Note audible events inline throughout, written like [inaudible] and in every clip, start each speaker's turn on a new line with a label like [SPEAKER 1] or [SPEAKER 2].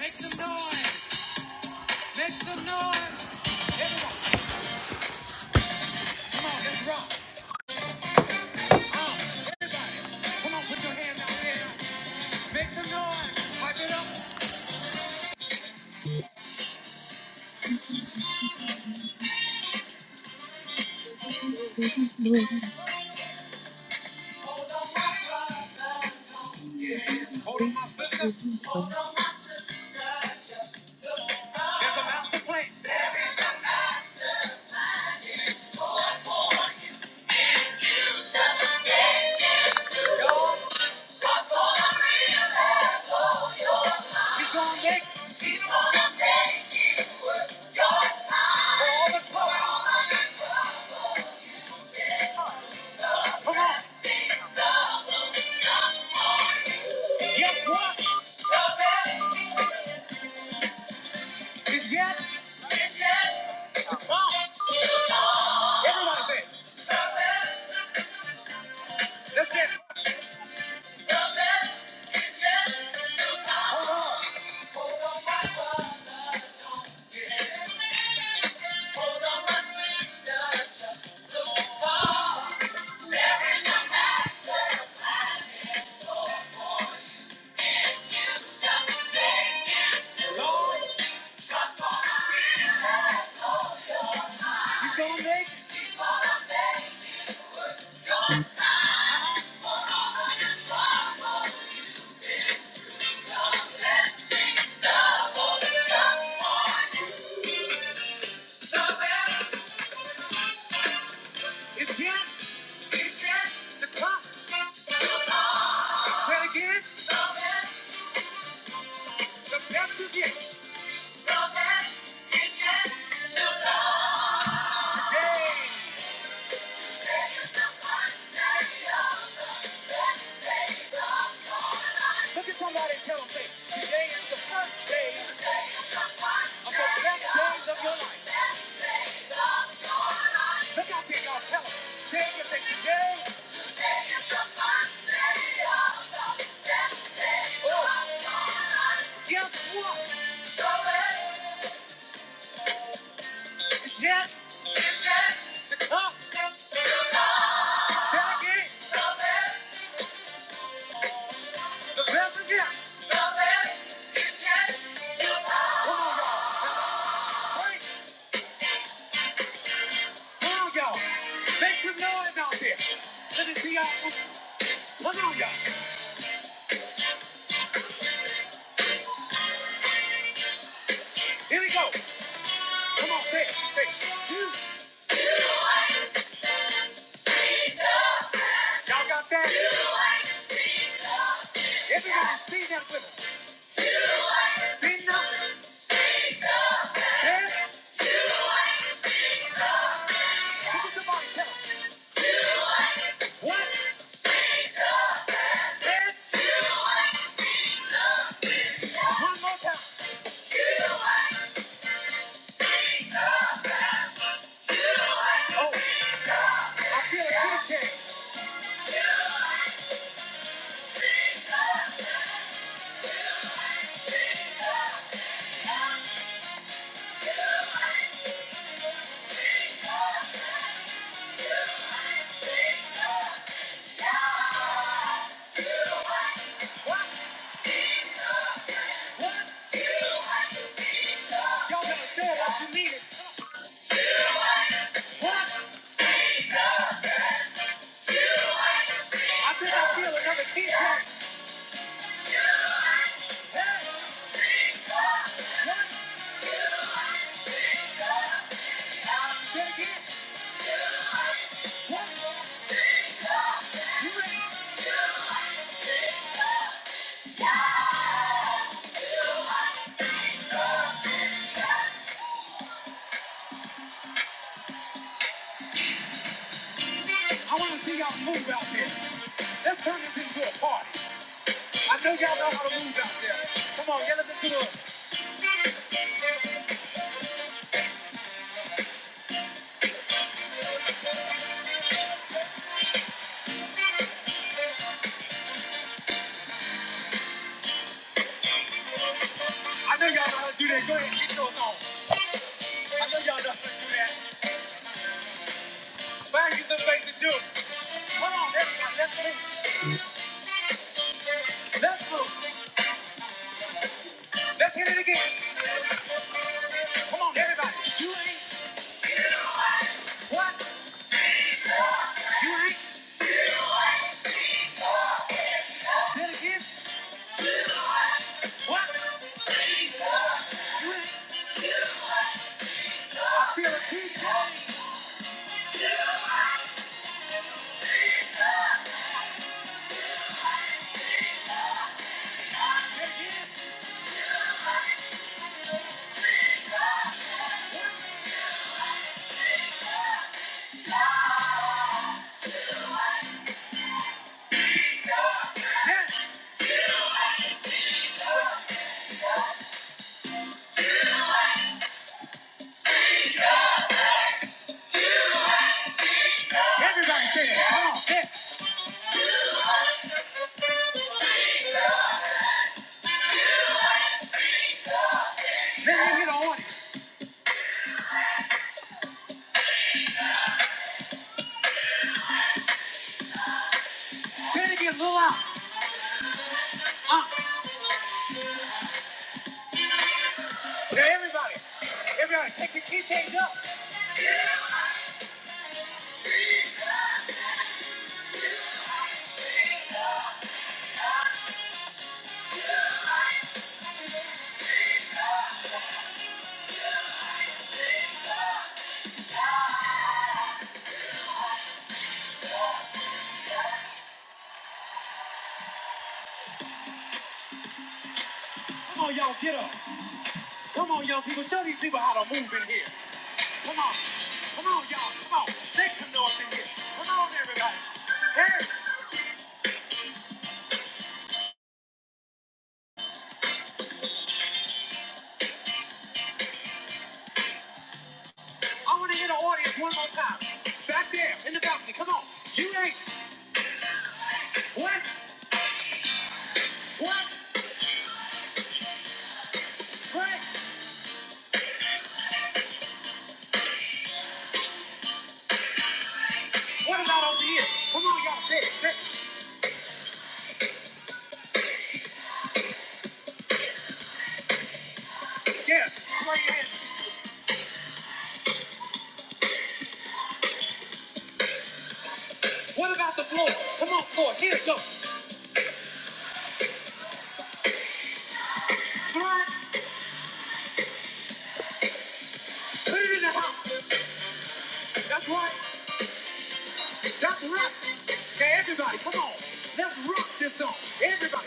[SPEAKER 1] Make some noise. Make some noise. Everyone, come on, let's rock. Uh, come on, put your hands out there. Make some noise. Pipe it up. Hold on, my sister. There's a mountain to play. It's on deck. Guess what? It's yet. Everyone say, it. let's get it. It's yet. Hold on, my sister. Let's sing. It's yet. The clock. Say it again. The best is yet. The best. Yay. Look at somebody and tell them, say, today is the first day of the best days of your life. Look out there, y'all. Tell them. Say it, say, today, guess what? It's yet up. Say it again. The best is yet. Come on, y'all. Now, break. Come on, y'all. Make some noise out there. Let me see y'all. Come on, y'all. Here we go. Come on, say it. Say it. You. Y'all got that? Everybody see that with us. See nothing. Say it. Look at somebody. Tell them. What? Say it. One more time. Oh. I feel a tear check. Y'all better say it like you mean it. What? I think I feel another tear check. Say it again. What? You ready? I want to see y'all move out there. Let's turn this into a party. I know y'all know how to move out there. Come on, get us into it. I know y'all know how to do that. Go ahead, and get yours on. I know y'all know how to do that. Find you some place to do it. Come on, everybody, let's move. Let's move. Let's hit it again. Come on, everybody. You ain't what? You ain't. Say it again. What? You ain't. Yeah, everybody say it. Come on, yeah. Let me hear the order. Say it again, a little out. Uh, yeah, everybody. Everybody, take your keychains up. Come on, y'all, get up. Come on, young people. Show these people how to move in here. Come on. Come on, y'all. Come on. Make some noise in here. Come on, everybody. Hey, I want to hear the audience one more time. Back there in the balcony. Come on. You ain't. What? What? What? What about over here? Come on, y'all. Say it. Say it. Yeah. Throw your hands. What about the floor? Come on, floor. Here it goes. All right. Put it in the house. That's right. That's right. Okay, everybody, come on. Let's rock this song. Everybody.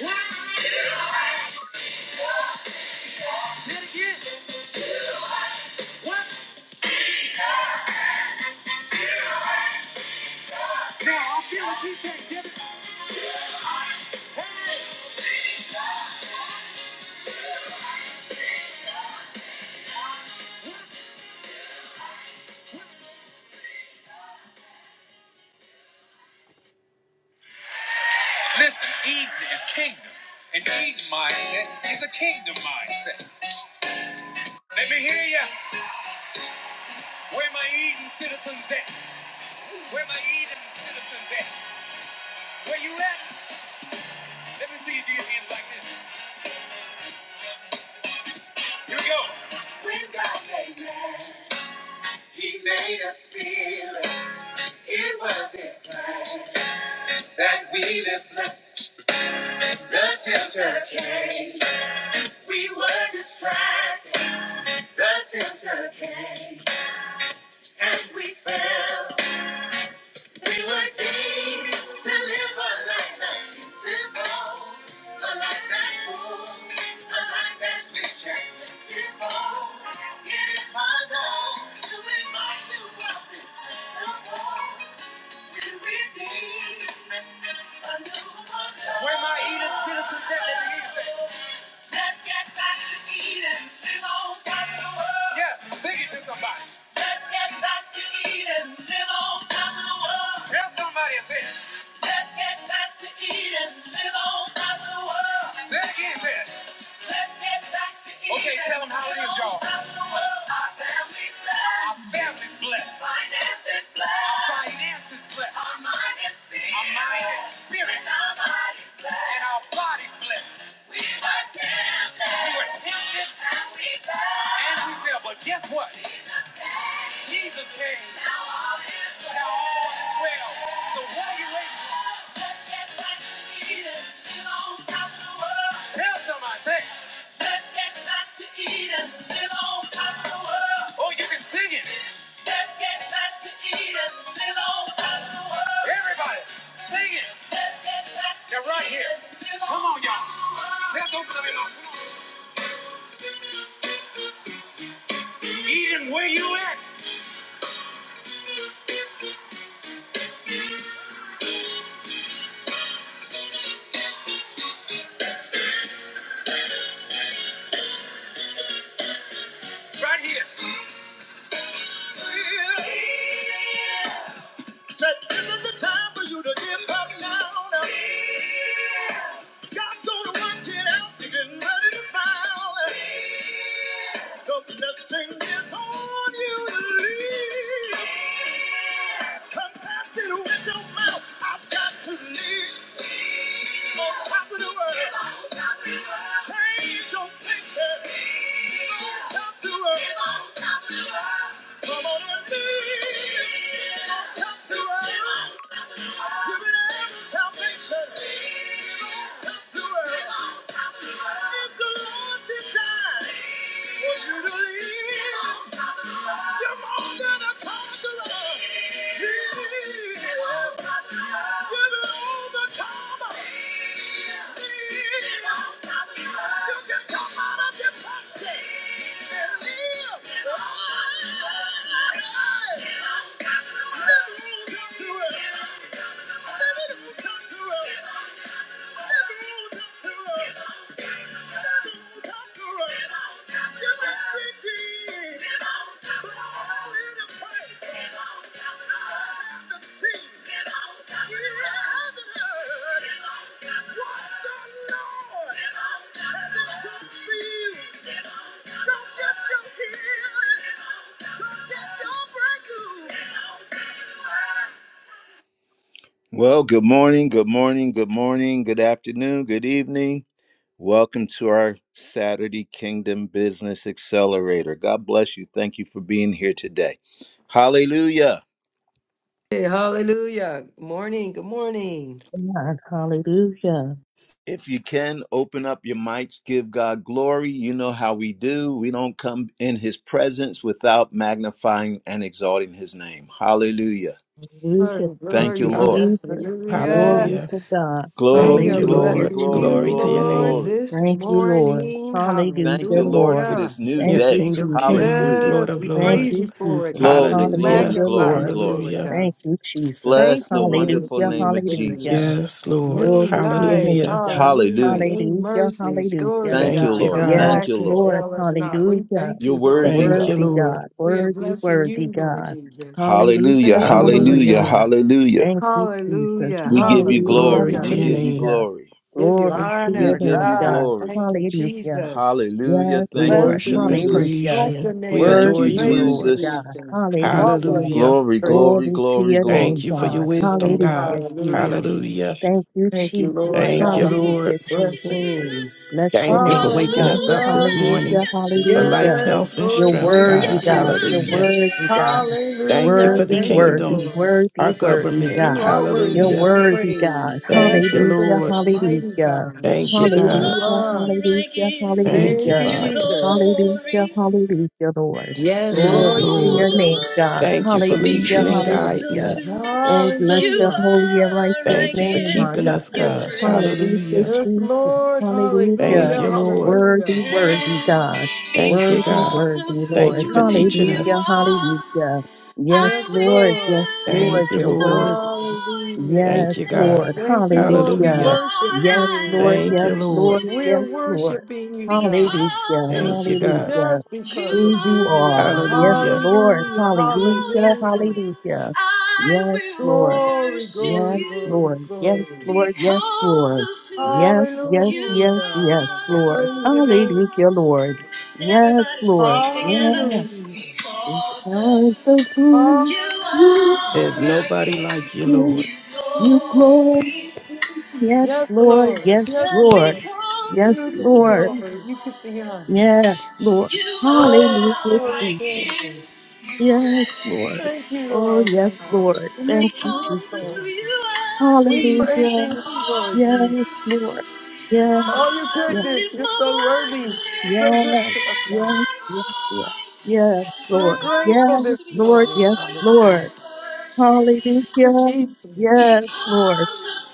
[SPEAKER 1] What? Say it again. What? No, I feel what you say, Jimmy. Listen, Eden is kingdom. An Eden mindset is a kingdom mindset. Let me hear ya. Where my Eden citizens at? Where my Eden citizens at? Where you at? Let me see you do your hands like this. Here we go. When God made man. He made us feel it was His plan that we live blessed. The tempter came, we were distracted. The tempter came, and we fell. We were deemed to live a life that's beautiful, a life that's full, a life that's rich and plentiful. It is my goal to remind you of this principle. Where my Eden citizens at? Let me hear you Let's get back to Eden. Live on top of the world. Yeah, sing it to somebody. Let's get back to Eden. Live on top of the world. Tell somebody it's it. Let's get back to Eden. Live on top of the world. Say it again, Ted. Okay, tell them how it is, y'all. Our family's blessed. Our finances blessed. Our finances blessed. Our mind and spirit. Our mind and spirit. And our body's blessed. And our body's blessed. We were tempted. We were tempted. And we fell. And we fell. But guess what? Jesus came. Jesus came. Now all is well. Now all is well. So what are you waiting for? Let's get back to Eden. Live on top of the world. Tell somebody. Say, Let's get back to Eden, live on top of the world. Oh, you can sing it. Let's get back to Eden, live on top of the world. Everybody, sing it. Let's get back to They're right here. Eden, live on Come on, y'all. top of the world. Let's open up your mouth. Eden, where you at? Right here. Said, this is the time for you to give up now. God's gonna work it out. You're getting ready to smile. The blessing is on you to leave. Confess it with your mouth. I've got to leave. On top of the world. Change your thinking. Live on top of the world. Come on and leave. come to us. Give it every salvation. Come to us. It's the Lord's design for you to leave. You're more than a conqueror. Leave. You're an overcomer. Leave. You can come out of depression. Never well, good morning, good morning, good morning, good afternoon, good evening. Welcome to our Saturday Kingdom Business Accelerator. God bless you. Thank you for being here today. Hallelujah.
[SPEAKER 2] Hey, hallelujah. Good morning. Good morning.
[SPEAKER 3] God, hallelujah.
[SPEAKER 1] If you can, open up your mics, give God glory. You know how we do. We don't come in his presence without magnifying and exalting his name. Hallelujah.
[SPEAKER 3] Hallelujah.
[SPEAKER 2] Glory,
[SPEAKER 3] Thank
[SPEAKER 1] Thank you,
[SPEAKER 3] you,
[SPEAKER 2] glory.
[SPEAKER 4] Hall-
[SPEAKER 1] Lord.
[SPEAKER 3] Jesus.
[SPEAKER 2] Hallelujah.
[SPEAKER 3] Glory
[SPEAKER 4] Hallelujah.
[SPEAKER 3] to God.
[SPEAKER 2] We
[SPEAKER 1] Glory,
[SPEAKER 4] Thank
[SPEAKER 2] are
[SPEAKER 4] you,
[SPEAKER 1] glory,
[SPEAKER 3] Hallelujah,
[SPEAKER 4] Lord.
[SPEAKER 2] blessing
[SPEAKER 1] glory,
[SPEAKER 2] you,
[SPEAKER 4] Glory
[SPEAKER 3] Jesus.
[SPEAKER 4] to
[SPEAKER 1] glory,
[SPEAKER 4] your
[SPEAKER 2] Lord,
[SPEAKER 4] name.
[SPEAKER 1] glory.
[SPEAKER 2] this
[SPEAKER 3] Thank you, Lord.
[SPEAKER 2] morning.
[SPEAKER 1] Thank
[SPEAKER 3] Hallelujah,
[SPEAKER 1] you, Lord,
[SPEAKER 3] Lord.
[SPEAKER 1] for
[SPEAKER 2] Hallelujah.
[SPEAKER 1] this new
[SPEAKER 4] You're
[SPEAKER 3] Thank you,
[SPEAKER 1] day.
[SPEAKER 4] King of
[SPEAKER 3] Jesus.
[SPEAKER 4] Kings,
[SPEAKER 1] Hallelujah.
[SPEAKER 4] Lord
[SPEAKER 2] Yes,
[SPEAKER 4] of
[SPEAKER 2] we
[SPEAKER 3] Thank
[SPEAKER 2] praise
[SPEAKER 4] Lords.
[SPEAKER 3] you,
[SPEAKER 2] you for it,
[SPEAKER 3] Jesus.
[SPEAKER 2] God.
[SPEAKER 1] Glory, glory,
[SPEAKER 4] Hallelujah.
[SPEAKER 3] Hallelujah,
[SPEAKER 2] Magnify
[SPEAKER 1] glory,
[SPEAKER 3] Lord.
[SPEAKER 2] you for
[SPEAKER 1] glory.
[SPEAKER 2] it,
[SPEAKER 4] Hallelujah.
[SPEAKER 2] God.
[SPEAKER 3] Thank you, Jesus.
[SPEAKER 2] Thank
[SPEAKER 1] Bless the
[SPEAKER 2] you, Lord
[SPEAKER 1] wonderful
[SPEAKER 3] Hallelujah,
[SPEAKER 1] name of
[SPEAKER 3] hallelujah.
[SPEAKER 2] Jesus.
[SPEAKER 1] Jesus.
[SPEAKER 4] Yes, Lord.
[SPEAKER 2] New
[SPEAKER 3] Glory to your
[SPEAKER 2] life.
[SPEAKER 3] name,
[SPEAKER 4] Hallelujah.
[SPEAKER 3] God.
[SPEAKER 2] Hallelujah.
[SPEAKER 1] Hallelujah.
[SPEAKER 2] New
[SPEAKER 3] Hallelujah,
[SPEAKER 2] mercies. Glory
[SPEAKER 3] hallelujah.
[SPEAKER 2] to
[SPEAKER 1] Thank you,
[SPEAKER 4] Thank
[SPEAKER 2] God.
[SPEAKER 4] you,
[SPEAKER 1] Lord.
[SPEAKER 4] God.
[SPEAKER 3] Yes,
[SPEAKER 1] Thank you,
[SPEAKER 2] Compassion
[SPEAKER 1] Lord.
[SPEAKER 3] Lord.
[SPEAKER 2] fail us not. We
[SPEAKER 3] Hallelujah.
[SPEAKER 2] thank
[SPEAKER 1] You're
[SPEAKER 2] you, Lord
[SPEAKER 1] worthy,
[SPEAKER 2] God.
[SPEAKER 4] Thank
[SPEAKER 1] God.
[SPEAKER 4] you,
[SPEAKER 3] Worthy
[SPEAKER 4] Lord.
[SPEAKER 3] God.
[SPEAKER 2] We are
[SPEAKER 3] Worthy,
[SPEAKER 2] blessing you,
[SPEAKER 3] worthy
[SPEAKER 2] Lord
[SPEAKER 3] God.
[SPEAKER 2] Jesus.
[SPEAKER 1] Hallelujah.
[SPEAKER 3] Hallelujah.
[SPEAKER 2] Thank you, Lord
[SPEAKER 1] Hallelujah.
[SPEAKER 4] Hallelujah.
[SPEAKER 3] Hallelujah.
[SPEAKER 2] God.
[SPEAKER 1] Hallelujah.
[SPEAKER 3] Thank you, Jesus.
[SPEAKER 2] Hallelujah.
[SPEAKER 1] We give you
[SPEAKER 3] Hallelujah.
[SPEAKER 1] glory.
[SPEAKER 4] Glory to
[SPEAKER 1] We
[SPEAKER 2] Hallelujah.
[SPEAKER 4] your
[SPEAKER 1] give you
[SPEAKER 4] name.
[SPEAKER 3] Hallelujah.
[SPEAKER 1] glory.
[SPEAKER 2] Give you
[SPEAKER 3] Glory to
[SPEAKER 1] We
[SPEAKER 3] your
[SPEAKER 2] honor,
[SPEAKER 1] give
[SPEAKER 3] name,
[SPEAKER 1] you
[SPEAKER 2] God.
[SPEAKER 3] God.
[SPEAKER 1] glory.
[SPEAKER 2] Thank you,
[SPEAKER 3] Hallelujah.
[SPEAKER 2] Jesus.
[SPEAKER 1] Hallelujah.
[SPEAKER 3] Yes,
[SPEAKER 4] We
[SPEAKER 1] Thank you,
[SPEAKER 3] Lord.
[SPEAKER 2] Bless the
[SPEAKER 4] worship and
[SPEAKER 2] name.
[SPEAKER 1] Jesus.
[SPEAKER 4] praise
[SPEAKER 3] Hallelujah.
[SPEAKER 2] Bless
[SPEAKER 4] you.
[SPEAKER 2] your
[SPEAKER 4] We
[SPEAKER 1] Thank
[SPEAKER 2] name.
[SPEAKER 4] adore
[SPEAKER 1] you,
[SPEAKER 3] Worthy,
[SPEAKER 4] you,
[SPEAKER 2] Praise you,
[SPEAKER 3] worthy
[SPEAKER 4] Lord.
[SPEAKER 1] Jesus.
[SPEAKER 3] God.
[SPEAKER 2] Jesus. God
[SPEAKER 3] Hallelujah.
[SPEAKER 2] word is to
[SPEAKER 4] Hallelujah.
[SPEAKER 1] Glory,
[SPEAKER 2] praise.
[SPEAKER 1] glory,
[SPEAKER 3] Glory to
[SPEAKER 1] glory,
[SPEAKER 3] your
[SPEAKER 1] glory.
[SPEAKER 4] Thank
[SPEAKER 3] name,
[SPEAKER 4] you for your
[SPEAKER 3] God.
[SPEAKER 4] wisdom,
[SPEAKER 2] Hallelujah.
[SPEAKER 4] God.
[SPEAKER 3] Hallelujah,
[SPEAKER 2] Hallelujah.
[SPEAKER 3] Jesus.
[SPEAKER 4] Hallelujah.
[SPEAKER 3] Thank you,
[SPEAKER 2] Thank you,
[SPEAKER 1] Say
[SPEAKER 3] Jesus.
[SPEAKER 2] Lord
[SPEAKER 1] Thank
[SPEAKER 4] Thank you,
[SPEAKER 1] you,
[SPEAKER 2] God.
[SPEAKER 4] Lord.
[SPEAKER 3] Hallelujah,
[SPEAKER 1] Jesus. Thank
[SPEAKER 2] Bless
[SPEAKER 1] you,
[SPEAKER 2] the
[SPEAKER 3] Jesus.
[SPEAKER 2] name.
[SPEAKER 3] Bless
[SPEAKER 1] Jesus.
[SPEAKER 3] your
[SPEAKER 4] Thank you
[SPEAKER 1] You're
[SPEAKER 4] for
[SPEAKER 3] name,
[SPEAKER 4] waking
[SPEAKER 3] God.
[SPEAKER 4] us
[SPEAKER 1] holy.
[SPEAKER 4] up this
[SPEAKER 2] Hallelujah.
[SPEAKER 4] morning
[SPEAKER 3] Hallelujah,
[SPEAKER 1] Yes, you
[SPEAKER 4] for life,
[SPEAKER 3] hallelujah.
[SPEAKER 2] Yes,
[SPEAKER 1] are.
[SPEAKER 4] health, and
[SPEAKER 3] You're
[SPEAKER 2] Lord.
[SPEAKER 4] strength,
[SPEAKER 2] Thank you,
[SPEAKER 3] worthy,
[SPEAKER 4] God.
[SPEAKER 1] Yes, you
[SPEAKER 3] God.
[SPEAKER 1] are.
[SPEAKER 2] Jesus.
[SPEAKER 3] You're
[SPEAKER 4] Hallelujah.
[SPEAKER 1] Yes, you
[SPEAKER 3] worthy,
[SPEAKER 1] are.
[SPEAKER 3] God.
[SPEAKER 1] Yes, you are.
[SPEAKER 4] Thank you for
[SPEAKER 2] Hallelujah.
[SPEAKER 4] the
[SPEAKER 3] Worthy,
[SPEAKER 2] Thank you,
[SPEAKER 4] kingdom,
[SPEAKER 3] worthy,
[SPEAKER 2] Lord.
[SPEAKER 4] our
[SPEAKER 3] worthy, worthy,
[SPEAKER 4] government.
[SPEAKER 2] You
[SPEAKER 3] God.
[SPEAKER 2] are worthy
[SPEAKER 3] You're
[SPEAKER 2] to
[SPEAKER 4] Hallelujah.
[SPEAKER 1] Oh,
[SPEAKER 2] be
[SPEAKER 3] worthy, God.
[SPEAKER 2] praised.
[SPEAKER 1] because
[SPEAKER 4] Thank you,
[SPEAKER 3] Hallelujah,
[SPEAKER 4] Lord.
[SPEAKER 2] Magnificent,
[SPEAKER 1] of
[SPEAKER 2] mighty
[SPEAKER 3] hallelujah.
[SPEAKER 2] God.
[SPEAKER 4] Thank you,
[SPEAKER 2] Who
[SPEAKER 4] God.
[SPEAKER 2] you
[SPEAKER 3] Hallelujah,
[SPEAKER 1] who
[SPEAKER 2] are.
[SPEAKER 1] you are, I
[SPEAKER 3] hallelujah,
[SPEAKER 1] give
[SPEAKER 4] Thank you,
[SPEAKER 2] Thank
[SPEAKER 3] hallelujah.
[SPEAKER 2] you,
[SPEAKER 1] you
[SPEAKER 4] Father.
[SPEAKER 2] Jesus.
[SPEAKER 3] Hallelujah,
[SPEAKER 1] glory.
[SPEAKER 3] hallelujah, Lord.
[SPEAKER 2] Yes,
[SPEAKER 4] Yes,
[SPEAKER 3] Glory
[SPEAKER 2] Lord
[SPEAKER 3] to your
[SPEAKER 4] Lord.
[SPEAKER 2] Jesus.
[SPEAKER 1] Oh,
[SPEAKER 3] name, God.
[SPEAKER 4] Thank you for
[SPEAKER 3] Hallelujah,
[SPEAKER 4] leading and
[SPEAKER 1] Because
[SPEAKER 4] guiding
[SPEAKER 1] of
[SPEAKER 3] hallelujah.
[SPEAKER 1] who
[SPEAKER 4] us.
[SPEAKER 3] Oh, bless
[SPEAKER 1] you
[SPEAKER 3] the
[SPEAKER 2] Hallelujah.
[SPEAKER 3] holy and
[SPEAKER 1] are,
[SPEAKER 3] righteous
[SPEAKER 1] I
[SPEAKER 4] Thank you for
[SPEAKER 3] name,
[SPEAKER 1] give
[SPEAKER 2] Give
[SPEAKER 3] my
[SPEAKER 4] keeping
[SPEAKER 3] God.
[SPEAKER 2] you
[SPEAKER 4] us,
[SPEAKER 1] you
[SPEAKER 4] God.
[SPEAKER 3] Hallelujah,
[SPEAKER 2] thanks,
[SPEAKER 1] praise.
[SPEAKER 4] Hallelujah.
[SPEAKER 2] Yes,
[SPEAKER 3] Jesus.
[SPEAKER 2] Lord.
[SPEAKER 4] Thank
[SPEAKER 3] Hallelujah.
[SPEAKER 2] Hallelujah.
[SPEAKER 4] you, Lord.
[SPEAKER 3] Worthy,
[SPEAKER 2] Hallelujah.
[SPEAKER 3] worthy
[SPEAKER 1] And
[SPEAKER 3] God.
[SPEAKER 4] Thank you,
[SPEAKER 3] Worthy,
[SPEAKER 4] God.
[SPEAKER 1] because
[SPEAKER 3] worthy
[SPEAKER 1] of
[SPEAKER 4] Thank
[SPEAKER 3] Lord.
[SPEAKER 4] you for
[SPEAKER 1] who
[SPEAKER 4] teaching
[SPEAKER 1] you
[SPEAKER 3] Hallelujah,
[SPEAKER 4] us.
[SPEAKER 1] are,
[SPEAKER 3] hallelujah.
[SPEAKER 1] I
[SPEAKER 3] Yes,
[SPEAKER 2] Yes,
[SPEAKER 3] Lord. Yes,
[SPEAKER 2] Lord.
[SPEAKER 1] will
[SPEAKER 3] Lord.
[SPEAKER 4] Thank you,
[SPEAKER 3] You're
[SPEAKER 1] lift
[SPEAKER 4] Lord.
[SPEAKER 3] worthy.
[SPEAKER 1] my voice
[SPEAKER 2] Hallelujah.
[SPEAKER 1] and
[SPEAKER 3] Yes,
[SPEAKER 4] Thank you, God.
[SPEAKER 3] Lord.
[SPEAKER 1] say,
[SPEAKER 2] Thank you, Lord. We
[SPEAKER 1] Lord,
[SPEAKER 3] Hallelujah.
[SPEAKER 4] Hallelujah.
[SPEAKER 2] worship
[SPEAKER 3] Yes,
[SPEAKER 2] you.
[SPEAKER 3] Lord.
[SPEAKER 4] Thank
[SPEAKER 3] Yes,
[SPEAKER 1] I
[SPEAKER 4] you, Lord.
[SPEAKER 3] Lord.
[SPEAKER 1] worship
[SPEAKER 2] We're
[SPEAKER 3] Yes,
[SPEAKER 1] you.
[SPEAKER 3] Lord.
[SPEAKER 2] worshiping you,
[SPEAKER 1] Because
[SPEAKER 2] God.
[SPEAKER 3] Hallelujah.
[SPEAKER 1] of
[SPEAKER 4] Thank you, God.
[SPEAKER 3] Hallelujah.
[SPEAKER 2] just
[SPEAKER 1] who you
[SPEAKER 2] because of
[SPEAKER 3] Who you
[SPEAKER 2] who you
[SPEAKER 3] are.
[SPEAKER 2] are.
[SPEAKER 1] are.
[SPEAKER 3] Yes,
[SPEAKER 4] Hallelujah.
[SPEAKER 3] Lord.
[SPEAKER 2] Hallelujah,
[SPEAKER 1] Oh,
[SPEAKER 3] Hallelujah.
[SPEAKER 1] yes, I
[SPEAKER 2] hallelujah.
[SPEAKER 1] will.
[SPEAKER 3] Hallelujah.
[SPEAKER 1] I
[SPEAKER 3] Yes, Lord.
[SPEAKER 1] will
[SPEAKER 2] Glory,
[SPEAKER 1] worship
[SPEAKER 3] Yes,
[SPEAKER 2] glory,
[SPEAKER 1] you
[SPEAKER 2] glory,
[SPEAKER 3] Lord. Yes,
[SPEAKER 2] glory.
[SPEAKER 3] Lord. Yes,
[SPEAKER 1] because
[SPEAKER 3] Lord.
[SPEAKER 1] of who
[SPEAKER 3] Yes, yes, yes,
[SPEAKER 1] you
[SPEAKER 2] Hallelujah.
[SPEAKER 3] yes, Lord.
[SPEAKER 2] Praise your name,
[SPEAKER 3] Hallelujah,
[SPEAKER 2] Jesus.
[SPEAKER 1] are.
[SPEAKER 3] Lord. Yes,
[SPEAKER 1] Everybody sing
[SPEAKER 3] Lord.
[SPEAKER 1] together.
[SPEAKER 3] Yes,
[SPEAKER 2] Hallelujah.
[SPEAKER 1] Because
[SPEAKER 3] because
[SPEAKER 1] of
[SPEAKER 3] of
[SPEAKER 1] who
[SPEAKER 3] who
[SPEAKER 1] you
[SPEAKER 3] you
[SPEAKER 2] Hallelujah.
[SPEAKER 1] are,
[SPEAKER 4] There's
[SPEAKER 3] are,
[SPEAKER 1] I
[SPEAKER 4] nobody like
[SPEAKER 1] give
[SPEAKER 4] you,
[SPEAKER 3] King,
[SPEAKER 4] Lord.
[SPEAKER 1] you
[SPEAKER 3] you
[SPEAKER 2] Glory.
[SPEAKER 3] glory.
[SPEAKER 1] glory.
[SPEAKER 3] Yes,
[SPEAKER 2] Yes,
[SPEAKER 3] Lord.
[SPEAKER 2] Lord.
[SPEAKER 3] Yes,
[SPEAKER 2] Yes,
[SPEAKER 1] Just
[SPEAKER 3] Lord.
[SPEAKER 2] Lord.
[SPEAKER 1] because
[SPEAKER 3] Yes,
[SPEAKER 1] of
[SPEAKER 2] You get
[SPEAKER 1] who.
[SPEAKER 2] the
[SPEAKER 3] Lord.
[SPEAKER 2] glory. You get the honor.
[SPEAKER 3] Yes,
[SPEAKER 1] You
[SPEAKER 3] Lord.
[SPEAKER 2] Glory,
[SPEAKER 1] are
[SPEAKER 3] Hallelujah,
[SPEAKER 1] my
[SPEAKER 2] glory,
[SPEAKER 3] Jesus.
[SPEAKER 2] glory.
[SPEAKER 1] gift. You
[SPEAKER 3] Yes,
[SPEAKER 1] pray
[SPEAKER 3] Lord.
[SPEAKER 2] Thank you,
[SPEAKER 3] Oh,
[SPEAKER 2] Lord.
[SPEAKER 3] yes,
[SPEAKER 2] God.
[SPEAKER 3] Lord.
[SPEAKER 2] We
[SPEAKER 3] Thank
[SPEAKER 2] lift
[SPEAKER 3] you,
[SPEAKER 2] you up,
[SPEAKER 1] because of
[SPEAKER 3] Jesus.
[SPEAKER 1] who
[SPEAKER 2] Lord.
[SPEAKER 1] you are,
[SPEAKER 2] We
[SPEAKER 1] Jesus.
[SPEAKER 2] praise
[SPEAKER 3] Hallelujah.
[SPEAKER 2] you, Lord
[SPEAKER 1] Because of
[SPEAKER 2] Jesus.
[SPEAKER 3] Yes,
[SPEAKER 1] who you are,
[SPEAKER 3] Lord. Yes.
[SPEAKER 2] All your
[SPEAKER 1] I
[SPEAKER 3] Yes,
[SPEAKER 1] will
[SPEAKER 2] goodness,
[SPEAKER 1] lift
[SPEAKER 2] you're
[SPEAKER 1] my
[SPEAKER 2] so worthy, you're
[SPEAKER 1] voice. I
[SPEAKER 2] so
[SPEAKER 1] will
[SPEAKER 2] good
[SPEAKER 3] yes,
[SPEAKER 2] to us,
[SPEAKER 1] lift
[SPEAKER 2] God.
[SPEAKER 3] yes,
[SPEAKER 1] my
[SPEAKER 3] yes, yes,
[SPEAKER 1] voice and
[SPEAKER 3] yes,
[SPEAKER 1] say,
[SPEAKER 2] We're
[SPEAKER 1] Lord,
[SPEAKER 3] Lord.
[SPEAKER 1] I
[SPEAKER 2] grateful
[SPEAKER 3] Yes,
[SPEAKER 1] worship
[SPEAKER 2] this
[SPEAKER 1] you.
[SPEAKER 3] Lord.
[SPEAKER 2] morning,
[SPEAKER 3] Yes,
[SPEAKER 1] Lord,
[SPEAKER 2] hallelujah,
[SPEAKER 1] I
[SPEAKER 3] Lord.
[SPEAKER 2] for
[SPEAKER 3] Hallelujah.
[SPEAKER 2] Jesus,
[SPEAKER 3] Yes, Lord.
[SPEAKER 1] because of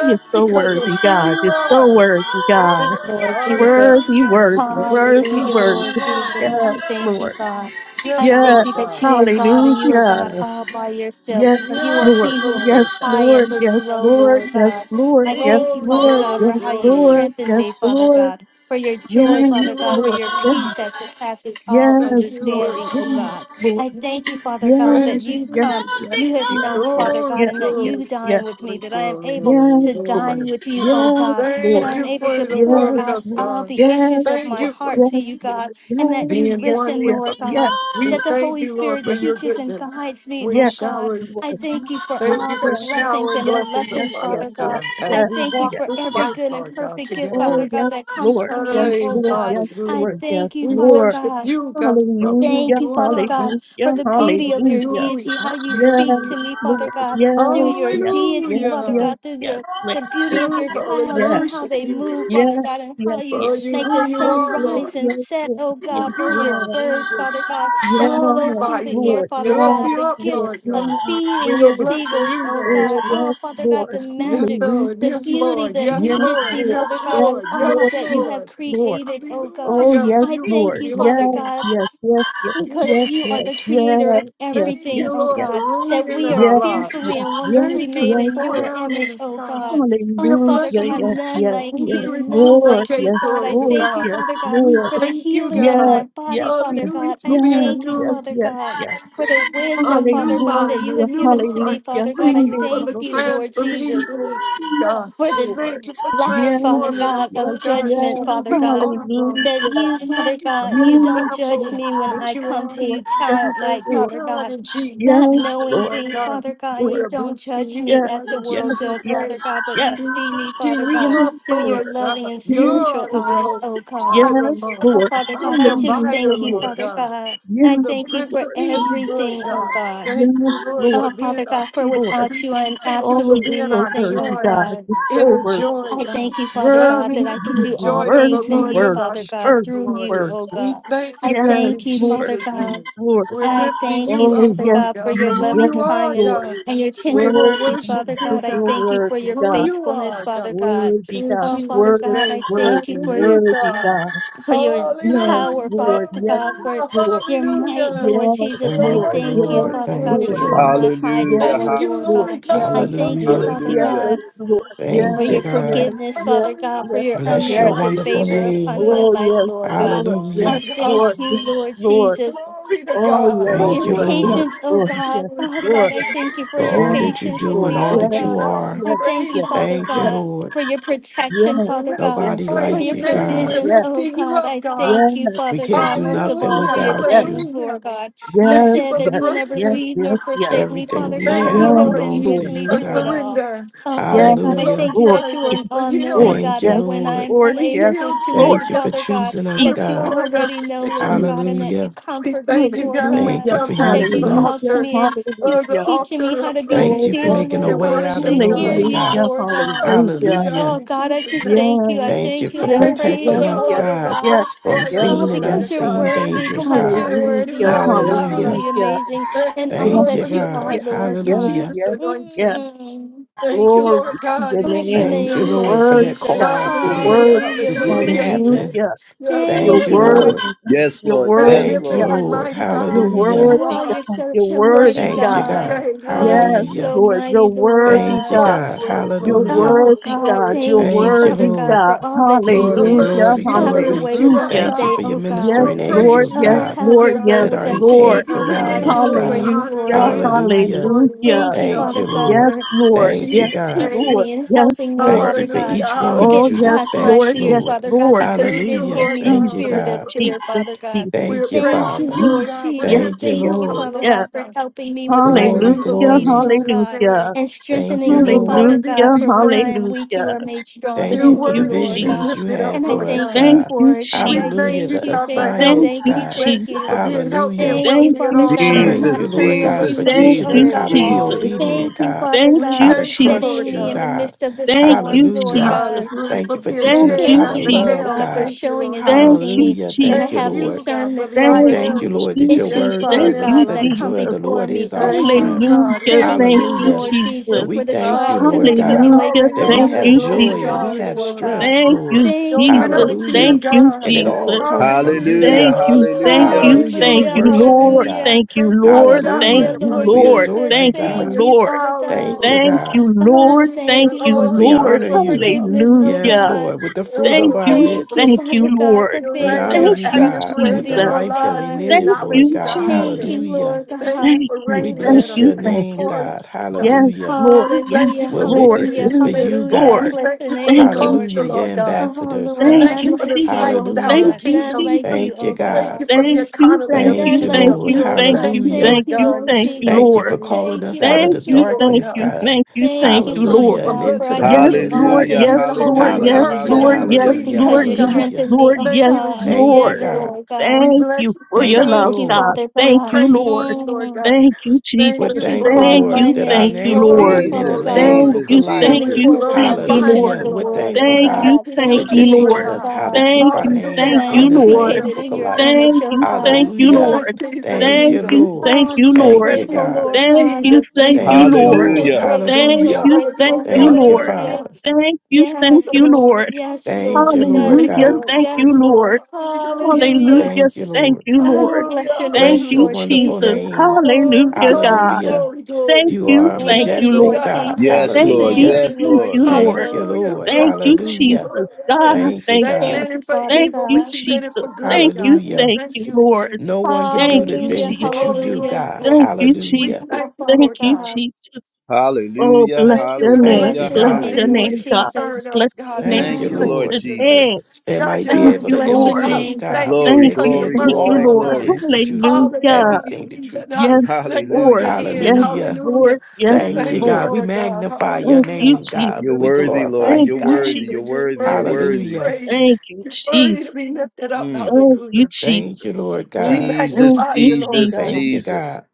[SPEAKER 3] You're so
[SPEAKER 1] you
[SPEAKER 2] because of
[SPEAKER 3] worthy,
[SPEAKER 2] who
[SPEAKER 3] God.
[SPEAKER 2] you
[SPEAKER 3] You're
[SPEAKER 1] are.
[SPEAKER 3] so
[SPEAKER 2] are.
[SPEAKER 3] worthy, God.
[SPEAKER 2] Nothing-
[SPEAKER 1] Oh,
[SPEAKER 5] Lord
[SPEAKER 1] yeah,
[SPEAKER 5] Jesus.
[SPEAKER 3] Worthy,
[SPEAKER 1] I
[SPEAKER 2] Hallelujah, we
[SPEAKER 1] worship
[SPEAKER 3] worthy,
[SPEAKER 2] worship
[SPEAKER 1] you.
[SPEAKER 3] worthy,
[SPEAKER 5] Hallelujah,
[SPEAKER 2] because of
[SPEAKER 3] worthy.
[SPEAKER 2] who
[SPEAKER 1] Lord,
[SPEAKER 5] Lord
[SPEAKER 2] you are,
[SPEAKER 5] Jesus.
[SPEAKER 2] God.
[SPEAKER 3] Yes,
[SPEAKER 5] I
[SPEAKER 1] I
[SPEAKER 5] thank you,
[SPEAKER 3] Lord.
[SPEAKER 1] worship
[SPEAKER 5] God.
[SPEAKER 1] you.
[SPEAKER 5] I
[SPEAKER 2] Yes,
[SPEAKER 3] Yes.
[SPEAKER 1] Because,
[SPEAKER 5] thank
[SPEAKER 2] Lord
[SPEAKER 5] you that you
[SPEAKER 2] God.
[SPEAKER 5] are God and you are
[SPEAKER 1] because of
[SPEAKER 3] Hallelujah.
[SPEAKER 5] God all by yourself.
[SPEAKER 3] Yes,
[SPEAKER 5] You are
[SPEAKER 2] Yes,
[SPEAKER 3] Lord.
[SPEAKER 5] He who
[SPEAKER 3] Yes,
[SPEAKER 2] Lord
[SPEAKER 5] sits high
[SPEAKER 2] God.
[SPEAKER 5] and
[SPEAKER 3] Lord.
[SPEAKER 5] looks
[SPEAKER 3] Yes,
[SPEAKER 5] low,
[SPEAKER 3] Lord.
[SPEAKER 5] Lord
[SPEAKER 3] Yes,
[SPEAKER 5] God.
[SPEAKER 3] Lord.
[SPEAKER 5] I
[SPEAKER 3] Yes,
[SPEAKER 5] thank you,
[SPEAKER 2] Glory,
[SPEAKER 5] Father
[SPEAKER 3] Lord.
[SPEAKER 5] God,
[SPEAKER 2] glory,
[SPEAKER 3] Yes,
[SPEAKER 5] for how you
[SPEAKER 3] Lord.
[SPEAKER 2] glory.
[SPEAKER 5] strengthen
[SPEAKER 3] Yes,
[SPEAKER 5] me, Father
[SPEAKER 3] Lord.
[SPEAKER 5] God, for your joy,
[SPEAKER 2] Thank
[SPEAKER 3] Yes,
[SPEAKER 2] you,
[SPEAKER 5] Father God, for
[SPEAKER 2] Lord
[SPEAKER 3] Lord.
[SPEAKER 5] your
[SPEAKER 3] Yes,
[SPEAKER 5] peace that
[SPEAKER 2] Jesus.
[SPEAKER 5] surpasses all
[SPEAKER 3] Yes,
[SPEAKER 2] Thank you,
[SPEAKER 3] Lord.
[SPEAKER 2] Lord
[SPEAKER 5] understanding,
[SPEAKER 3] Yes,
[SPEAKER 5] oh
[SPEAKER 2] Jesus.
[SPEAKER 5] God.
[SPEAKER 3] Lord.
[SPEAKER 5] I thank you, Father
[SPEAKER 3] Yes,
[SPEAKER 5] God, that
[SPEAKER 2] Praise you,
[SPEAKER 5] you
[SPEAKER 3] yes,
[SPEAKER 5] come.
[SPEAKER 2] Jesus.
[SPEAKER 3] yes,
[SPEAKER 5] You have
[SPEAKER 3] yes,
[SPEAKER 5] knocked,
[SPEAKER 3] yes,
[SPEAKER 5] Father God,
[SPEAKER 2] Glory,
[SPEAKER 5] and that
[SPEAKER 3] yes,
[SPEAKER 2] glory,
[SPEAKER 5] you dine
[SPEAKER 3] yes,
[SPEAKER 5] with me,
[SPEAKER 2] glory,
[SPEAKER 5] that I am
[SPEAKER 3] yes,
[SPEAKER 5] able
[SPEAKER 2] glory,
[SPEAKER 3] yes,
[SPEAKER 5] to
[SPEAKER 3] Lord.
[SPEAKER 5] dine
[SPEAKER 2] glory.
[SPEAKER 5] with you,
[SPEAKER 3] Yes,
[SPEAKER 5] oh God that
[SPEAKER 2] Thank
[SPEAKER 3] Lord.
[SPEAKER 5] I'm
[SPEAKER 2] you
[SPEAKER 5] able
[SPEAKER 2] for
[SPEAKER 5] to
[SPEAKER 2] the
[SPEAKER 3] Yes,
[SPEAKER 5] pour
[SPEAKER 2] loving
[SPEAKER 5] out
[SPEAKER 2] us,
[SPEAKER 3] Lord.
[SPEAKER 5] all
[SPEAKER 2] God.
[SPEAKER 5] the
[SPEAKER 3] Yes,
[SPEAKER 5] issues of
[SPEAKER 2] Thank
[SPEAKER 5] my
[SPEAKER 3] Lord.
[SPEAKER 2] you for
[SPEAKER 5] heart to
[SPEAKER 3] Yes,
[SPEAKER 5] you,
[SPEAKER 3] Lord.
[SPEAKER 5] God,
[SPEAKER 3] Yes,
[SPEAKER 5] and that you
[SPEAKER 2] being
[SPEAKER 3] yes,
[SPEAKER 2] one
[SPEAKER 5] listen,
[SPEAKER 3] yes,
[SPEAKER 2] with
[SPEAKER 5] Lord
[SPEAKER 2] us.
[SPEAKER 3] yes,
[SPEAKER 5] God,
[SPEAKER 2] We
[SPEAKER 3] Lord.
[SPEAKER 5] that the
[SPEAKER 2] thank
[SPEAKER 5] Holy
[SPEAKER 2] you, Lord,
[SPEAKER 5] Spirit
[SPEAKER 2] for
[SPEAKER 3] Yes,
[SPEAKER 2] your
[SPEAKER 5] teaches and
[SPEAKER 2] goodness.
[SPEAKER 5] guides me,
[SPEAKER 2] We
[SPEAKER 3] yes,
[SPEAKER 5] oh God.
[SPEAKER 2] shower.
[SPEAKER 3] Lord.
[SPEAKER 5] I
[SPEAKER 3] Yes,
[SPEAKER 5] thank you for
[SPEAKER 3] Lord.
[SPEAKER 2] Thank
[SPEAKER 5] all
[SPEAKER 2] you
[SPEAKER 5] the
[SPEAKER 2] for
[SPEAKER 5] blessings
[SPEAKER 2] showering
[SPEAKER 5] and the
[SPEAKER 3] Yes,
[SPEAKER 2] blessings
[SPEAKER 3] yes,
[SPEAKER 5] lessons,
[SPEAKER 2] upon
[SPEAKER 3] yes,
[SPEAKER 5] Father
[SPEAKER 2] us,
[SPEAKER 3] yes,
[SPEAKER 5] God.
[SPEAKER 2] God,
[SPEAKER 3] yes,
[SPEAKER 2] as
[SPEAKER 5] I
[SPEAKER 3] yes,
[SPEAKER 2] we
[SPEAKER 5] thank you
[SPEAKER 2] walk
[SPEAKER 3] yes,
[SPEAKER 5] for
[SPEAKER 2] this
[SPEAKER 3] yes.
[SPEAKER 5] every
[SPEAKER 2] life,
[SPEAKER 5] good and
[SPEAKER 2] Lord God,
[SPEAKER 5] perfect gift,
[SPEAKER 3] Oh,
[SPEAKER 5] Father
[SPEAKER 2] together.
[SPEAKER 5] God,
[SPEAKER 3] yes,
[SPEAKER 5] that comes
[SPEAKER 3] Lord.
[SPEAKER 5] from
[SPEAKER 3] Yes,
[SPEAKER 5] you,
[SPEAKER 2] Hey,
[SPEAKER 5] oh
[SPEAKER 3] Lord.
[SPEAKER 5] God.
[SPEAKER 3] Yes,
[SPEAKER 5] I
[SPEAKER 2] hallelujah.
[SPEAKER 3] Lord.
[SPEAKER 5] thank
[SPEAKER 3] Yes,
[SPEAKER 5] you,
[SPEAKER 2] We
[SPEAKER 5] Father
[SPEAKER 3] Lord.
[SPEAKER 2] worship
[SPEAKER 5] God.
[SPEAKER 2] you, God,
[SPEAKER 5] I
[SPEAKER 2] for who
[SPEAKER 5] thank
[SPEAKER 3] Hallelujah,
[SPEAKER 5] you,
[SPEAKER 2] you
[SPEAKER 5] Father
[SPEAKER 2] are.
[SPEAKER 5] God, for
[SPEAKER 3] hallelujah,
[SPEAKER 5] the beauty of your
[SPEAKER 3] hallelujah.
[SPEAKER 2] Hallelujah.
[SPEAKER 5] deity, how you
[SPEAKER 3] Yes,
[SPEAKER 5] speak to
[SPEAKER 2] Hallelujah.
[SPEAKER 5] me, Father
[SPEAKER 3] Lord.
[SPEAKER 5] God,
[SPEAKER 3] Yes,
[SPEAKER 5] through your
[SPEAKER 3] yes,
[SPEAKER 5] deity,
[SPEAKER 3] yes,
[SPEAKER 2] Hallelujah.
[SPEAKER 5] Father
[SPEAKER 3] yes,
[SPEAKER 5] God, through
[SPEAKER 3] yes,
[SPEAKER 5] the, the
[SPEAKER 3] yes,
[SPEAKER 5] beauty of your
[SPEAKER 2] Lord,
[SPEAKER 3] yes,
[SPEAKER 2] Father,
[SPEAKER 5] clouds
[SPEAKER 3] yes,
[SPEAKER 5] and how
[SPEAKER 2] worship
[SPEAKER 5] they
[SPEAKER 2] you, God,
[SPEAKER 5] move,
[SPEAKER 3] yes,
[SPEAKER 5] Father God, and
[SPEAKER 3] yes,
[SPEAKER 5] how you
[SPEAKER 3] yes,
[SPEAKER 2] for you
[SPEAKER 5] make the
[SPEAKER 2] who you
[SPEAKER 3] yes,
[SPEAKER 5] sun
[SPEAKER 2] are,
[SPEAKER 3] yes,
[SPEAKER 2] Lord.
[SPEAKER 5] rise and
[SPEAKER 3] yes, yes,
[SPEAKER 5] set, oh
[SPEAKER 3] yes,
[SPEAKER 2] Who
[SPEAKER 5] God,
[SPEAKER 3] yes,
[SPEAKER 5] for
[SPEAKER 2] you
[SPEAKER 5] your
[SPEAKER 2] are,
[SPEAKER 3] yes,
[SPEAKER 5] birds,
[SPEAKER 2] Jesus.
[SPEAKER 5] Father God, that float
[SPEAKER 3] yes,
[SPEAKER 2] Glorify
[SPEAKER 5] through
[SPEAKER 2] you,
[SPEAKER 5] the air,
[SPEAKER 3] Lord,
[SPEAKER 2] Lord.
[SPEAKER 5] Father
[SPEAKER 2] You up
[SPEAKER 3] yes,
[SPEAKER 5] God,
[SPEAKER 2] you
[SPEAKER 5] the
[SPEAKER 2] up,
[SPEAKER 5] gift
[SPEAKER 3] Lord,
[SPEAKER 2] Lord
[SPEAKER 5] of
[SPEAKER 2] God.
[SPEAKER 3] yes,
[SPEAKER 2] For
[SPEAKER 5] feeding
[SPEAKER 2] your
[SPEAKER 5] your
[SPEAKER 3] Lord,
[SPEAKER 2] blessing
[SPEAKER 5] seagulls,
[SPEAKER 2] you,
[SPEAKER 5] oh
[SPEAKER 2] Lord
[SPEAKER 3] oh
[SPEAKER 5] God.
[SPEAKER 3] yes,
[SPEAKER 5] Oh, Father
[SPEAKER 2] Jesus.
[SPEAKER 5] God,
[SPEAKER 3] Lord,
[SPEAKER 5] the
[SPEAKER 2] Yes,
[SPEAKER 5] magic,
[SPEAKER 2] Lord.
[SPEAKER 5] the
[SPEAKER 2] Yes,
[SPEAKER 3] hallelujah,
[SPEAKER 5] beauty,
[SPEAKER 2] Lord.
[SPEAKER 5] the
[SPEAKER 2] Yes,
[SPEAKER 3] yes,
[SPEAKER 2] Lord.
[SPEAKER 5] majesty,
[SPEAKER 3] Lord,
[SPEAKER 2] Yes,
[SPEAKER 5] Father God, of
[SPEAKER 3] yes,
[SPEAKER 2] Lord.
[SPEAKER 5] all
[SPEAKER 2] Yes,
[SPEAKER 3] Lord,
[SPEAKER 5] that
[SPEAKER 3] yes,
[SPEAKER 5] you have
[SPEAKER 2] Lord.
[SPEAKER 3] Lord,
[SPEAKER 5] created, oh God.
[SPEAKER 3] oh
[SPEAKER 2] Hallelujah.
[SPEAKER 3] yes,
[SPEAKER 5] I
[SPEAKER 2] You are
[SPEAKER 5] thank
[SPEAKER 3] Lord,
[SPEAKER 5] you,
[SPEAKER 2] the
[SPEAKER 5] Father
[SPEAKER 3] yes,
[SPEAKER 2] openings.
[SPEAKER 5] God
[SPEAKER 3] yes, yes, yes,
[SPEAKER 2] You
[SPEAKER 5] because
[SPEAKER 2] are-
[SPEAKER 3] yes,
[SPEAKER 5] you are
[SPEAKER 3] yes,
[SPEAKER 5] the creator
[SPEAKER 3] yes,
[SPEAKER 5] of
[SPEAKER 3] yes,
[SPEAKER 2] thank
[SPEAKER 5] everything,
[SPEAKER 3] yes,
[SPEAKER 2] you,
[SPEAKER 5] oh
[SPEAKER 3] yes,
[SPEAKER 2] Lord, for
[SPEAKER 5] God, that
[SPEAKER 2] reigning in
[SPEAKER 5] we are
[SPEAKER 2] our
[SPEAKER 3] Yes,
[SPEAKER 2] lives.
[SPEAKER 5] fearfully
[SPEAKER 3] yes,
[SPEAKER 5] and
[SPEAKER 3] yes,
[SPEAKER 5] wonderfully
[SPEAKER 2] Thank you
[SPEAKER 5] made
[SPEAKER 2] for
[SPEAKER 3] yes,
[SPEAKER 5] in
[SPEAKER 2] pouring
[SPEAKER 5] your
[SPEAKER 3] yes.
[SPEAKER 2] out in
[SPEAKER 5] image,
[SPEAKER 2] us,
[SPEAKER 5] oh
[SPEAKER 2] God.
[SPEAKER 5] God. Oh,
[SPEAKER 2] We'll
[SPEAKER 3] Hallelujah.
[SPEAKER 5] Father
[SPEAKER 2] bless
[SPEAKER 5] God,
[SPEAKER 3] Yes,
[SPEAKER 2] you.
[SPEAKER 5] none
[SPEAKER 3] yes,
[SPEAKER 5] like
[SPEAKER 2] We
[SPEAKER 3] yes.
[SPEAKER 5] you, none
[SPEAKER 3] Lord,
[SPEAKER 5] like you,
[SPEAKER 2] reciprocate,
[SPEAKER 3] yes,
[SPEAKER 5] God. I
[SPEAKER 2] glory to
[SPEAKER 3] Lord,
[SPEAKER 5] thank you,
[SPEAKER 2] God.
[SPEAKER 3] yes,
[SPEAKER 5] Father God,
[SPEAKER 2] We
[SPEAKER 3] Lord.
[SPEAKER 5] for the
[SPEAKER 2] thank you,
[SPEAKER 5] healing of my
[SPEAKER 3] Yes,
[SPEAKER 2] God.
[SPEAKER 3] yes,
[SPEAKER 5] body, Father
[SPEAKER 2] Hallelujah
[SPEAKER 5] God.
[SPEAKER 2] for
[SPEAKER 5] I
[SPEAKER 2] being a
[SPEAKER 3] yes,
[SPEAKER 5] thank you,
[SPEAKER 3] yes,
[SPEAKER 2] new,
[SPEAKER 5] Father
[SPEAKER 3] yes,
[SPEAKER 5] God,
[SPEAKER 3] yes.
[SPEAKER 5] for the
[SPEAKER 2] a
[SPEAKER 5] wisdom, Father
[SPEAKER 2] new
[SPEAKER 5] God, that
[SPEAKER 2] mind,
[SPEAKER 5] you
[SPEAKER 2] a
[SPEAKER 3] Hallelujah,
[SPEAKER 5] have
[SPEAKER 2] new
[SPEAKER 5] given to me,
[SPEAKER 2] heart.
[SPEAKER 3] hallelujah.
[SPEAKER 5] Father God.
[SPEAKER 2] Thank
[SPEAKER 5] I
[SPEAKER 2] you for
[SPEAKER 5] thank
[SPEAKER 2] the
[SPEAKER 5] you,
[SPEAKER 3] Hallelujah.
[SPEAKER 5] Lord Jesus,
[SPEAKER 3] People,
[SPEAKER 2] transformation,
[SPEAKER 3] yes,
[SPEAKER 2] God.
[SPEAKER 5] for the
[SPEAKER 3] Lord.
[SPEAKER 2] Thank you for
[SPEAKER 5] lack,
[SPEAKER 3] Yes,
[SPEAKER 5] Father
[SPEAKER 2] transforming us,
[SPEAKER 5] God, of
[SPEAKER 3] yes,
[SPEAKER 2] Lord God, into
[SPEAKER 5] judgment,
[SPEAKER 3] yes.
[SPEAKER 2] who
[SPEAKER 5] Father
[SPEAKER 2] you
[SPEAKER 5] God.
[SPEAKER 2] are, Lord.
[SPEAKER 5] That
[SPEAKER 3] Hallelujah.
[SPEAKER 5] you, Father
[SPEAKER 2] Thank you for
[SPEAKER 3] Yes,
[SPEAKER 5] God,
[SPEAKER 2] the
[SPEAKER 5] you don't judge
[SPEAKER 2] example,
[SPEAKER 3] Lord.
[SPEAKER 5] me
[SPEAKER 2] God,
[SPEAKER 3] Yes,
[SPEAKER 5] when
[SPEAKER 2] that
[SPEAKER 5] I
[SPEAKER 2] you
[SPEAKER 5] come
[SPEAKER 2] are.
[SPEAKER 5] to you
[SPEAKER 3] Lord. Yes,
[SPEAKER 2] Thank
[SPEAKER 5] childlike,
[SPEAKER 2] you,
[SPEAKER 3] Lord.
[SPEAKER 5] Father
[SPEAKER 2] God,
[SPEAKER 5] God.
[SPEAKER 2] in Jesus'
[SPEAKER 5] Not
[SPEAKER 3] Yes,
[SPEAKER 2] name,
[SPEAKER 5] knowing
[SPEAKER 3] Lord.
[SPEAKER 2] Lord
[SPEAKER 5] things,
[SPEAKER 2] God.
[SPEAKER 3] Yes,
[SPEAKER 5] Father God,
[SPEAKER 2] We
[SPEAKER 5] you
[SPEAKER 2] are
[SPEAKER 3] Lord.
[SPEAKER 5] don't
[SPEAKER 2] blessing
[SPEAKER 5] judge
[SPEAKER 2] you,
[SPEAKER 5] me
[SPEAKER 3] Yes,
[SPEAKER 5] as
[SPEAKER 2] God,
[SPEAKER 5] the
[SPEAKER 2] in
[SPEAKER 3] yes.
[SPEAKER 5] world
[SPEAKER 2] Jesus'
[SPEAKER 5] does,
[SPEAKER 3] yes,
[SPEAKER 5] Father
[SPEAKER 2] name.
[SPEAKER 5] God, but you
[SPEAKER 3] Yes,
[SPEAKER 2] We're
[SPEAKER 5] see me, Father
[SPEAKER 2] lifting you
[SPEAKER 3] yes,
[SPEAKER 5] God,
[SPEAKER 2] up,
[SPEAKER 5] through
[SPEAKER 3] Lord.
[SPEAKER 5] your
[SPEAKER 2] Lord
[SPEAKER 5] loving
[SPEAKER 2] God.
[SPEAKER 5] and
[SPEAKER 3] Yes,
[SPEAKER 2] You
[SPEAKER 5] spiritual
[SPEAKER 2] are
[SPEAKER 3] Lord.
[SPEAKER 5] eyes,
[SPEAKER 2] Jehovah
[SPEAKER 5] oh
[SPEAKER 3] Yes,
[SPEAKER 5] God.
[SPEAKER 2] Jireh, Lord,
[SPEAKER 5] Oh,
[SPEAKER 3] Lord.
[SPEAKER 5] Father
[SPEAKER 2] our
[SPEAKER 5] God, I just
[SPEAKER 3] Hallelujah,
[SPEAKER 2] provider,
[SPEAKER 5] thank you,
[SPEAKER 3] Lord.
[SPEAKER 2] Lord
[SPEAKER 5] Father
[SPEAKER 2] God.
[SPEAKER 5] God.
[SPEAKER 3] Yes,
[SPEAKER 2] You're
[SPEAKER 5] I
[SPEAKER 2] the
[SPEAKER 5] thank you
[SPEAKER 2] Prince
[SPEAKER 5] for
[SPEAKER 2] of
[SPEAKER 3] Lord.
[SPEAKER 2] Peace,
[SPEAKER 3] Yes,
[SPEAKER 2] Lord
[SPEAKER 5] everything, oh
[SPEAKER 2] God.
[SPEAKER 5] God.
[SPEAKER 2] Thank
[SPEAKER 3] yes,
[SPEAKER 2] you, Lord,
[SPEAKER 3] Lord.
[SPEAKER 2] for
[SPEAKER 5] Oh,
[SPEAKER 2] being
[SPEAKER 5] Father
[SPEAKER 2] our
[SPEAKER 5] God, for
[SPEAKER 2] peace.
[SPEAKER 3] Lord.
[SPEAKER 5] without you, I am
[SPEAKER 2] Thank
[SPEAKER 3] Oh,
[SPEAKER 2] you for
[SPEAKER 3] you're
[SPEAKER 2] being
[SPEAKER 5] absolutely
[SPEAKER 3] so
[SPEAKER 2] our
[SPEAKER 5] nothing, oh
[SPEAKER 3] worthy,
[SPEAKER 2] joy,
[SPEAKER 3] God.
[SPEAKER 5] God.
[SPEAKER 3] You're so
[SPEAKER 2] inner
[SPEAKER 3] worthy.
[SPEAKER 2] joy,
[SPEAKER 5] I thank
[SPEAKER 2] God.
[SPEAKER 5] you, Father
[SPEAKER 2] I
[SPEAKER 5] God,
[SPEAKER 3] Worthy,
[SPEAKER 5] that
[SPEAKER 2] mean,
[SPEAKER 5] I
[SPEAKER 2] for
[SPEAKER 5] can
[SPEAKER 2] the
[SPEAKER 5] do
[SPEAKER 2] joy
[SPEAKER 5] all
[SPEAKER 2] of the
[SPEAKER 5] things
[SPEAKER 3] worthy,
[SPEAKER 5] in
[SPEAKER 2] Lord
[SPEAKER 5] you,
[SPEAKER 2] is our
[SPEAKER 5] Father
[SPEAKER 3] worthy,
[SPEAKER 5] God,
[SPEAKER 2] strength,
[SPEAKER 5] through
[SPEAKER 3] worthy,
[SPEAKER 2] Lord.
[SPEAKER 5] you, oh
[SPEAKER 3] worthy.
[SPEAKER 2] We
[SPEAKER 5] God.
[SPEAKER 2] thank
[SPEAKER 5] I
[SPEAKER 2] you, God,
[SPEAKER 3] Yes,
[SPEAKER 5] thank
[SPEAKER 2] in
[SPEAKER 5] you,
[SPEAKER 3] Lord.
[SPEAKER 5] Father
[SPEAKER 2] Jesus'
[SPEAKER 3] Yes,
[SPEAKER 5] God.
[SPEAKER 2] name.
[SPEAKER 3] Lord.
[SPEAKER 2] We're
[SPEAKER 5] I
[SPEAKER 2] lifting
[SPEAKER 5] thank
[SPEAKER 2] you
[SPEAKER 5] you,
[SPEAKER 2] up,
[SPEAKER 3] Oh,
[SPEAKER 5] Father
[SPEAKER 3] yes,
[SPEAKER 2] Lord
[SPEAKER 5] God, for
[SPEAKER 2] God,
[SPEAKER 5] your
[SPEAKER 2] for
[SPEAKER 3] Lord.
[SPEAKER 2] who
[SPEAKER 3] Yes,
[SPEAKER 5] loving
[SPEAKER 2] you are,
[SPEAKER 5] kindness
[SPEAKER 3] Lord.
[SPEAKER 2] God.
[SPEAKER 5] and your
[SPEAKER 2] We
[SPEAKER 5] tender
[SPEAKER 2] will
[SPEAKER 3] Worthy,
[SPEAKER 5] mercies,
[SPEAKER 2] worship
[SPEAKER 5] Father
[SPEAKER 3] you're
[SPEAKER 5] God.
[SPEAKER 2] you,
[SPEAKER 5] I
[SPEAKER 3] so
[SPEAKER 2] God,
[SPEAKER 5] thank you for
[SPEAKER 3] worthy,
[SPEAKER 2] for
[SPEAKER 5] your
[SPEAKER 2] who
[SPEAKER 3] God.
[SPEAKER 2] you
[SPEAKER 5] faithfulness,
[SPEAKER 2] are,
[SPEAKER 5] Father
[SPEAKER 2] God.
[SPEAKER 5] God.
[SPEAKER 3] Worthy,
[SPEAKER 2] In
[SPEAKER 3] God.
[SPEAKER 5] Oh, Father
[SPEAKER 2] Jesus'
[SPEAKER 3] Worthy,
[SPEAKER 5] God, I
[SPEAKER 2] name,
[SPEAKER 3] worthy,
[SPEAKER 5] thank you
[SPEAKER 2] blessing
[SPEAKER 5] for
[SPEAKER 2] you,
[SPEAKER 5] your
[SPEAKER 3] worthy,
[SPEAKER 2] God.
[SPEAKER 3] God.
[SPEAKER 5] for your
[SPEAKER 3] Yes,
[SPEAKER 5] power,
[SPEAKER 2] Hallelujah,
[SPEAKER 5] Father
[SPEAKER 3] Lord. Yes,
[SPEAKER 5] God, for
[SPEAKER 2] hallelujah,
[SPEAKER 3] Lord.
[SPEAKER 5] your might,
[SPEAKER 2] hallelujah.
[SPEAKER 5] Lord
[SPEAKER 3] Yes,
[SPEAKER 5] Jesus. I
[SPEAKER 4] Thank you,
[SPEAKER 3] Lord.
[SPEAKER 2] Glory,
[SPEAKER 5] thank you,
[SPEAKER 3] Yes,
[SPEAKER 4] Lord.
[SPEAKER 2] glory,
[SPEAKER 5] Father God,
[SPEAKER 4] Thank you,
[SPEAKER 5] that
[SPEAKER 3] Lord.
[SPEAKER 5] you
[SPEAKER 2] glory.
[SPEAKER 5] are my
[SPEAKER 4] Lord.
[SPEAKER 5] high
[SPEAKER 3] Yes,
[SPEAKER 5] tower,
[SPEAKER 2] Thank
[SPEAKER 1] Hallelujah,
[SPEAKER 2] you,
[SPEAKER 5] Lord
[SPEAKER 3] Lord.
[SPEAKER 5] God.
[SPEAKER 2] Lord
[SPEAKER 3] Yes,
[SPEAKER 5] I
[SPEAKER 2] God,
[SPEAKER 5] thank you,
[SPEAKER 3] Lord.
[SPEAKER 4] Hallelujah.
[SPEAKER 5] Father
[SPEAKER 3] Yes,
[SPEAKER 1] hallelujah.
[SPEAKER 5] God
[SPEAKER 2] hallelujah.
[SPEAKER 3] Lord. Yes,
[SPEAKER 5] for
[SPEAKER 4] Thank
[SPEAKER 2] Thank
[SPEAKER 4] you,
[SPEAKER 5] your
[SPEAKER 2] you,
[SPEAKER 3] yes,
[SPEAKER 4] God.
[SPEAKER 2] Lord
[SPEAKER 5] forgiveness,
[SPEAKER 2] God,
[SPEAKER 3] yes,
[SPEAKER 5] Father God, for
[SPEAKER 3] yes,
[SPEAKER 5] your
[SPEAKER 4] Bless
[SPEAKER 2] hallelujah.
[SPEAKER 4] your
[SPEAKER 3] yes.
[SPEAKER 5] unmerited
[SPEAKER 2] Praise you,
[SPEAKER 4] wonderful
[SPEAKER 5] favor
[SPEAKER 4] name.
[SPEAKER 5] upon my
[SPEAKER 3] Oh,
[SPEAKER 2] Jesus.
[SPEAKER 5] life,
[SPEAKER 3] yes,
[SPEAKER 5] Lord God.
[SPEAKER 3] Lord.
[SPEAKER 2] Glory
[SPEAKER 3] Yes,
[SPEAKER 2] to
[SPEAKER 4] Hallelujah.
[SPEAKER 5] I thank
[SPEAKER 3] Lord.
[SPEAKER 2] God.
[SPEAKER 5] you,
[SPEAKER 3] Yes,
[SPEAKER 5] Lord
[SPEAKER 3] Lord.
[SPEAKER 5] Jesus
[SPEAKER 2] Glory to
[SPEAKER 3] Oh,
[SPEAKER 2] God.
[SPEAKER 3] yes,
[SPEAKER 5] for
[SPEAKER 4] Thank
[SPEAKER 5] your
[SPEAKER 4] you,
[SPEAKER 3] Lord. Yes,
[SPEAKER 4] Lord,
[SPEAKER 2] Hallelujah.
[SPEAKER 5] patience, oh
[SPEAKER 3] Lord.
[SPEAKER 2] Thank you,
[SPEAKER 5] God.
[SPEAKER 3] Yes,
[SPEAKER 2] Lord
[SPEAKER 5] Oh
[SPEAKER 2] Jesus.
[SPEAKER 5] God,
[SPEAKER 3] Lord.
[SPEAKER 5] I thank you for
[SPEAKER 4] for
[SPEAKER 5] your
[SPEAKER 4] all
[SPEAKER 3] Yes,
[SPEAKER 4] that you
[SPEAKER 5] patience with
[SPEAKER 4] do
[SPEAKER 2] We
[SPEAKER 3] Lord.
[SPEAKER 4] and
[SPEAKER 5] me,
[SPEAKER 4] all
[SPEAKER 2] thank
[SPEAKER 5] oh
[SPEAKER 4] that
[SPEAKER 3] Yes,
[SPEAKER 2] you,
[SPEAKER 4] you
[SPEAKER 5] God.
[SPEAKER 2] God. We
[SPEAKER 4] are.
[SPEAKER 5] I
[SPEAKER 3] yes,
[SPEAKER 5] thank
[SPEAKER 2] praise
[SPEAKER 5] you,
[SPEAKER 3] yes,
[SPEAKER 2] you,
[SPEAKER 5] Father
[SPEAKER 4] Thank you,
[SPEAKER 3] yes,
[SPEAKER 2] Lord.
[SPEAKER 5] God,
[SPEAKER 4] Lord.
[SPEAKER 5] for your protection,
[SPEAKER 3] yes,
[SPEAKER 5] Father
[SPEAKER 2] We
[SPEAKER 3] yes,
[SPEAKER 5] God,
[SPEAKER 3] yes,
[SPEAKER 4] Nobody
[SPEAKER 2] are
[SPEAKER 5] for
[SPEAKER 2] in
[SPEAKER 4] like
[SPEAKER 5] your
[SPEAKER 2] your
[SPEAKER 4] you,
[SPEAKER 3] yes,
[SPEAKER 2] name.
[SPEAKER 4] God.
[SPEAKER 2] We're
[SPEAKER 5] provisions,
[SPEAKER 3] yes,
[SPEAKER 5] oh
[SPEAKER 2] lifting you
[SPEAKER 5] God.
[SPEAKER 2] up,
[SPEAKER 5] I
[SPEAKER 3] yes,
[SPEAKER 2] God.
[SPEAKER 5] thank you,
[SPEAKER 4] We
[SPEAKER 5] Father
[SPEAKER 3] yes,
[SPEAKER 4] can't
[SPEAKER 5] God,
[SPEAKER 4] do
[SPEAKER 3] yes,
[SPEAKER 5] most of
[SPEAKER 4] nothing
[SPEAKER 5] all
[SPEAKER 3] yes.
[SPEAKER 5] for
[SPEAKER 2] Hallelujah.
[SPEAKER 5] your
[SPEAKER 3] yes,
[SPEAKER 4] without you.
[SPEAKER 5] presence, Lord
[SPEAKER 2] Hallelujah.
[SPEAKER 5] God. You
[SPEAKER 2] Thank you
[SPEAKER 3] Yes,
[SPEAKER 5] said
[SPEAKER 2] for
[SPEAKER 5] that
[SPEAKER 2] the
[SPEAKER 5] you
[SPEAKER 3] yes,
[SPEAKER 5] would never
[SPEAKER 3] yes,
[SPEAKER 2] brokenness.
[SPEAKER 5] leave nor
[SPEAKER 3] yes, yes,
[SPEAKER 5] forsake me,
[SPEAKER 4] Everything
[SPEAKER 5] Father
[SPEAKER 4] we
[SPEAKER 5] God,
[SPEAKER 2] Thank
[SPEAKER 5] and
[SPEAKER 2] you,
[SPEAKER 5] you
[SPEAKER 4] have
[SPEAKER 5] have
[SPEAKER 3] yes,
[SPEAKER 2] Lord
[SPEAKER 5] been
[SPEAKER 4] belongs to
[SPEAKER 5] with
[SPEAKER 3] Lord,
[SPEAKER 2] Jesus,
[SPEAKER 5] me
[SPEAKER 4] you,
[SPEAKER 2] for
[SPEAKER 3] yes,
[SPEAKER 5] through it
[SPEAKER 4] God.
[SPEAKER 5] all.
[SPEAKER 2] surrender.
[SPEAKER 5] Oh, Father
[SPEAKER 3] yes,
[SPEAKER 2] Thank
[SPEAKER 5] God,
[SPEAKER 2] you,
[SPEAKER 5] I
[SPEAKER 4] Hallelujah.
[SPEAKER 2] Lord
[SPEAKER 5] thank you
[SPEAKER 3] Lord,
[SPEAKER 5] that you are
[SPEAKER 2] Jesus,
[SPEAKER 3] yes,
[SPEAKER 5] an
[SPEAKER 2] for
[SPEAKER 5] all knowing
[SPEAKER 3] Lord,
[SPEAKER 2] healing.
[SPEAKER 4] Thank
[SPEAKER 5] God,
[SPEAKER 4] you,
[SPEAKER 3] yes,
[SPEAKER 5] that when
[SPEAKER 4] Lord.
[SPEAKER 5] I'm
[SPEAKER 3] Lord,
[SPEAKER 2] We
[SPEAKER 5] unable
[SPEAKER 3] yes,
[SPEAKER 5] to
[SPEAKER 2] yield to you,
[SPEAKER 3] Lord,
[SPEAKER 5] speak,
[SPEAKER 4] Thank
[SPEAKER 2] God.
[SPEAKER 4] you for
[SPEAKER 5] Father God,
[SPEAKER 4] choosing us,
[SPEAKER 3] Jesus,
[SPEAKER 2] We're
[SPEAKER 5] that you
[SPEAKER 4] God.
[SPEAKER 2] pouring
[SPEAKER 3] Jesus,
[SPEAKER 2] out
[SPEAKER 5] already know,
[SPEAKER 2] to
[SPEAKER 5] Lord
[SPEAKER 2] you.
[SPEAKER 5] God,
[SPEAKER 3] Jesus.
[SPEAKER 5] and that you
[SPEAKER 4] Hallelujah.
[SPEAKER 2] We
[SPEAKER 5] comfort me,
[SPEAKER 2] thank you,
[SPEAKER 5] Lord
[SPEAKER 2] God. We
[SPEAKER 5] God,
[SPEAKER 4] Thank
[SPEAKER 3] hallelujah,
[SPEAKER 4] you for
[SPEAKER 2] come, God, to
[SPEAKER 5] that you
[SPEAKER 4] using
[SPEAKER 2] the
[SPEAKER 5] talk to
[SPEAKER 4] us.
[SPEAKER 3] hallelujah,
[SPEAKER 2] altar,
[SPEAKER 5] me and you
[SPEAKER 2] uh,
[SPEAKER 5] are
[SPEAKER 2] the
[SPEAKER 3] hallelujah,
[SPEAKER 5] teaching me
[SPEAKER 2] altar
[SPEAKER 5] how
[SPEAKER 2] of
[SPEAKER 5] to be
[SPEAKER 4] Thank
[SPEAKER 3] oh
[SPEAKER 4] you
[SPEAKER 2] praise
[SPEAKER 4] for
[SPEAKER 3] yes,
[SPEAKER 5] still,
[SPEAKER 4] making a
[SPEAKER 5] Lord
[SPEAKER 2] and
[SPEAKER 3] Lord,
[SPEAKER 4] way
[SPEAKER 5] God, and
[SPEAKER 4] out of
[SPEAKER 2] worship,
[SPEAKER 5] to
[SPEAKER 4] no
[SPEAKER 5] hear
[SPEAKER 2] God.
[SPEAKER 4] way,
[SPEAKER 5] you,
[SPEAKER 3] hallelujah,
[SPEAKER 4] God.
[SPEAKER 5] Lord
[SPEAKER 2] We
[SPEAKER 5] God.
[SPEAKER 2] come
[SPEAKER 3] hallelujah,
[SPEAKER 2] to you, God,
[SPEAKER 5] Oh,
[SPEAKER 4] Hallelujah.
[SPEAKER 2] in
[SPEAKER 5] God, I
[SPEAKER 2] Jesus'
[SPEAKER 5] just
[SPEAKER 2] name.
[SPEAKER 5] thank you. I
[SPEAKER 3] yes,
[SPEAKER 4] Thank you
[SPEAKER 5] thank you
[SPEAKER 4] for
[SPEAKER 5] and I
[SPEAKER 3] yes,
[SPEAKER 2] Thank you for
[SPEAKER 5] praise
[SPEAKER 4] protecting
[SPEAKER 3] yes,
[SPEAKER 2] the
[SPEAKER 5] you,
[SPEAKER 4] us,
[SPEAKER 3] yes,
[SPEAKER 5] Father
[SPEAKER 2] oil, the
[SPEAKER 4] God,
[SPEAKER 5] God.
[SPEAKER 3] yes,
[SPEAKER 2] fresh
[SPEAKER 4] from
[SPEAKER 2] oil.
[SPEAKER 3] yes,
[SPEAKER 5] Oh,
[SPEAKER 4] seen and
[SPEAKER 2] Glory
[SPEAKER 3] yes,
[SPEAKER 2] to
[SPEAKER 5] because you're
[SPEAKER 4] unseen
[SPEAKER 2] God.
[SPEAKER 5] worthy,
[SPEAKER 4] dangers,
[SPEAKER 5] God, you're
[SPEAKER 4] God.
[SPEAKER 2] Thank
[SPEAKER 5] worthy.
[SPEAKER 2] you,
[SPEAKER 3] hallelujah,
[SPEAKER 5] You are
[SPEAKER 2] Lord
[SPEAKER 5] so
[SPEAKER 2] God.
[SPEAKER 4] Hallelujah.
[SPEAKER 5] truly
[SPEAKER 3] hallelujah,
[SPEAKER 5] amazing
[SPEAKER 2] Thank
[SPEAKER 5] in
[SPEAKER 2] you,
[SPEAKER 5] all
[SPEAKER 3] yes,
[SPEAKER 4] Thank
[SPEAKER 2] Lord,
[SPEAKER 4] you,
[SPEAKER 2] for
[SPEAKER 5] that
[SPEAKER 2] your
[SPEAKER 5] you are,
[SPEAKER 4] God.
[SPEAKER 3] yes,
[SPEAKER 2] anointing,
[SPEAKER 5] Lord
[SPEAKER 2] your
[SPEAKER 3] yes,
[SPEAKER 5] God.
[SPEAKER 4] Hallelujah.
[SPEAKER 2] Jesus
[SPEAKER 3] yes, yes.
[SPEAKER 2] anointing.
[SPEAKER 5] Mm.
[SPEAKER 2] Thank you,
[SPEAKER 3] Glory
[SPEAKER 2] Lord
[SPEAKER 3] to
[SPEAKER 2] God,
[SPEAKER 3] your
[SPEAKER 2] in
[SPEAKER 5] Bless your
[SPEAKER 3] name.
[SPEAKER 2] Jesus'
[SPEAKER 4] Thank
[SPEAKER 5] name,
[SPEAKER 4] you,
[SPEAKER 3] Your
[SPEAKER 2] name.
[SPEAKER 4] Lord,
[SPEAKER 5] Lord
[SPEAKER 4] for
[SPEAKER 3] word,
[SPEAKER 4] that
[SPEAKER 5] Jesus.
[SPEAKER 4] car
[SPEAKER 3] God. Your
[SPEAKER 4] accident
[SPEAKER 2] Hallelujah,
[SPEAKER 3] word.
[SPEAKER 5] Hallelujah,
[SPEAKER 4] that didn't
[SPEAKER 5] Lord
[SPEAKER 2] hallelujah.
[SPEAKER 4] happen.
[SPEAKER 5] Jesus.
[SPEAKER 3] Hallelujah.
[SPEAKER 2] Yes,
[SPEAKER 3] Your
[SPEAKER 4] Thank
[SPEAKER 5] Thank
[SPEAKER 4] you,
[SPEAKER 2] Lord
[SPEAKER 5] you,
[SPEAKER 3] word,
[SPEAKER 2] God.
[SPEAKER 5] Lord
[SPEAKER 4] Lord.
[SPEAKER 3] God.
[SPEAKER 1] Yes,
[SPEAKER 3] Your
[SPEAKER 1] Lord,
[SPEAKER 3] word,
[SPEAKER 1] yes,
[SPEAKER 4] Thank you,
[SPEAKER 1] Lord.
[SPEAKER 3] God.
[SPEAKER 2] Magnificent,
[SPEAKER 5] Oh,
[SPEAKER 4] Lord.
[SPEAKER 2] mighty
[SPEAKER 3] Your
[SPEAKER 2] God is who
[SPEAKER 4] Hallelujah.
[SPEAKER 3] word,
[SPEAKER 2] you
[SPEAKER 5] you're
[SPEAKER 2] are.
[SPEAKER 3] God. Your
[SPEAKER 5] such a
[SPEAKER 3] word,
[SPEAKER 5] mighty
[SPEAKER 2] Worshiping
[SPEAKER 4] Thank
[SPEAKER 2] you
[SPEAKER 4] you,
[SPEAKER 3] God.
[SPEAKER 5] God.
[SPEAKER 4] God.
[SPEAKER 2] today.
[SPEAKER 5] Oh, you're
[SPEAKER 3] Yes,
[SPEAKER 2] Hallelujah.
[SPEAKER 4] Hallelujah.
[SPEAKER 5] so
[SPEAKER 3] Lord. Your
[SPEAKER 5] mighty, Lord
[SPEAKER 3] word,
[SPEAKER 4] Thank you,
[SPEAKER 5] God.
[SPEAKER 3] God.
[SPEAKER 2] Glory,
[SPEAKER 4] God.
[SPEAKER 2] glory,
[SPEAKER 3] Your
[SPEAKER 2] glory,
[SPEAKER 4] Hallelujah.
[SPEAKER 5] Oh,
[SPEAKER 3] word,
[SPEAKER 2] glory,
[SPEAKER 5] God,
[SPEAKER 3] God.
[SPEAKER 2] glory.
[SPEAKER 3] Your
[SPEAKER 5] thank you,
[SPEAKER 4] Thank you,
[SPEAKER 3] word,
[SPEAKER 5] Father
[SPEAKER 4] Lord.
[SPEAKER 5] God,
[SPEAKER 3] God.
[SPEAKER 5] for all that you
[SPEAKER 2] We'll
[SPEAKER 4] Glory,
[SPEAKER 5] do.
[SPEAKER 3] Hallelujah.
[SPEAKER 2] worship
[SPEAKER 4] glory,
[SPEAKER 2] you.
[SPEAKER 5] Have
[SPEAKER 2] We'll
[SPEAKER 5] your
[SPEAKER 4] glory.
[SPEAKER 2] lift
[SPEAKER 5] way
[SPEAKER 2] you
[SPEAKER 5] with
[SPEAKER 2] up,
[SPEAKER 5] us
[SPEAKER 3] Hallelujah.
[SPEAKER 4] Thank you
[SPEAKER 2] God.
[SPEAKER 5] today,
[SPEAKER 4] for your
[SPEAKER 5] oh
[SPEAKER 3] Yes,
[SPEAKER 5] God.
[SPEAKER 2] We'll
[SPEAKER 4] ministering
[SPEAKER 3] Lord.
[SPEAKER 2] praise
[SPEAKER 4] angels,
[SPEAKER 2] your
[SPEAKER 3] Yes,
[SPEAKER 5] Oh,
[SPEAKER 2] name,
[SPEAKER 4] God,
[SPEAKER 5] have
[SPEAKER 2] Lord
[SPEAKER 5] your
[SPEAKER 3] Lord.
[SPEAKER 5] way
[SPEAKER 3] Yes,
[SPEAKER 2] God.
[SPEAKER 4] that
[SPEAKER 5] with
[SPEAKER 4] are
[SPEAKER 5] us
[SPEAKER 2] We'll
[SPEAKER 3] Lord.
[SPEAKER 5] today,
[SPEAKER 4] encamped
[SPEAKER 5] oh
[SPEAKER 2] give your
[SPEAKER 5] God.
[SPEAKER 4] around
[SPEAKER 2] name
[SPEAKER 4] us,
[SPEAKER 5] Do it for
[SPEAKER 2] glory,
[SPEAKER 4] God.
[SPEAKER 5] your
[SPEAKER 2] honor, and
[SPEAKER 3] Hallelujah.
[SPEAKER 5] glory, oh
[SPEAKER 2] praises
[SPEAKER 5] God.
[SPEAKER 2] this
[SPEAKER 4] Hallelujah.
[SPEAKER 2] morning,
[SPEAKER 3] Hallelujah.
[SPEAKER 5] Thank
[SPEAKER 2] Lord
[SPEAKER 5] you,
[SPEAKER 4] Thank
[SPEAKER 5] Father
[SPEAKER 2] God.
[SPEAKER 4] you,
[SPEAKER 5] God,
[SPEAKER 4] Lord.
[SPEAKER 3] Yes,
[SPEAKER 5] for
[SPEAKER 2] In
[SPEAKER 3] Lord.
[SPEAKER 4] Thank you,
[SPEAKER 3] Yes,
[SPEAKER 2] Jesus'
[SPEAKER 4] God.
[SPEAKER 5] teaching
[SPEAKER 2] name.
[SPEAKER 3] Lord.
[SPEAKER 5] me and
[SPEAKER 3] Yes,
[SPEAKER 5] helping me,
[SPEAKER 3] Lord.
[SPEAKER 4] Thank you
[SPEAKER 5] Father
[SPEAKER 4] for
[SPEAKER 5] God,
[SPEAKER 2] Hallelujah,
[SPEAKER 4] each
[SPEAKER 5] to
[SPEAKER 4] one that
[SPEAKER 3] Oh,
[SPEAKER 5] get
[SPEAKER 4] you
[SPEAKER 3] yes,
[SPEAKER 2] hallelujah.
[SPEAKER 5] past my
[SPEAKER 4] dispatch,
[SPEAKER 3] Lord. Yes,
[SPEAKER 5] fears,
[SPEAKER 4] Lord.
[SPEAKER 5] Father God,
[SPEAKER 3] Lord.
[SPEAKER 5] because you
[SPEAKER 2] Thank you,
[SPEAKER 5] didn't give
[SPEAKER 4] Hallelujah.
[SPEAKER 2] Lord
[SPEAKER 5] me the
[SPEAKER 4] Thank you,
[SPEAKER 2] God.
[SPEAKER 3] Jesus,
[SPEAKER 5] spirit of
[SPEAKER 4] God.
[SPEAKER 5] fear,
[SPEAKER 2] Praise.
[SPEAKER 5] Father
[SPEAKER 3] Jesus,
[SPEAKER 5] God.
[SPEAKER 3] Jesus.
[SPEAKER 4] Thank
[SPEAKER 2] We're
[SPEAKER 4] you,
[SPEAKER 5] Thank you,
[SPEAKER 2] praising
[SPEAKER 4] Father.
[SPEAKER 2] you,
[SPEAKER 3] Yes,
[SPEAKER 5] Lord
[SPEAKER 2] God. We're
[SPEAKER 3] yes,
[SPEAKER 5] Jesus.
[SPEAKER 4] Thank you,
[SPEAKER 2] lifting
[SPEAKER 3] yes,
[SPEAKER 5] Thank
[SPEAKER 2] you
[SPEAKER 5] you,
[SPEAKER 2] up,
[SPEAKER 4] Lord.
[SPEAKER 5] Father
[SPEAKER 2] Lord
[SPEAKER 5] God,
[SPEAKER 3] yes.
[SPEAKER 5] for
[SPEAKER 2] God.
[SPEAKER 5] helping me with my
[SPEAKER 4] Glory,
[SPEAKER 2] Hallelujah,
[SPEAKER 3] Hallelujah,
[SPEAKER 5] unbelief,
[SPEAKER 4] glory.
[SPEAKER 5] oh
[SPEAKER 2] Jesus'
[SPEAKER 5] God,
[SPEAKER 2] name.
[SPEAKER 3] hallelujah.
[SPEAKER 5] and
[SPEAKER 4] Thank you,
[SPEAKER 2] You
[SPEAKER 5] strengthening me,
[SPEAKER 2] are
[SPEAKER 4] Lord.
[SPEAKER 5] Father
[SPEAKER 2] worthy to
[SPEAKER 5] God,
[SPEAKER 3] Hallelujah,
[SPEAKER 2] be
[SPEAKER 5] for when I am
[SPEAKER 2] praised.
[SPEAKER 5] weak, you
[SPEAKER 3] hallelujah.
[SPEAKER 5] are made strong
[SPEAKER 4] Thank
[SPEAKER 2] You're
[SPEAKER 4] you
[SPEAKER 3] Thank
[SPEAKER 5] in
[SPEAKER 4] for
[SPEAKER 5] me,
[SPEAKER 4] the
[SPEAKER 3] you,
[SPEAKER 2] worthy to
[SPEAKER 5] Lord
[SPEAKER 2] be
[SPEAKER 4] visions
[SPEAKER 5] God.
[SPEAKER 3] Jesus.
[SPEAKER 4] you
[SPEAKER 2] lifted up,
[SPEAKER 4] have
[SPEAKER 5] And I
[SPEAKER 4] for
[SPEAKER 2] Lord
[SPEAKER 4] us,
[SPEAKER 5] thank
[SPEAKER 2] God.
[SPEAKER 5] you
[SPEAKER 3] Thank
[SPEAKER 4] God.
[SPEAKER 5] for
[SPEAKER 3] you,
[SPEAKER 5] it, God.
[SPEAKER 2] We
[SPEAKER 5] I
[SPEAKER 3] Jesus.
[SPEAKER 2] thank
[SPEAKER 4] Hallelujah.
[SPEAKER 2] you,
[SPEAKER 5] thank
[SPEAKER 4] The
[SPEAKER 5] you,
[SPEAKER 2] God, for
[SPEAKER 5] thank you,
[SPEAKER 2] health.
[SPEAKER 3] Thank
[SPEAKER 4] assignments,
[SPEAKER 5] thank
[SPEAKER 3] you,
[SPEAKER 5] you,
[SPEAKER 4] God.
[SPEAKER 2] Thank
[SPEAKER 5] thank
[SPEAKER 3] Jesus.
[SPEAKER 5] you.
[SPEAKER 2] you for being healthy
[SPEAKER 4] Hallelujah.
[SPEAKER 2] and
[SPEAKER 5] Thank you,
[SPEAKER 3] Thank
[SPEAKER 2] wealthy at
[SPEAKER 5] Father
[SPEAKER 3] you,
[SPEAKER 2] all
[SPEAKER 5] God, for
[SPEAKER 4] Thank
[SPEAKER 1] Jesus,
[SPEAKER 2] times.
[SPEAKER 4] you,
[SPEAKER 5] not
[SPEAKER 3] Jesus.
[SPEAKER 4] Lord
[SPEAKER 5] turning
[SPEAKER 2] In
[SPEAKER 5] away
[SPEAKER 4] God,
[SPEAKER 1] Jesus,
[SPEAKER 4] for
[SPEAKER 5] from
[SPEAKER 3] Thank
[SPEAKER 5] me,
[SPEAKER 2] Jesus'
[SPEAKER 4] teaching
[SPEAKER 5] oh
[SPEAKER 4] us
[SPEAKER 3] you,
[SPEAKER 1] Jesus,
[SPEAKER 4] how
[SPEAKER 2] name,
[SPEAKER 4] to
[SPEAKER 5] God.
[SPEAKER 4] be
[SPEAKER 1] Jesus.
[SPEAKER 3] Jesus.
[SPEAKER 2] hallelujah.
[SPEAKER 4] obedient,
[SPEAKER 5] Thank you,
[SPEAKER 4] God,
[SPEAKER 5] Father
[SPEAKER 3] Thank
[SPEAKER 2] We
[SPEAKER 5] God,
[SPEAKER 4] how
[SPEAKER 3] you,
[SPEAKER 5] for
[SPEAKER 4] to
[SPEAKER 2] thank you,
[SPEAKER 4] trust
[SPEAKER 5] steadying
[SPEAKER 2] Lord
[SPEAKER 3] Jesus.
[SPEAKER 4] you,
[SPEAKER 5] me in
[SPEAKER 2] God.
[SPEAKER 5] the
[SPEAKER 4] God.
[SPEAKER 5] midst of the
[SPEAKER 3] Thank you,
[SPEAKER 5] storms, Lord
[SPEAKER 4] Hallelujah.
[SPEAKER 3] Jesus.
[SPEAKER 5] God.
[SPEAKER 2] Hallelujah,
[SPEAKER 4] Thank
[SPEAKER 2] for
[SPEAKER 4] you for
[SPEAKER 2] being the
[SPEAKER 4] teaching
[SPEAKER 3] Thank
[SPEAKER 4] us
[SPEAKER 2] head,
[SPEAKER 4] how
[SPEAKER 3] you,
[SPEAKER 5] Thank
[SPEAKER 4] to
[SPEAKER 2] not
[SPEAKER 5] you,
[SPEAKER 2] the
[SPEAKER 5] Father
[SPEAKER 4] love,
[SPEAKER 3] Jesus.
[SPEAKER 2] tail.
[SPEAKER 5] God, for
[SPEAKER 4] God.
[SPEAKER 2] Thank you,
[SPEAKER 5] showing
[SPEAKER 2] Lord
[SPEAKER 5] and
[SPEAKER 3] Thank
[SPEAKER 2] God.
[SPEAKER 5] teaching
[SPEAKER 3] you,
[SPEAKER 5] me
[SPEAKER 4] Hallelujah.
[SPEAKER 5] that I
[SPEAKER 4] Thank you,
[SPEAKER 3] Jesus.
[SPEAKER 2] Thank
[SPEAKER 5] have
[SPEAKER 2] you,
[SPEAKER 4] Lord.
[SPEAKER 2] God, for
[SPEAKER 5] discernment
[SPEAKER 2] the
[SPEAKER 4] We
[SPEAKER 2] I
[SPEAKER 5] over
[SPEAKER 3] Thank
[SPEAKER 4] thank
[SPEAKER 5] the
[SPEAKER 3] you,
[SPEAKER 4] you, Lord,
[SPEAKER 2] ams.
[SPEAKER 4] that your
[SPEAKER 3] Jesus.
[SPEAKER 2] Yes,
[SPEAKER 5] issues,
[SPEAKER 4] word
[SPEAKER 2] Lord,
[SPEAKER 5] Father
[SPEAKER 3] Thank
[SPEAKER 4] tells
[SPEAKER 2] in our
[SPEAKER 4] us
[SPEAKER 3] you,
[SPEAKER 5] God,
[SPEAKER 4] that
[SPEAKER 5] that
[SPEAKER 4] the
[SPEAKER 5] come
[SPEAKER 2] lives.
[SPEAKER 4] joy of
[SPEAKER 3] Jesus.
[SPEAKER 4] the
[SPEAKER 5] before
[SPEAKER 4] Lord
[SPEAKER 5] me,
[SPEAKER 4] is
[SPEAKER 5] oh
[SPEAKER 4] our
[SPEAKER 2] Thank you,
[SPEAKER 5] God.
[SPEAKER 4] strength.
[SPEAKER 2] God, in
[SPEAKER 3] Hallelujah.
[SPEAKER 5] Thank
[SPEAKER 3] Thank
[SPEAKER 5] you,
[SPEAKER 2] Jesus'
[SPEAKER 3] you,
[SPEAKER 4] Hallelujah.
[SPEAKER 2] name.
[SPEAKER 5] Lord
[SPEAKER 4] So
[SPEAKER 5] Jesus,
[SPEAKER 3] Jesus.
[SPEAKER 4] we
[SPEAKER 5] for the
[SPEAKER 4] thank you,
[SPEAKER 5] trials and the
[SPEAKER 4] Lord
[SPEAKER 2] Hallelujah,
[SPEAKER 4] God,
[SPEAKER 3] Hallelujah.
[SPEAKER 5] tribulations
[SPEAKER 4] that
[SPEAKER 5] that
[SPEAKER 4] we
[SPEAKER 3] Thank
[SPEAKER 5] have
[SPEAKER 2] hallelujah,
[SPEAKER 4] have
[SPEAKER 3] you,
[SPEAKER 5] made me
[SPEAKER 2] glory,
[SPEAKER 4] joy and
[SPEAKER 3] Jesus.
[SPEAKER 4] we
[SPEAKER 5] strong,
[SPEAKER 2] glory,
[SPEAKER 4] have
[SPEAKER 5] Lord
[SPEAKER 2] glory.
[SPEAKER 5] God.
[SPEAKER 4] strength,
[SPEAKER 3] Thank
[SPEAKER 4] Lord.
[SPEAKER 3] you,
[SPEAKER 2] We
[SPEAKER 5] Thank you,
[SPEAKER 2] open
[SPEAKER 3] Jesus.
[SPEAKER 2] up
[SPEAKER 5] Lord
[SPEAKER 2] to you,
[SPEAKER 4] Hallelujah.
[SPEAKER 3] Thank you,
[SPEAKER 5] Jesus.
[SPEAKER 2] God.
[SPEAKER 4] And it all
[SPEAKER 3] Jesus.
[SPEAKER 4] comes from you,
[SPEAKER 2] Hallelujah,
[SPEAKER 1] Hallelujah,
[SPEAKER 3] Thank
[SPEAKER 4] God.
[SPEAKER 5] Mm.
[SPEAKER 3] you,
[SPEAKER 2] oh,
[SPEAKER 3] thank
[SPEAKER 1] hallelujah.
[SPEAKER 3] you,
[SPEAKER 2] glory,
[SPEAKER 4] Hallelujah. We
[SPEAKER 3] thank
[SPEAKER 2] glory,
[SPEAKER 5] Hallelujah,
[SPEAKER 3] you,
[SPEAKER 4] worship
[SPEAKER 2] glory.
[SPEAKER 4] you,
[SPEAKER 3] Lord.
[SPEAKER 4] God.
[SPEAKER 5] hallelujah,
[SPEAKER 2] We
[SPEAKER 3] Thank you,
[SPEAKER 2] thank you for
[SPEAKER 3] Lord. Thank
[SPEAKER 2] showering
[SPEAKER 5] hallelujah,
[SPEAKER 4] Hallelujah.
[SPEAKER 3] you,
[SPEAKER 5] Lord
[SPEAKER 2] upon
[SPEAKER 4] We
[SPEAKER 2] us.
[SPEAKER 3] Lord.
[SPEAKER 4] adore
[SPEAKER 5] Jesus.
[SPEAKER 4] you,
[SPEAKER 3] Thank
[SPEAKER 2] Thank you
[SPEAKER 3] you,
[SPEAKER 2] for
[SPEAKER 4] God.
[SPEAKER 5] Thank
[SPEAKER 2] your
[SPEAKER 5] you,
[SPEAKER 3] Lord.
[SPEAKER 5] Father
[SPEAKER 2] showering,
[SPEAKER 5] God.
[SPEAKER 4] Thank you,
[SPEAKER 2] Lord
[SPEAKER 3] Thank
[SPEAKER 2] God.
[SPEAKER 4] God.
[SPEAKER 3] you,
[SPEAKER 5] Oh,
[SPEAKER 3] Lord.
[SPEAKER 2] Thank
[SPEAKER 5] thank
[SPEAKER 3] Thank
[SPEAKER 2] you,
[SPEAKER 5] you,
[SPEAKER 3] you,
[SPEAKER 5] Lord
[SPEAKER 2] Lord.
[SPEAKER 4] We
[SPEAKER 3] Lord.
[SPEAKER 5] Jesus,
[SPEAKER 4] honor
[SPEAKER 5] for
[SPEAKER 2] Hallelujah,
[SPEAKER 4] you.
[SPEAKER 5] forgiveness, oh
[SPEAKER 2] hallelujah.
[SPEAKER 4] Yes,
[SPEAKER 3] Hallelujah.
[SPEAKER 5] God.
[SPEAKER 4] Lord, with the fruit
[SPEAKER 3] Thank
[SPEAKER 4] of
[SPEAKER 2] Oh,
[SPEAKER 4] our
[SPEAKER 3] you,
[SPEAKER 2] thank you
[SPEAKER 5] Thank
[SPEAKER 2] for
[SPEAKER 5] you,
[SPEAKER 2] the
[SPEAKER 3] thank
[SPEAKER 4] lips.
[SPEAKER 3] you,
[SPEAKER 5] Father
[SPEAKER 2] rule.
[SPEAKER 5] God,
[SPEAKER 3] Lord.
[SPEAKER 5] for
[SPEAKER 2] Your
[SPEAKER 4] We
[SPEAKER 5] being
[SPEAKER 2] reign,
[SPEAKER 4] honor
[SPEAKER 5] so
[SPEAKER 2] your
[SPEAKER 3] Thank
[SPEAKER 4] you,
[SPEAKER 3] you,
[SPEAKER 2] active
[SPEAKER 4] God, with
[SPEAKER 2] reign
[SPEAKER 4] the
[SPEAKER 5] trustworthy,
[SPEAKER 2] in
[SPEAKER 3] Jesus.
[SPEAKER 2] our
[SPEAKER 5] oh
[SPEAKER 4] life that
[SPEAKER 2] lives.
[SPEAKER 4] we
[SPEAKER 5] God.
[SPEAKER 2] We
[SPEAKER 4] live,
[SPEAKER 3] Thank
[SPEAKER 2] acknowledge
[SPEAKER 4] Lord
[SPEAKER 3] you,
[SPEAKER 2] you,
[SPEAKER 4] God.
[SPEAKER 2] God,
[SPEAKER 3] Jesus.
[SPEAKER 5] Thank
[SPEAKER 2] today.
[SPEAKER 5] you,
[SPEAKER 4] Hallelujah.
[SPEAKER 5] Lord
[SPEAKER 2] Thank you
[SPEAKER 3] Thank
[SPEAKER 5] God.
[SPEAKER 2] for
[SPEAKER 3] you,
[SPEAKER 4] We
[SPEAKER 2] reigning
[SPEAKER 3] thank
[SPEAKER 2] in
[SPEAKER 4] bless
[SPEAKER 2] us,
[SPEAKER 3] you,
[SPEAKER 4] your
[SPEAKER 5] Mm.
[SPEAKER 2] God.
[SPEAKER 3] thank
[SPEAKER 4] name,
[SPEAKER 3] you.
[SPEAKER 2] Pour,
[SPEAKER 4] God.
[SPEAKER 2] God.
[SPEAKER 3] Yes,
[SPEAKER 4] Hallelujah.
[SPEAKER 3] Lord,
[SPEAKER 2] We
[SPEAKER 3] yes,
[SPEAKER 2] thank you
[SPEAKER 5] Hallelujah,
[SPEAKER 4] We're
[SPEAKER 2] for the
[SPEAKER 3] Lord,
[SPEAKER 2] seeds.
[SPEAKER 5] hallelujah,
[SPEAKER 4] witnesses for
[SPEAKER 3] yes,
[SPEAKER 4] you,
[SPEAKER 5] hallelujah.
[SPEAKER 2] We
[SPEAKER 3] Lord.
[SPEAKER 4] God.
[SPEAKER 5] Bless
[SPEAKER 2] thank
[SPEAKER 5] your
[SPEAKER 2] you for the
[SPEAKER 5] name,
[SPEAKER 3] Thank you,
[SPEAKER 5] Lord.
[SPEAKER 2] culture,
[SPEAKER 4] Hallelujah.
[SPEAKER 3] Jesus.
[SPEAKER 4] Your
[SPEAKER 2] Lord God.
[SPEAKER 5] Oh,
[SPEAKER 4] ambassadors,
[SPEAKER 2] We
[SPEAKER 5] Lord,
[SPEAKER 3] Thank
[SPEAKER 4] God.
[SPEAKER 2] Thank
[SPEAKER 5] none
[SPEAKER 2] you
[SPEAKER 3] you,
[SPEAKER 2] for this
[SPEAKER 5] like you, oh
[SPEAKER 3] Jesus.
[SPEAKER 2] lifestyle of
[SPEAKER 3] Thank
[SPEAKER 4] Hallelujah.
[SPEAKER 5] God.
[SPEAKER 3] you,
[SPEAKER 5] None
[SPEAKER 2] kingdom.
[SPEAKER 5] like
[SPEAKER 3] Jesus.
[SPEAKER 5] you,
[SPEAKER 4] Thank you,
[SPEAKER 5] oh
[SPEAKER 2] Thank
[SPEAKER 4] God.
[SPEAKER 2] you
[SPEAKER 5] God.
[SPEAKER 2] for the
[SPEAKER 3] Thank you,
[SPEAKER 2] economy
[SPEAKER 3] thank
[SPEAKER 2] of the
[SPEAKER 4] Thank
[SPEAKER 3] you,
[SPEAKER 5] None
[SPEAKER 4] you,
[SPEAKER 5] like
[SPEAKER 3] thank
[SPEAKER 2] kingdom.
[SPEAKER 4] Lord.
[SPEAKER 5] you,
[SPEAKER 3] you,
[SPEAKER 5] oh
[SPEAKER 3] thank
[SPEAKER 5] God.
[SPEAKER 2] Thank
[SPEAKER 3] you,
[SPEAKER 2] you,
[SPEAKER 4] Hallelujah.
[SPEAKER 5] Thank
[SPEAKER 3] thank
[SPEAKER 2] Lord
[SPEAKER 5] you,
[SPEAKER 3] you,
[SPEAKER 2] God,
[SPEAKER 5] Lord
[SPEAKER 2] in
[SPEAKER 3] thank you,
[SPEAKER 5] Jesus.
[SPEAKER 2] Jesus'
[SPEAKER 4] Thank you for
[SPEAKER 3] Lord.
[SPEAKER 2] name.
[SPEAKER 4] calling
[SPEAKER 2] We
[SPEAKER 5] Thank
[SPEAKER 4] us
[SPEAKER 5] you,
[SPEAKER 4] out of
[SPEAKER 5] Lord
[SPEAKER 3] Thank
[SPEAKER 4] the
[SPEAKER 2] praise you
[SPEAKER 3] you,
[SPEAKER 2] for it,
[SPEAKER 5] Jesus.
[SPEAKER 3] thank
[SPEAKER 4] darkness,
[SPEAKER 2] God.
[SPEAKER 3] you,
[SPEAKER 4] God.
[SPEAKER 3] thank you, thank
[SPEAKER 5] Thank you,
[SPEAKER 3] you,
[SPEAKER 2] Thank
[SPEAKER 5] Father
[SPEAKER 3] Lord.
[SPEAKER 2] you
[SPEAKER 4] Hallelujah.
[SPEAKER 2] for
[SPEAKER 4] And
[SPEAKER 5] God, for
[SPEAKER 4] into
[SPEAKER 5] I
[SPEAKER 2] blessing
[SPEAKER 4] the
[SPEAKER 2] us,
[SPEAKER 5] can
[SPEAKER 3] Yes,
[SPEAKER 2] God.
[SPEAKER 5] do
[SPEAKER 4] marvelous
[SPEAKER 5] all
[SPEAKER 3] Lord,
[SPEAKER 4] light.
[SPEAKER 1] Hallelujah,
[SPEAKER 3] yes,
[SPEAKER 2] Being
[SPEAKER 5] things with
[SPEAKER 2] whole
[SPEAKER 3] Lord,
[SPEAKER 5] you,
[SPEAKER 2] with
[SPEAKER 1] hallelujah,
[SPEAKER 3] yes,
[SPEAKER 5] Father
[SPEAKER 2] perfect
[SPEAKER 4] Hallelujah.
[SPEAKER 2] and
[SPEAKER 3] Lord,
[SPEAKER 5] God,
[SPEAKER 1] hallelujah.
[SPEAKER 3] yes,
[SPEAKER 2] complete
[SPEAKER 4] Hallelujah.
[SPEAKER 2] in
[SPEAKER 5] because
[SPEAKER 2] you,
[SPEAKER 3] Lord,
[SPEAKER 5] you
[SPEAKER 3] yes,
[SPEAKER 2] God.
[SPEAKER 4] Hallelujah.
[SPEAKER 5] strengthen me,
[SPEAKER 3] Lord,
[SPEAKER 5] oh
[SPEAKER 2] Thank
[SPEAKER 3] yes,
[SPEAKER 2] you in
[SPEAKER 5] God.
[SPEAKER 4] Thank
[SPEAKER 2] Jesus'
[SPEAKER 4] you,
[SPEAKER 3] Lord.
[SPEAKER 5] Yes,
[SPEAKER 2] name.
[SPEAKER 4] God.
[SPEAKER 5] Lord God.
[SPEAKER 2] We
[SPEAKER 3] Thank you
[SPEAKER 2] bless
[SPEAKER 3] for
[SPEAKER 2] you,
[SPEAKER 3] your
[SPEAKER 4] Thank you,
[SPEAKER 2] God.
[SPEAKER 3] love,
[SPEAKER 5] Thank you,
[SPEAKER 4] Lord.
[SPEAKER 3] God.
[SPEAKER 5] Father
[SPEAKER 2] We're
[SPEAKER 3] Thank
[SPEAKER 5] God,
[SPEAKER 3] you,
[SPEAKER 2] praising
[SPEAKER 3] Lord.
[SPEAKER 2] you, Lord
[SPEAKER 5] mm,
[SPEAKER 2] God.
[SPEAKER 3] Thank you,
[SPEAKER 4] We're
[SPEAKER 5] that
[SPEAKER 2] Thank
[SPEAKER 3] Jesus.
[SPEAKER 2] you
[SPEAKER 5] you
[SPEAKER 2] for
[SPEAKER 4] thankful,
[SPEAKER 2] it,
[SPEAKER 5] called
[SPEAKER 3] Thank
[SPEAKER 2] God.
[SPEAKER 4] Lord,
[SPEAKER 5] my
[SPEAKER 3] you,
[SPEAKER 4] that our
[SPEAKER 3] thank
[SPEAKER 5] name.
[SPEAKER 3] you,
[SPEAKER 4] names are
[SPEAKER 5] Oh,
[SPEAKER 2] Glory,
[SPEAKER 3] Lord.
[SPEAKER 4] written in
[SPEAKER 5] Father
[SPEAKER 4] the
[SPEAKER 2] glory,
[SPEAKER 1] Jesus,
[SPEAKER 4] Lamb's
[SPEAKER 5] God,
[SPEAKER 3] Thank
[SPEAKER 2] glory.
[SPEAKER 4] book
[SPEAKER 1] Jesus,
[SPEAKER 4] of
[SPEAKER 3] you,
[SPEAKER 2] We
[SPEAKER 5] from
[SPEAKER 3] thank
[SPEAKER 4] life.
[SPEAKER 2] will
[SPEAKER 3] you,
[SPEAKER 5] before
[SPEAKER 1] Jesus.
[SPEAKER 5] the
[SPEAKER 3] thank you,
[SPEAKER 2] glorify
[SPEAKER 5] foundation
[SPEAKER 3] Lord.
[SPEAKER 5] of
[SPEAKER 4] Hallelujah.
[SPEAKER 2] you,
[SPEAKER 5] the
[SPEAKER 4] We're
[SPEAKER 2] Lord.
[SPEAKER 5] world, oh
[SPEAKER 4] thankful,
[SPEAKER 2] We're
[SPEAKER 3] Thank
[SPEAKER 4] God,
[SPEAKER 3] you,
[SPEAKER 5] God.
[SPEAKER 2] lifting
[SPEAKER 3] thank
[SPEAKER 2] you
[SPEAKER 4] that
[SPEAKER 2] up,
[SPEAKER 5] Thank
[SPEAKER 4] you're
[SPEAKER 3] you,
[SPEAKER 5] you,
[SPEAKER 2] Lord
[SPEAKER 3] Lord.
[SPEAKER 4] teaching
[SPEAKER 5] Lord
[SPEAKER 4] us
[SPEAKER 2] God.
[SPEAKER 4] how to
[SPEAKER 5] God,
[SPEAKER 4] keep
[SPEAKER 3] Thank
[SPEAKER 4] our
[SPEAKER 3] you,
[SPEAKER 5] that
[SPEAKER 4] name
[SPEAKER 3] thank
[SPEAKER 2] Hallelujah,
[SPEAKER 5] I
[SPEAKER 4] in
[SPEAKER 5] am
[SPEAKER 3] you,
[SPEAKER 5] [laughs]
[SPEAKER 4] the
[SPEAKER 3] Lord.
[SPEAKER 4] Lamb's
[SPEAKER 2] hallelujah,
[SPEAKER 5] created
[SPEAKER 4] book
[SPEAKER 5] in
[SPEAKER 4] of
[SPEAKER 5] your
[SPEAKER 4] life.
[SPEAKER 2] hallelujah.
[SPEAKER 5] image,
[SPEAKER 3] Thank
[SPEAKER 5] oh
[SPEAKER 3] you, thank
[SPEAKER 5] God.
[SPEAKER 3] you,
[SPEAKER 4] Hallelujah.
[SPEAKER 5] Oh,
[SPEAKER 3] Lord.
[SPEAKER 2] Jesus, Jesus,
[SPEAKER 4] Thank you,
[SPEAKER 3] Thank you,
[SPEAKER 2] Jesus.
[SPEAKER 4] Lord.
[SPEAKER 3] thank
[SPEAKER 5] oh, I'm
[SPEAKER 3] you,
[SPEAKER 5] so
[SPEAKER 4] Thank
[SPEAKER 3] Lord.
[SPEAKER 4] you,
[SPEAKER 5] grateful,
[SPEAKER 4] God.
[SPEAKER 2] Jesus,
[SPEAKER 5] Lord
[SPEAKER 3] Thank
[SPEAKER 5] God.
[SPEAKER 3] you,
[SPEAKER 5] I'm
[SPEAKER 2] Jesus,
[SPEAKER 5] so
[SPEAKER 3] thank you,
[SPEAKER 4] Thank you,
[SPEAKER 2] Jesus.
[SPEAKER 5] grateful,
[SPEAKER 3] Lord.
[SPEAKER 4] Lord.
[SPEAKER 5] so
[SPEAKER 1] Hallelujah.
[SPEAKER 5] grateful,
[SPEAKER 3] Thank
[SPEAKER 5] so
[SPEAKER 2] Hallelujah,
[SPEAKER 4] Hallelujah.
[SPEAKER 3] you, thank
[SPEAKER 5] grateful.
[SPEAKER 2] hallelujah,
[SPEAKER 3] you,
[SPEAKER 4] Thank you,
[SPEAKER 3] Lord.
[SPEAKER 4] Father.
[SPEAKER 5] Hallelujah.
[SPEAKER 2] hallelujah.
[SPEAKER 3] Thank you, thank
[SPEAKER 5] Yes,
[SPEAKER 3] you,
[SPEAKER 2] Jesus,
[SPEAKER 5] Lord.
[SPEAKER 3] Lord.
[SPEAKER 2] Jesus,
[SPEAKER 5] Yes,
[SPEAKER 4] Thank
[SPEAKER 5] Lord.
[SPEAKER 4] you,
[SPEAKER 2] Jesus.
[SPEAKER 4] Lord
[SPEAKER 5] Yes,
[SPEAKER 2] Thank
[SPEAKER 3] Hallelujah,
[SPEAKER 2] you,
[SPEAKER 4] God.
[SPEAKER 5] Lord.
[SPEAKER 3] thank
[SPEAKER 2] God.
[SPEAKER 5] Yes,
[SPEAKER 3] you, Lord.
[SPEAKER 5] Lord.
[SPEAKER 2] Hallelujah,
[SPEAKER 5] Hallelujah.
[SPEAKER 3] Hallelujah.
[SPEAKER 4] Thank you,
[SPEAKER 3] Thank
[SPEAKER 4] Lord.
[SPEAKER 2] hallelujah,
[SPEAKER 3] you,
[SPEAKER 5] Oh,
[SPEAKER 3] Lord.
[SPEAKER 5] bless your
[SPEAKER 2] hallelujah,
[SPEAKER 3] Thank
[SPEAKER 5] name,
[SPEAKER 4] Bless
[SPEAKER 2] hallelujah.
[SPEAKER 4] your
[SPEAKER 3] you,
[SPEAKER 5] Lord
[SPEAKER 4] wonderful
[SPEAKER 3] Jesus.
[SPEAKER 5] Jesus.
[SPEAKER 4] name.
[SPEAKER 3] Hallelujah,
[SPEAKER 5] Mm.
[SPEAKER 2] Glory, glory,
[SPEAKER 3] God.
[SPEAKER 4] Hallelujah.
[SPEAKER 2] glory,
[SPEAKER 3] Thank
[SPEAKER 2] glory.
[SPEAKER 4] You
[SPEAKER 3] you.
[SPEAKER 4] are a
[SPEAKER 3] Thank
[SPEAKER 5] Thank you,
[SPEAKER 2] Thank
[SPEAKER 3] you,
[SPEAKER 2] you,
[SPEAKER 4] majestic
[SPEAKER 5] Lord
[SPEAKER 3] Lord.
[SPEAKER 2] God.
[SPEAKER 4] God.
[SPEAKER 1] Yes,
[SPEAKER 5] Jesus.
[SPEAKER 3] Thank
[SPEAKER 1] Lord.
[SPEAKER 3] you.
[SPEAKER 2] Hallelujah.
[SPEAKER 5] Thank
[SPEAKER 4] Hallelujah.
[SPEAKER 5] you,
[SPEAKER 1] Yes,
[SPEAKER 3] Thank
[SPEAKER 5] Lord
[SPEAKER 1] Lord.
[SPEAKER 3] you, Lord.
[SPEAKER 4] Thank you,
[SPEAKER 5] Jesus.
[SPEAKER 2] Hallelujah. [laughs]
[SPEAKER 4] Lord.
[SPEAKER 3] Thank
[SPEAKER 2] Glory,
[SPEAKER 3] you,
[SPEAKER 2] glory,
[SPEAKER 5] Mm.
[SPEAKER 4] Hallelujah.
[SPEAKER 3] Jesus.
[SPEAKER 2] glory.
[SPEAKER 3] God, I
[SPEAKER 4] Thank you,
[SPEAKER 3] thank
[SPEAKER 2] They
[SPEAKER 3] you.
[SPEAKER 4] God.
[SPEAKER 5] Thank
[SPEAKER 2] meant
[SPEAKER 5] you,
[SPEAKER 2] it for
[SPEAKER 5] Father
[SPEAKER 3] Thank
[SPEAKER 2] evil,
[SPEAKER 3] you,
[SPEAKER 2] but
[SPEAKER 5] God.
[SPEAKER 2] you meant it for
[SPEAKER 3] Jesus.
[SPEAKER 5] Mm.
[SPEAKER 2] good,
[SPEAKER 3] Thank you.
[SPEAKER 2] God. We
[SPEAKER 4] Hallelujah.
[SPEAKER 3] Thank
[SPEAKER 2] thank
[SPEAKER 3] you,
[SPEAKER 2] you in
[SPEAKER 3] Lord.
[SPEAKER 2] Jesus'
[SPEAKER 4] No one
[SPEAKER 2] name.
[SPEAKER 4] can do
[SPEAKER 3] Thank
[SPEAKER 4] the
[SPEAKER 3] you,
[SPEAKER 5] Hallelujah,
[SPEAKER 4] things that
[SPEAKER 3] Jesus.
[SPEAKER 4] you
[SPEAKER 2] Glory,
[SPEAKER 4] do,
[SPEAKER 2] glory,
[SPEAKER 5] hallelujah.
[SPEAKER 4] God.
[SPEAKER 3] Thank
[SPEAKER 2] glory.
[SPEAKER 3] you,
[SPEAKER 2] We
[SPEAKER 4] Hallelujah.
[SPEAKER 3] Jesus.
[SPEAKER 5] Oh,
[SPEAKER 2] thank you,
[SPEAKER 5] Father
[SPEAKER 3] Thank
[SPEAKER 2] Lord
[SPEAKER 3] you,
[SPEAKER 2] God.
[SPEAKER 5] God.
[SPEAKER 3] Jesus. Oh,
[SPEAKER 1] Hallelujah.
[SPEAKER 3] bless
[SPEAKER 2] Thank you
[SPEAKER 3] your
[SPEAKER 2] for
[SPEAKER 3] name.
[SPEAKER 4] Thank you,
[SPEAKER 5] Bless
[SPEAKER 1] Hallelujah.
[SPEAKER 2] blessing
[SPEAKER 5] your
[SPEAKER 3] Bless
[SPEAKER 2] those
[SPEAKER 4] God.
[SPEAKER 5] name,
[SPEAKER 3] your
[SPEAKER 2] things
[SPEAKER 5] Lord
[SPEAKER 3] name,
[SPEAKER 2] which
[SPEAKER 1] Hallelujah.
[SPEAKER 3] God.
[SPEAKER 2] concern
[SPEAKER 5] Jesus.
[SPEAKER 3] Bless
[SPEAKER 2] us,
[SPEAKER 3] your
[SPEAKER 2] God.
[SPEAKER 3] name.
[SPEAKER 2] Thank
[SPEAKER 4] Thank
[SPEAKER 1] Thank
[SPEAKER 4] you,
[SPEAKER 2] you
[SPEAKER 1] you,
[SPEAKER 3] Bless
[SPEAKER 2] in
[SPEAKER 5] Mm.
[SPEAKER 1] Lord
[SPEAKER 3] your
[SPEAKER 4] Lord.
[SPEAKER 2] Jesus' name.
[SPEAKER 3] name.
[SPEAKER 1] Jesus.
[SPEAKER 4] They
[SPEAKER 2] God,
[SPEAKER 4] might
[SPEAKER 2] you're
[SPEAKER 3] Thank
[SPEAKER 4] be
[SPEAKER 5] Oh,
[SPEAKER 4] able
[SPEAKER 3] you,
[SPEAKER 4] to
[SPEAKER 5] bless
[SPEAKER 2] merciful,
[SPEAKER 5] your
[SPEAKER 3] Lord.
[SPEAKER 2] God.
[SPEAKER 4] imitate
[SPEAKER 2] We
[SPEAKER 5] name, God.
[SPEAKER 2] thank
[SPEAKER 4] God,
[SPEAKER 2] you
[SPEAKER 4] but
[SPEAKER 1] Glory,
[SPEAKER 3] Thank
[SPEAKER 4] they
[SPEAKER 2] because
[SPEAKER 3] you,
[SPEAKER 2] you're
[SPEAKER 4] can't
[SPEAKER 1] glory,
[SPEAKER 4] do
[SPEAKER 3] thank you,
[SPEAKER 1] glory,
[SPEAKER 2] merciful,
[SPEAKER 4] all
[SPEAKER 3] Lord.
[SPEAKER 4] the
[SPEAKER 2] God.
[SPEAKER 1] glory.
[SPEAKER 4] things that you do,
[SPEAKER 3] Hallelujah.
[SPEAKER 2] Hallelujah.
[SPEAKER 4] everything
[SPEAKER 2] We
[SPEAKER 4] that you
[SPEAKER 2] cannot
[SPEAKER 4] do.
[SPEAKER 3] Yes,
[SPEAKER 2] let go of the
[SPEAKER 3] Lord.
[SPEAKER 1] Hallelujah.
[SPEAKER 2] hand.
[SPEAKER 3] Yes,
[SPEAKER 4] Hallelujah.
[SPEAKER 3] Lord.
[SPEAKER 2] Hallelujah. We
[SPEAKER 3] Yes,
[SPEAKER 4] Thank
[SPEAKER 2] thank
[SPEAKER 4] you,
[SPEAKER 2] you,
[SPEAKER 1] Mm.
[SPEAKER 4] God.
[SPEAKER 3] Lord.
[SPEAKER 4] We
[SPEAKER 2] Lord God.
[SPEAKER 4] magnify your
[SPEAKER 3] Thank
[SPEAKER 2] Hallelujah.
[SPEAKER 3] you,
[SPEAKER 4] name, God.
[SPEAKER 2] Hallelujah.
[SPEAKER 1] You're
[SPEAKER 4] We
[SPEAKER 3] Jesus.
[SPEAKER 1] worthy,
[SPEAKER 4] glorify
[SPEAKER 1] Lord.
[SPEAKER 2] Thank
[SPEAKER 3] Thank
[SPEAKER 4] you,
[SPEAKER 1] You're
[SPEAKER 2] you,
[SPEAKER 3] you,
[SPEAKER 4] God.
[SPEAKER 1] worthy. You're
[SPEAKER 2] Jesus. You're
[SPEAKER 1] worthy. You're
[SPEAKER 3] Jesus.
[SPEAKER 2] worthy to be
[SPEAKER 1] worthy.
[SPEAKER 4] Hallelujah.
[SPEAKER 2] praised.
[SPEAKER 3] Thank you,
[SPEAKER 2] You're worthy to
[SPEAKER 3] Jesus.
[SPEAKER 2] be lifted up.
[SPEAKER 1] Mm.
[SPEAKER 3] Thank you,
[SPEAKER 2] Hallelujah.
[SPEAKER 4] Thank you,
[SPEAKER 3] Jesus.
[SPEAKER 4] Lord
[SPEAKER 2] We
[SPEAKER 4] God.
[SPEAKER 1] Jesus,
[SPEAKER 3] Thank
[SPEAKER 2] magnify
[SPEAKER 3] you,
[SPEAKER 2] you, Lord
[SPEAKER 1] Jesus,
[SPEAKER 3] Jesus.
[SPEAKER 2] God.
[SPEAKER 4] Thank you,
[SPEAKER 1] Jesus.
[SPEAKER 4] God.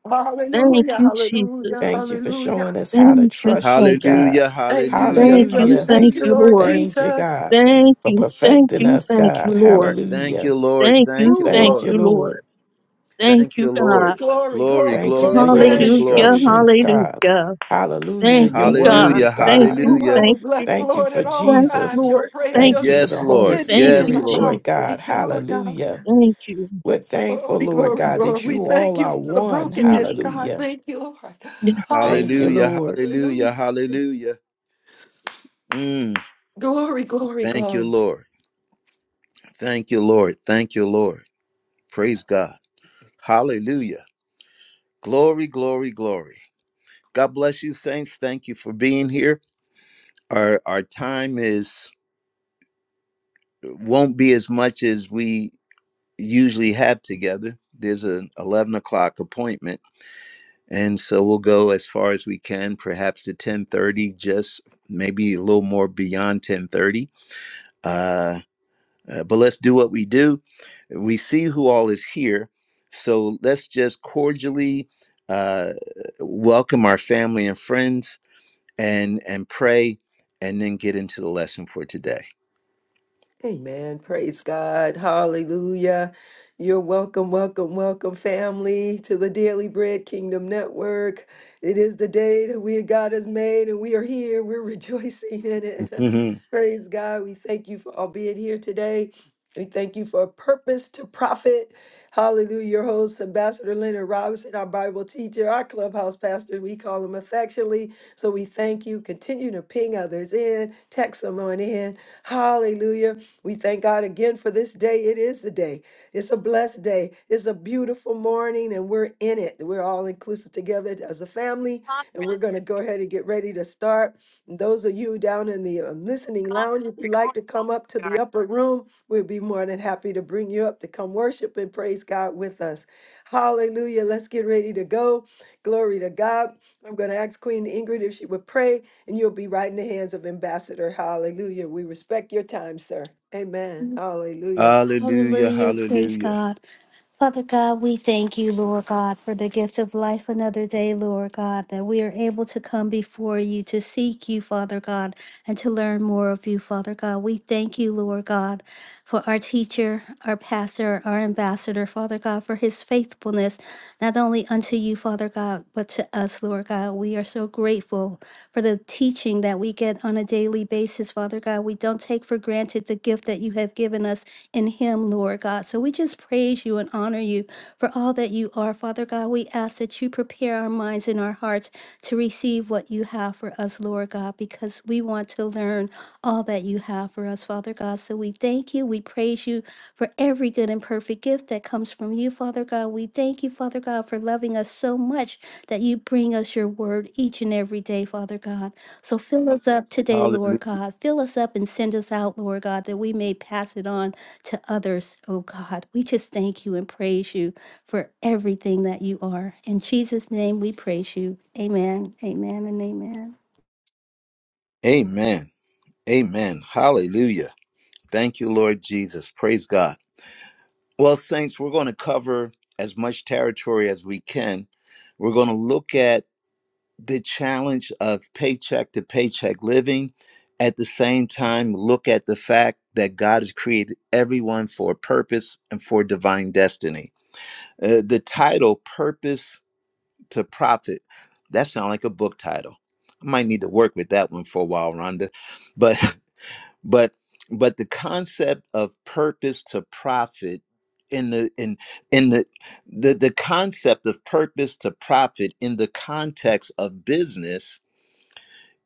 [SPEAKER 3] Thank
[SPEAKER 2] Hallelujah.
[SPEAKER 3] you,
[SPEAKER 2] Hallelujah.
[SPEAKER 4] Thank
[SPEAKER 3] Jesus.
[SPEAKER 4] you for showing
[SPEAKER 2] Hallelujah.
[SPEAKER 4] us how to
[SPEAKER 3] Thank you,
[SPEAKER 4] trust you,
[SPEAKER 3] thank you.
[SPEAKER 4] God.
[SPEAKER 1] Hallelujah.
[SPEAKER 2] Thank you,
[SPEAKER 1] Hallelujah.
[SPEAKER 3] Thank
[SPEAKER 2] Jesus.
[SPEAKER 3] you,
[SPEAKER 4] Hallelujah.
[SPEAKER 3] thank
[SPEAKER 2] Thank you,
[SPEAKER 3] you,
[SPEAKER 1] Hallelujah.
[SPEAKER 2] Lord
[SPEAKER 3] Lord.
[SPEAKER 4] Thank you,
[SPEAKER 2] Jesus.
[SPEAKER 4] God,
[SPEAKER 3] Thank
[SPEAKER 4] for
[SPEAKER 3] you, thank
[SPEAKER 4] perfecting
[SPEAKER 3] you,
[SPEAKER 4] us,
[SPEAKER 3] thank you,
[SPEAKER 4] God.
[SPEAKER 3] Lord.
[SPEAKER 1] Thank you,
[SPEAKER 4] Hallelujah.
[SPEAKER 1] Lord.
[SPEAKER 3] Thank you,
[SPEAKER 1] Thank you,
[SPEAKER 2] Ooh,
[SPEAKER 3] thank
[SPEAKER 4] Thank
[SPEAKER 1] Lord.
[SPEAKER 4] you,
[SPEAKER 3] you,
[SPEAKER 2] glory.
[SPEAKER 3] Lord.
[SPEAKER 4] Lord.
[SPEAKER 1] Thank
[SPEAKER 3] Thank you,
[SPEAKER 1] you,
[SPEAKER 2] Ooh,
[SPEAKER 1] Lord.
[SPEAKER 3] God.
[SPEAKER 2] glory,
[SPEAKER 1] Glory,
[SPEAKER 2] glory,
[SPEAKER 4] Thank you
[SPEAKER 1] glory,
[SPEAKER 4] for your
[SPEAKER 1] glory,
[SPEAKER 2] glory.
[SPEAKER 3] Hallelujah,
[SPEAKER 1] glory.
[SPEAKER 4] instructions, God.
[SPEAKER 3] hallelujah.
[SPEAKER 4] Hallelujah.
[SPEAKER 3] Thank
[SPEAKER 2] Ooh,
[SPEAKER 4] Your
[SPEAKER 3] you, God.
[SPEAKER 4] word,
[SPEAKER 1] Hallelujah,
[SPEAKER 3] Thank
[SPEAKER 4] God.
[SPEAKER 3] you.
[SPEAKER 2] ooh, I
[SPEAKER 1] hallelujah.
[SPEAKER 3] Thank
[SPEAKER 2] will
[SPEAKER 3] you.
[SPEAKER 2] bless the
[SPEAKER 4] Thank you
[SPEAKER 2] Lord
[SPEAKER 4] for
[SPEAKER 2] at all
[SPEAKER 3] Yes,
[SPEAKER 2] times.
[SPEAKER 4] Jesus.
[SPEAKER 2] Your
[SPEAKER 3] Lord.
[SPEAKER 2] praise
[SPEAKER 3] Thank
[SPEAKER 4] Thank
[SPEAKER 2] shall
[SPEAKER 4] you
[SPEAKER 3] you.
[SPEAKER 4] for
[SPEAKER 1] Yes,
[SPEAKER 4] the Holy
[SPEAKER 1] Lord.
[SPEAKER 2] continue to
[SPEAKER 3] Thank
[SPEAKER 2] be in
[SPEAKER 1] Yes,
[SPEAKER 3] you,
[SPEAKER 2] my
[SPEAKER 4] Spirit,
[SPEAKER 1] Lord.
[SPEAKER 3] Jesus.
[SPEAKER 2] mouth.
[SPEAKER 4] Lord God.
[SPEAKER 2] Thank you, Lord God.
[SPEAKER 4] Hallelujah.
[SPEAKER 3] Thank you.
[SPEAKER 4] We're thankful,
[SPEAKER 2] Glory,
[SPEAKER 4] Lord
[SPEAKER 2] glory,
[SPEAKER 4] God,
[SPEAKER 2] glory.
[SPEAKER 4] that
[SPEAKER 2] We
[SPEAKER 4] you
[SPEAKER 2] thank
[SPEAKER 4] all
[SPEAKER 2] you
[SPEAKER 4] are
[SPEAKER 2] for the
[SPEAKER 4] one.
[SPEAKER 3] Thank
[SPEAKER 2] brokenness,
[SPEAKER 3] you.
[SPEAKER 2] God.
[SPEAKER 4] Hallelujah.
[SPEAKER 2] Thank you, Lord.
[SPEAKER 4] Thank you,
[SPEAKER 2] Hallelujah.
[SPEAKER 1] Hallelujah,
[SPEAKER 4] Lord.
[SPEAKER 1] hallelujah,
[SPEAKER 2] Hallelujah.
[SPEAKER 1] hallelujah. Mm,
[SPEAKER 2] Glory, glory,
[SPEAKER 1] thank you,
[SPEAKER 2] glory.
[SPEAKER 1] Lord. Thank you, Lord. Thank you, Lord. Praise God. Hallelujah. Glory, glory, glory. God bless you, saints. Thank you for being here. Our our time is won't be as much as we usually have together. There's an eleven o'clock appointment and so we'll go as far as we can perhaps to 1030 just maybe a little more beyond 1030 uh, uh, but let's do what we do we see who all is here so let's just cordially uh, welcome our family and friends and and pray and then get into the lesson for today
[SPEAKER 2] Amen. Praise God. Hallelujah. You're welcome, welcome, welcome, family, to the Daily Bread Kingdom Network. It is the day that we God has made, and we are here. We're [laughs] rejoicing in it.
[SPEAKER 1] Mhm.
[SPEAKER 2] [laughs] Praise God. We thank you for all being here today. We thank you for a purpose to profit. Hallelujah. Your host, Ambassador Leonard Robinson, our Bible teacher, our clubhouse pastor, we call him affectionately. So we thank you. Continue to ping others in, text someone in. Hallelujah. We thank God again for this day. It is the day. It's a blessed day. It's a beautiful morning, and we're in it. We're all inclusive together as a family, and we're going to go ahead and get ready to start. And those of you down in the um, listening lounge, if you'd like to come up to the upper room, we'd be more than happy to bring you up to come worship and praise God with us. Hallelujah. Let's get ready to go. Glory to God. I'm going to ask Queen Ingrid if she would pray. And you'll be right in the hands of Ambassador. Hallelujah. We respect your time, sir. Amen. Hallelujah.
[SPEAKER 1] hallelujah
[SPEAKER 5] Hallelujah. Praise
[SPEAKER 1] hallelujah
[SPEAKER 5] God. Father God, we thank you, Lord God, for the gift of life another day, Lord God, that we are able to come before you to seek you, Father God, and to learn more of you, Father God. We thank you, Lord God, for our teacher, our pastor, our ambassador, Father God, for his faithfulness, not only unto you, Father God, but to us, Lord God. We are so grateful for the teaching that we get on a daily basis, Father God. We don't take for granted the gift that you have given us in him, Lord God. So we just praise you and honor you for all that you are, Father God. We ask that you prepare our minds and our hearts to receive what you have for us, Lord God, because we want to learn all that you have for us, Father God. So we thank you. We praise you for every good and perfect gift that comes from you, Father God. We thank you, Father God, for loving us so much that you bring us your word each and every day, Father God. So fill us up today, Lord
[SPEAKER 1] hallelujah
[SPEAKER 5] God. Fill us up and send us out, Lord God, that we may pass it on to others, oh God. We just thank you and praise you for everything that you are. In Jesus' name we praise you. Amen, amen, and amen.
[SPEAKER 1] amen amen hallelujah Thank you, Lord Jesus. Praise God. Well, Saints, we're going to cover as much territory as we can. We're going to look at the challenge of paycheck to paycheck living. At the same time, look at the fact that God has created everyone for a purpose and for divine destiny. Uh, the title, Purpose to Profit, that sounds like a book title. I might need to work with that one for a while, Rhonda. But [laughs] but but the concept of purpose to profit in the in in the the, the concept of purpose to profit in the context of business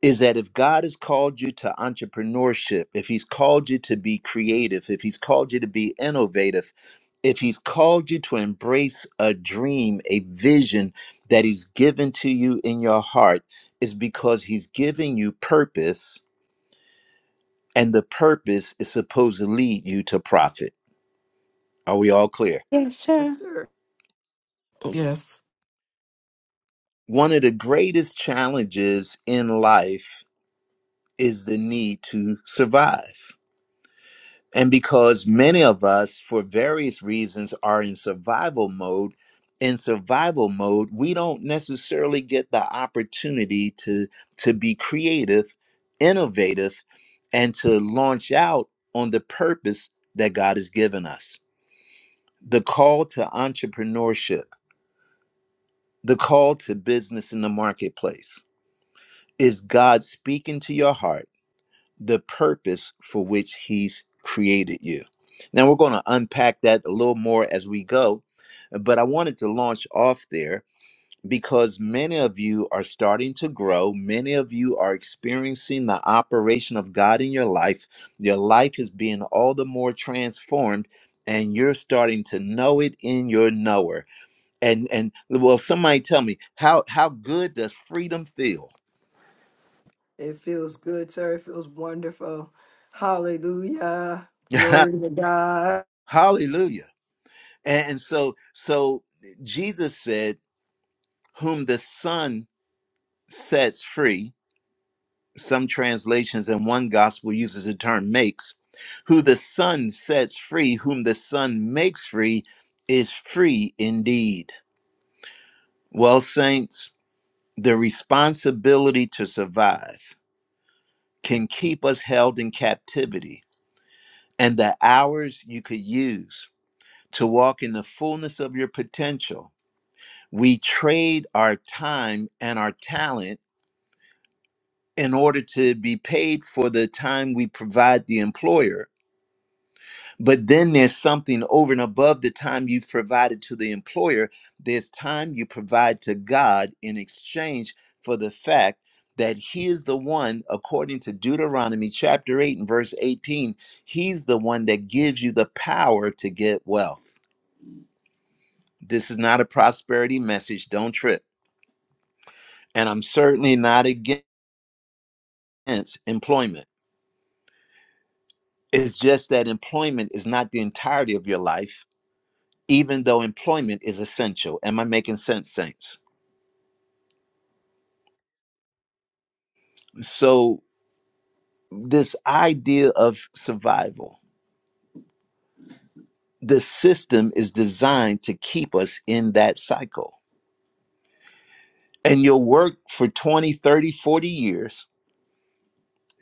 [SPEAKER 1] is that if God has called you to entrepreneurship, if he's called you to be creative, if he's called you to be innovative, if he's called you to embrace a dream, a vision that he's given to you in your heart, is because he's giving you purpose and the purpose is supposed to lead you to profit. Are we all clear?
[SPEAKER 2] Yes, sir.
[SPEAKER 4] Yes.
[SPEAKER 1] One of the greatest challenges in life is the need to survive. And because many of us, for various reasons, are in survival mode, in survival mode, we don't necessarily get the opportunity to, to be creative, innovative, and to launch out on the purpose that God has given us. The call to entrepreneurship The call to business in the marketplace is God speaking to your heart the purpose for which He's created you. Now, we're going to unpack that a little more as we go, but I wanted to launch off there because many of you are starting to grow. Many of you are experiencing the operation of God in your life. Your life is being all the more transformed, and you're starting to know it in your knower and and well somebody tell me how how good does freedom feel
[SPEAKER 2] It feels good, sir. It feels wonderful. Hallelujah.
[SPEAKER 1] [laughs]
[SPEAKER 2] Glory to God.
[SPEAKER 1] hallelujah and, so so jesus said whom the son sets free some translations and one gospel uses the term makes who the son sets free whom the son makes free is free indeed well saints the responsibility to survive can keep us held in captivity and the hours you could use to walk in the fullness of your potential, we trade our time and our talent in order to be paid for the time we provide the employer. But then there's something over and above the time you've provided to the employer. There's time you provide to God in exchange for the fact that He is the one, according to Deuteronomy chapter 8 and verse 18, He's the one that gives you the power to get wealth. This is not a prosperity message. Don't trip. And I'm certainly not against employment. It's just that employment is not the entirety of your life, even though employment is essential. Am I making sense, Saints? So, this idea of survival, the system is designed to keep us in that cycle. And you'll work for 20, 30, 40 years.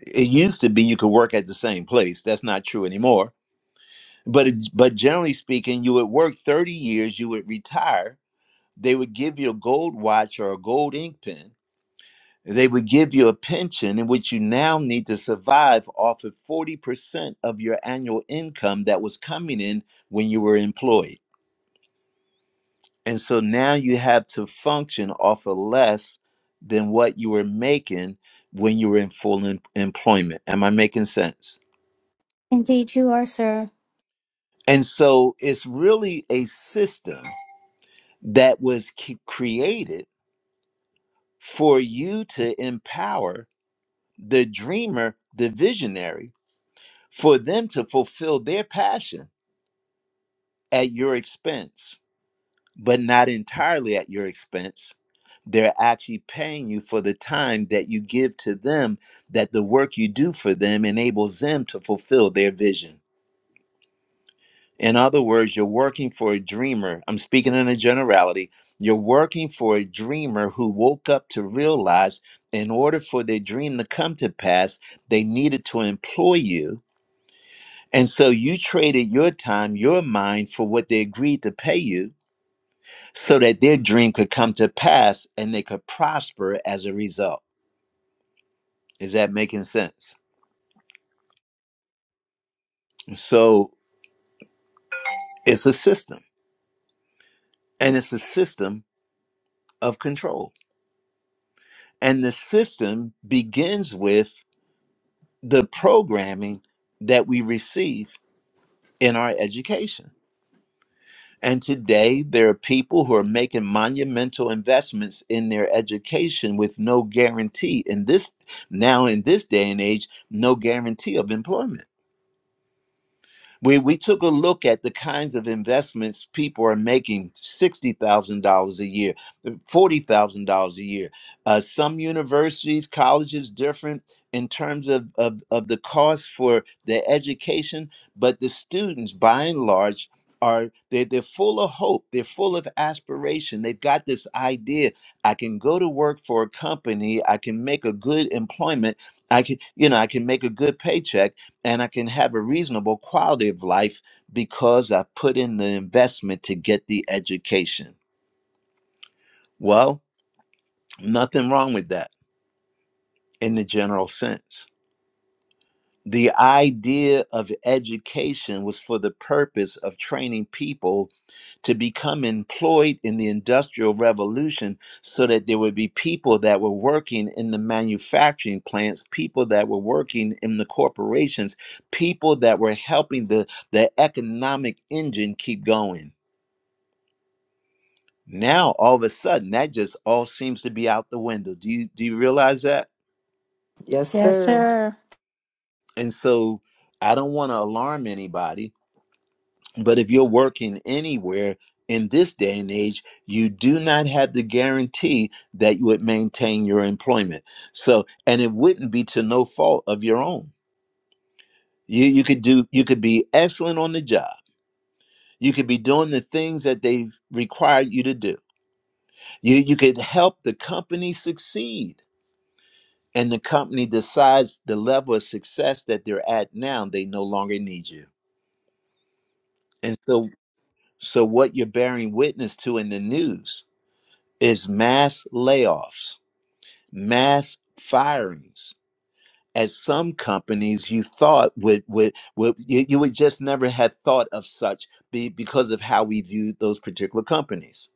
[SPEAKER 1] It used to be you could work at the same place. That's not true anymore but it- but generally speaking you would work 30 years you would retire they would give you a gold watch or a gold ink pen they would give you a pension in which you now need to survive off of 40% of your annual income that was coming in when you were employed and so now you have to function off of less than what you were making when you were in full em- employment am i making sense
[SPEAKER 5] Indeed, you are, sir.
[SPEAKER 1] and so it's really a system that was c- created for you to empower the dreamer, the visionary, for them to fulfill their passion at your expense, but not entirely at your expense. They're actually paying you for the time that you give to them, that the work you do for them enables them to fulfill their vision. In other words, you're working for a dreamer. I'm speaking in a generality. You're working for a dreamer who woke up to realize in order for their dream to come to pass, they needed to employ you. And so you traded your time, your mind for what they agreed to pay you so that their dream could come to pass and they could prosper as a result. Is that making sense? So it's a system and it's a system of control. And the system begins with the programming that we receive in our education. And today, there are people who are making monumental investments in their education with no guarantee in this now, in this day and age, no guarantee of employment. We, we took a look at the kinds of investments people are making $60,000 a year, $40,000 a year. Uh, some universities, colleges, different in terms of, of, of the cost for their education, but the students, by and large, are they, they're full of hope they're full of aspiration they've got this idea i can go to work for a company i can make a good employment i can you know i can make a good paycheck and I can have a reasonable quality of life because I put in the investment to get the education. Well, nothing wrong with that in the general sense. The idea of education was for the purpose of training people to become employed in the Industrial Revolution so that there would be people that were working in the manufacturing plants, people that were working in the corporations, people that were helping the, the economic engine keep going. Now, all of a sudden, that just all seems to be out the window. Do you, do you realize that?
[SPEAKER 2] Yes,
[SPEAKER 5] Yes,
[SPEAKER 2] sir.
[SPEAKER 5] sir.
[SPEAKER 1] And so I don't want to alarm anybody But if you're working anywhere in this day and age, you do not have the guarantee that you would maintain your employment. So, and it wouldn't be to no fault of your own. You, you could do, you could be excellent on the job. You could be doing the things that they require you to do. You, you could help the company succeed. And the company decides the level of success that they're at now, they no longer need you. And so, so what you're bearing witness to in the news is mass layoffs, mass firings at some companies you thought would would, would you, you would just never have thought of such be, because of how we viewed those particular companies.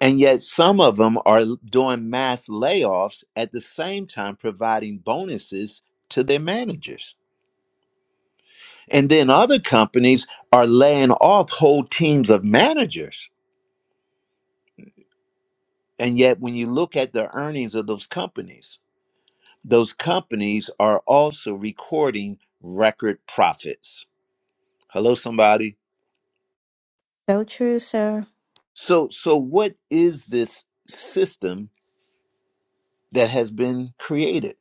[SPEAKER 1] And yet some of them are doing mass layoffs at the same time providing bonuses to their managers. And then other companies are laying off whole teams of managers. And yet when you look at the earnings of those companies, those companies are also recording record profits. Hello, somebody.
[SPEAKER 5] So true, sir.
[SPEAKER 1] So, so what is this system that has been created?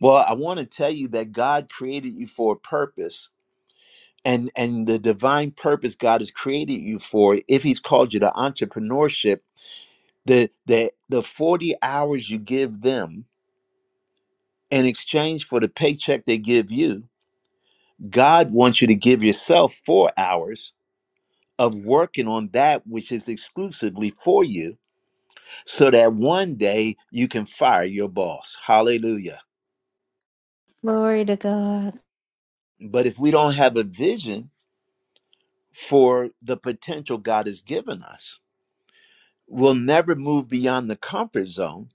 [SPEAKER 1] Well, I want to tell you that God created you for a purpose, and and the divine purpose God has created you for. If He's called you to entrepreneurship, the the the forty hours you give them in exchange for the paycheck they give you, God wants you to give yourself four hours of working on that which is exclusively for you so that one day you can fire your boss. Hallelujah.
[SPEAKER 5] Glory to God.
[SPEAKER 1] But if we don't have a vision for the potential God has given us, we'll never move beyond the comfort zone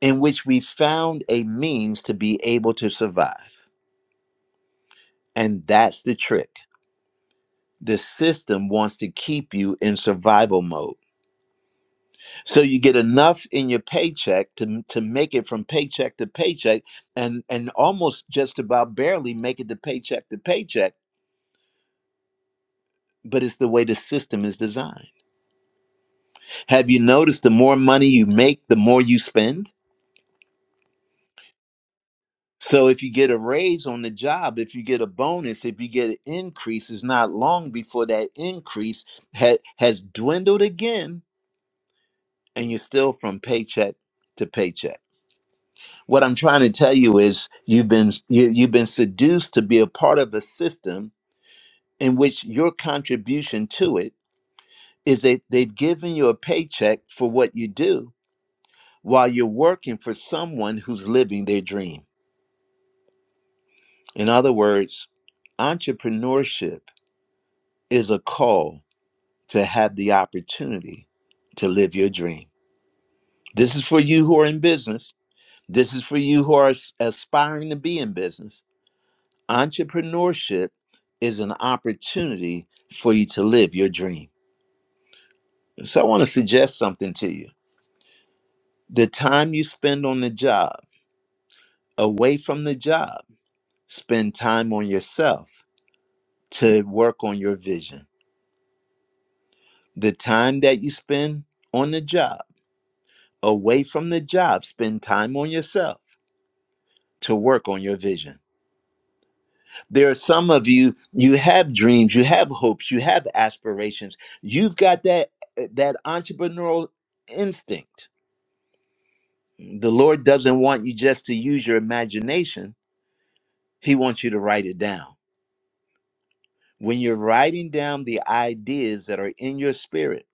[SPEAKER 1] in which we found a means to be able to survive. And that's the trick. The system wants to keep you in survival mode so you get enough in your paycheck to to make it from paycheck to paycheck and and almost just about barely make it to paycheck to paycheck but it's the way the system is designed have you noticed the more money you make the more you spend so if you get a raise on the job if you get a bonus if you get an increase it's not long before that increase ha- has dwindled again and you're still from paycheck to paycheck What I'm trying to tell you is you've been you, you've been seduced to be a part of a system in which your contribution to it is that they've given you a paycheck for what you do while you're working for someone who's living their dream. In other words, entrepreneurship is a call to have the opportunity to live your dream. This is for you who are in business. This is for you who are as- aspiring to be in business Entrepreneurship is an opportunity for you to live your dream. So I want to suggest something to you. The time you spend on the job, away from the job, spend time on yourself to work on your vision. The time that you spend on the job, away from the job, spend time on yourself to work on your vision There are some of you, you have dreams, you have hopes, you have aspirations. You've got that that entrepreneurial instinct. The Lord doesn't want you just to use your imagination. He wants you to write it down. When you're writing down the ideas that are in your spirit,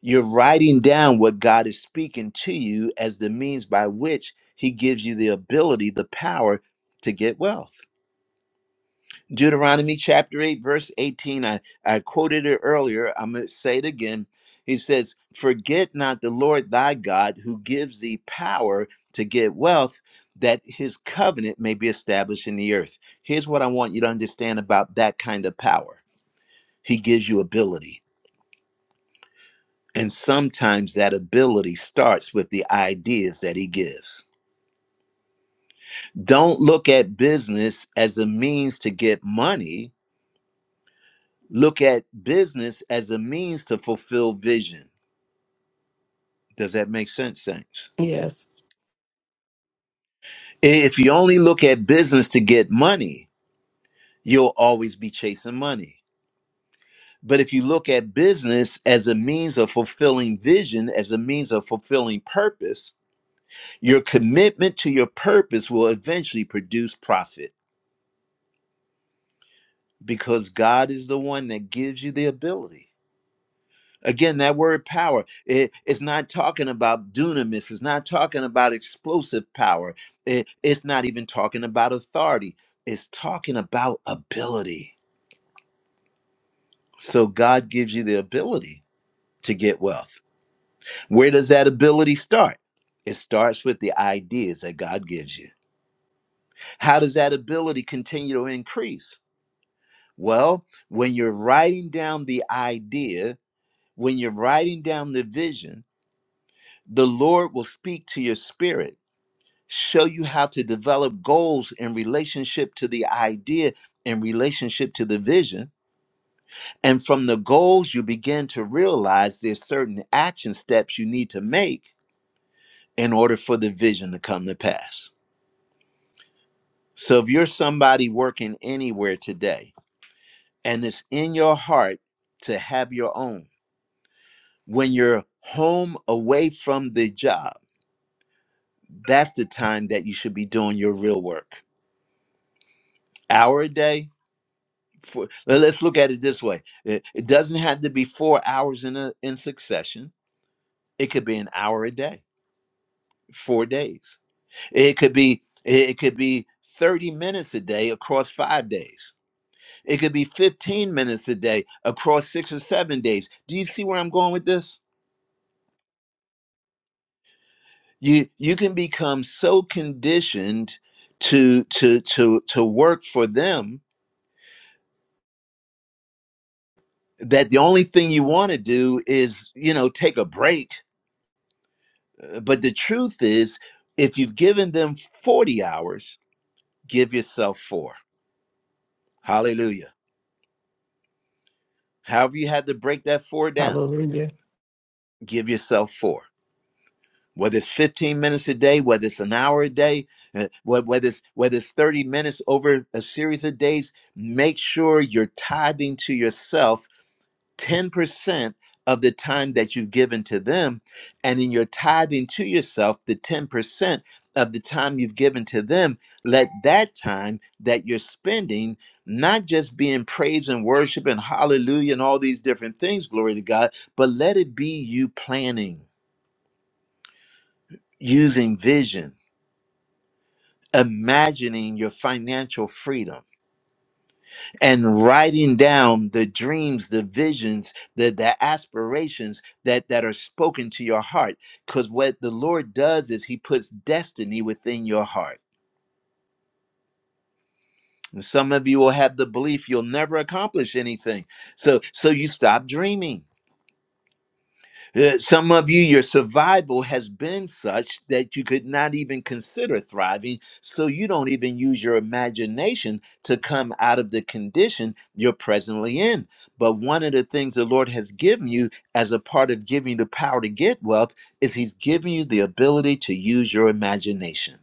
[SPEAKER 1] you're writing down what God is speaking to you as the means by which he gives you the ability, the power to get wealth. Deuteronomy chapter 8, verse 18. I, I quoted it earlier. I'm going to say it again. He says, Forget not the Lord thy God who gives thee power to get wealth, that his covenant may be established in the earth. Here's what I want you to understand about that kind of power He gives you ability. And sometimes that ability starts with the ideas that he gives. Don't look at business as a means to get money look at business as a means to fulfill vision. Does that make sense, Saints?
[SPEAKER 4] Yes.
[SPEAKER 1] If you only look at business to get money, you'll always be chasing money. But if you look at business as a means of fulfilling vision, as a means of fulfilling purpose, your commitment to your purpose will eventually produce profit because God is the one that gives you the ability. Again, that word power, it- it's not talking about dunamis, it's not talking about explosive power, it- it's not even talking about authority, it's talking about ability. So God gives you the ability to get wealth. Where does that ability start? It starts with the ideas that God gives you. How does that ability continue to increase? Well, when you're writing down the idea, when you're writing down the vision, the Lord will speak to your spirit show you how to develop goals in relationship to the idea in relationship to the vision and from the goals you begin to realize there's certain action steps you need to make in order for the vision to come to pass so if you're somebody working anywhere today and it's in your heart to have your own when you're home away from the job that's the time that you should be doing your real work hour a day For, let- us look at it this way: it, it doesn't have to be four hours in a, in succession. It could be an hour a day, four days. It could be it could be thirty minutes a day across five days. It could be fifteen minutes a day across six or seven days. Do you see where I'm going with this? You you can become so conditioned to to to to work for them that the only thing you want to do is you know take a break But the truth is, if you've given them 40 hours, give yourself four. Hallelujah. However, you had to break that four down,
[SPEAKER 4] Hallelujah.
[SPEAKER 1] give yourself four. Whether it's 15 minutes a day, whether it's an hour a day, uh, wh- whether it's, whether it's 30 minutes over a series of days, make sure you're tithing to yourself 10% of the time that you've given to them, and in your tithing to yourself, the 10% of the time you've given to them, let that time that you're spending not just be in praise and worship and hallelujah and all these different things, glory to God, but let it be you planning, using vision, imagining your financial freedom and writing down the dreams, the visions, the, the aspirations that, that are spoken to your heart. Because what the Lord does is He puts destiny within your heart. And some of you will have the belief you'll never accomplish anything. So so you stop dreaming. Uh, Some of you, your survival has been such that you could not even consider thriving, so you don't even use your imagination to come out of the condition you're presently in. But one of the things the Lord has given you as a part of giving you the power to get wealth is He's giving you the ability to use your imagination.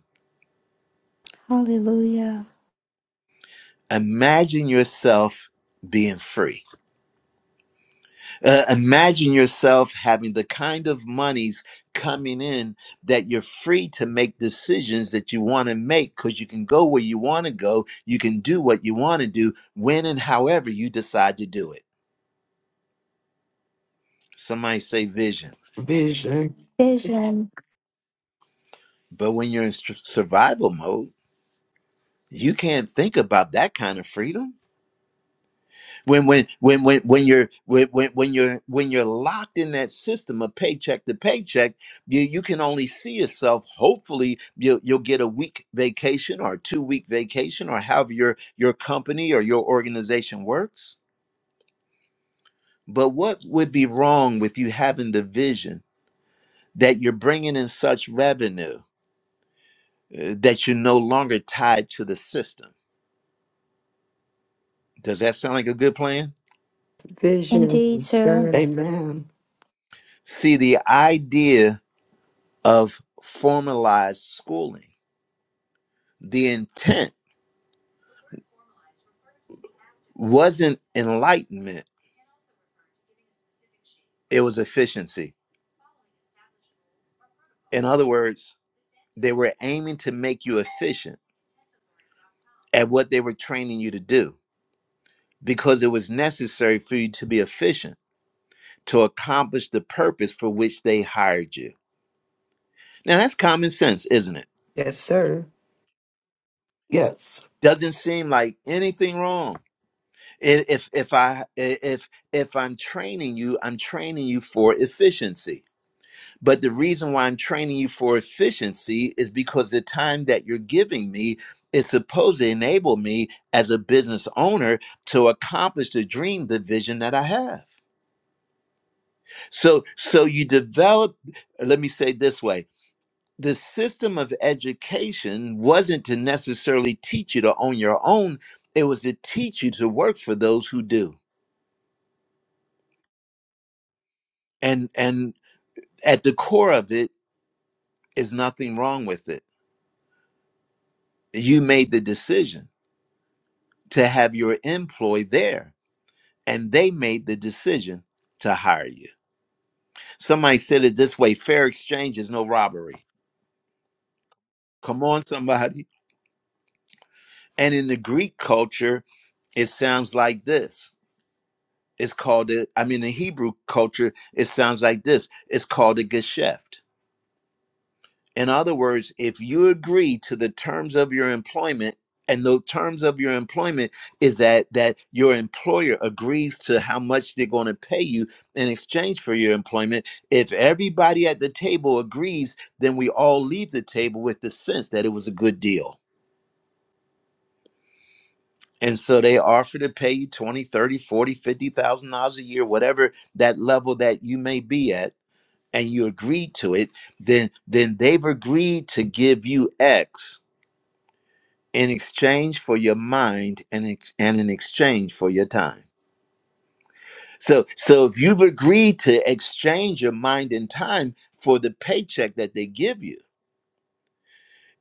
[SPEAKER 5] Hallelujah.
[SPEAKER 1] Imagine yourself being free. Uh, imagine yourself having the kind of monies coming in that you're free to make decisions that you want to make because you can go where you want to go. You can do what you want to do when and however you decide to do it. Somebody say vision.
[SPEAKER 4] Vision.
[SPEAKER 5] Vision.
[SPEAKER 1] But when you're in s- survival mode, you can't think about that kind of freedom. when when when when when you're when when when you're when you're locked in that system of paycheck to paycheck you you can only see yourself hopefully you'll, you'll get a week vacation or a two week vacation or however your your company or your organization works but what would be wrong with you having the vision that you're bringing in such revenue uh, that you're no longer tied to the system does that sound like a good plan
[SPEAKER 5] Indeed,
[SPEAKER 2] Vision,
[SPEAKER 5] sir.
[SPEAKER 2] sir.
[SPEAKER 4] Amen.
[SPEAKER 1] see the idea of formalized schooling the intent wasn't enlightenment, it was efficiency. In other words, they were aiming to make you efficient at what they were training you to do because it was necessary for you to be efficient to accomplish the purpose for which they hired you. Now that's common sense, isn't it?
[SPEAKER 2] Yes, sir.
[SPEAKER 4] Yes.
[SPEAKER 1] Doesn't seem like anything wrong. I- If if I i- if if I'm training you, I'm training you for efficiency But the reason why I'm training you for efficiency is because the time that you're giving me is supposed to enable me as a business owner to accomplish the dream, the vision that I have. So so you develop let me say it this way the system of education wasn't to necessarily teach you to own your own it was to teach you to work for those who do and and at the core of it is nothing wrong with it you made the decision to have your employee there and they made the decision to hire you. Somebody said it this way fair exchange is no robbery. Come on, somebody. And in the Greek culture, it sounds like this. It's called it, I mean, in Hebrew culture, it sounds like this. It's called a gesheft. In other words, if you agree to the terms of your employment, and the terms of your employment is that that your employer agrees to how much they're going to pay you in exchange for your employment. If everybody at the table agrees, then we all leave the table with the sense that it was a good deal. And so they offer to pay you 20, 30, 40, 50,000 dollars a year, whatever that level that you may be at, and you agree to it, then then they've agreed to give you X in exchange for your mind and ex- and in exchange for your time. So so if you've agreed to exchange your mind and time for the paycheck that they give you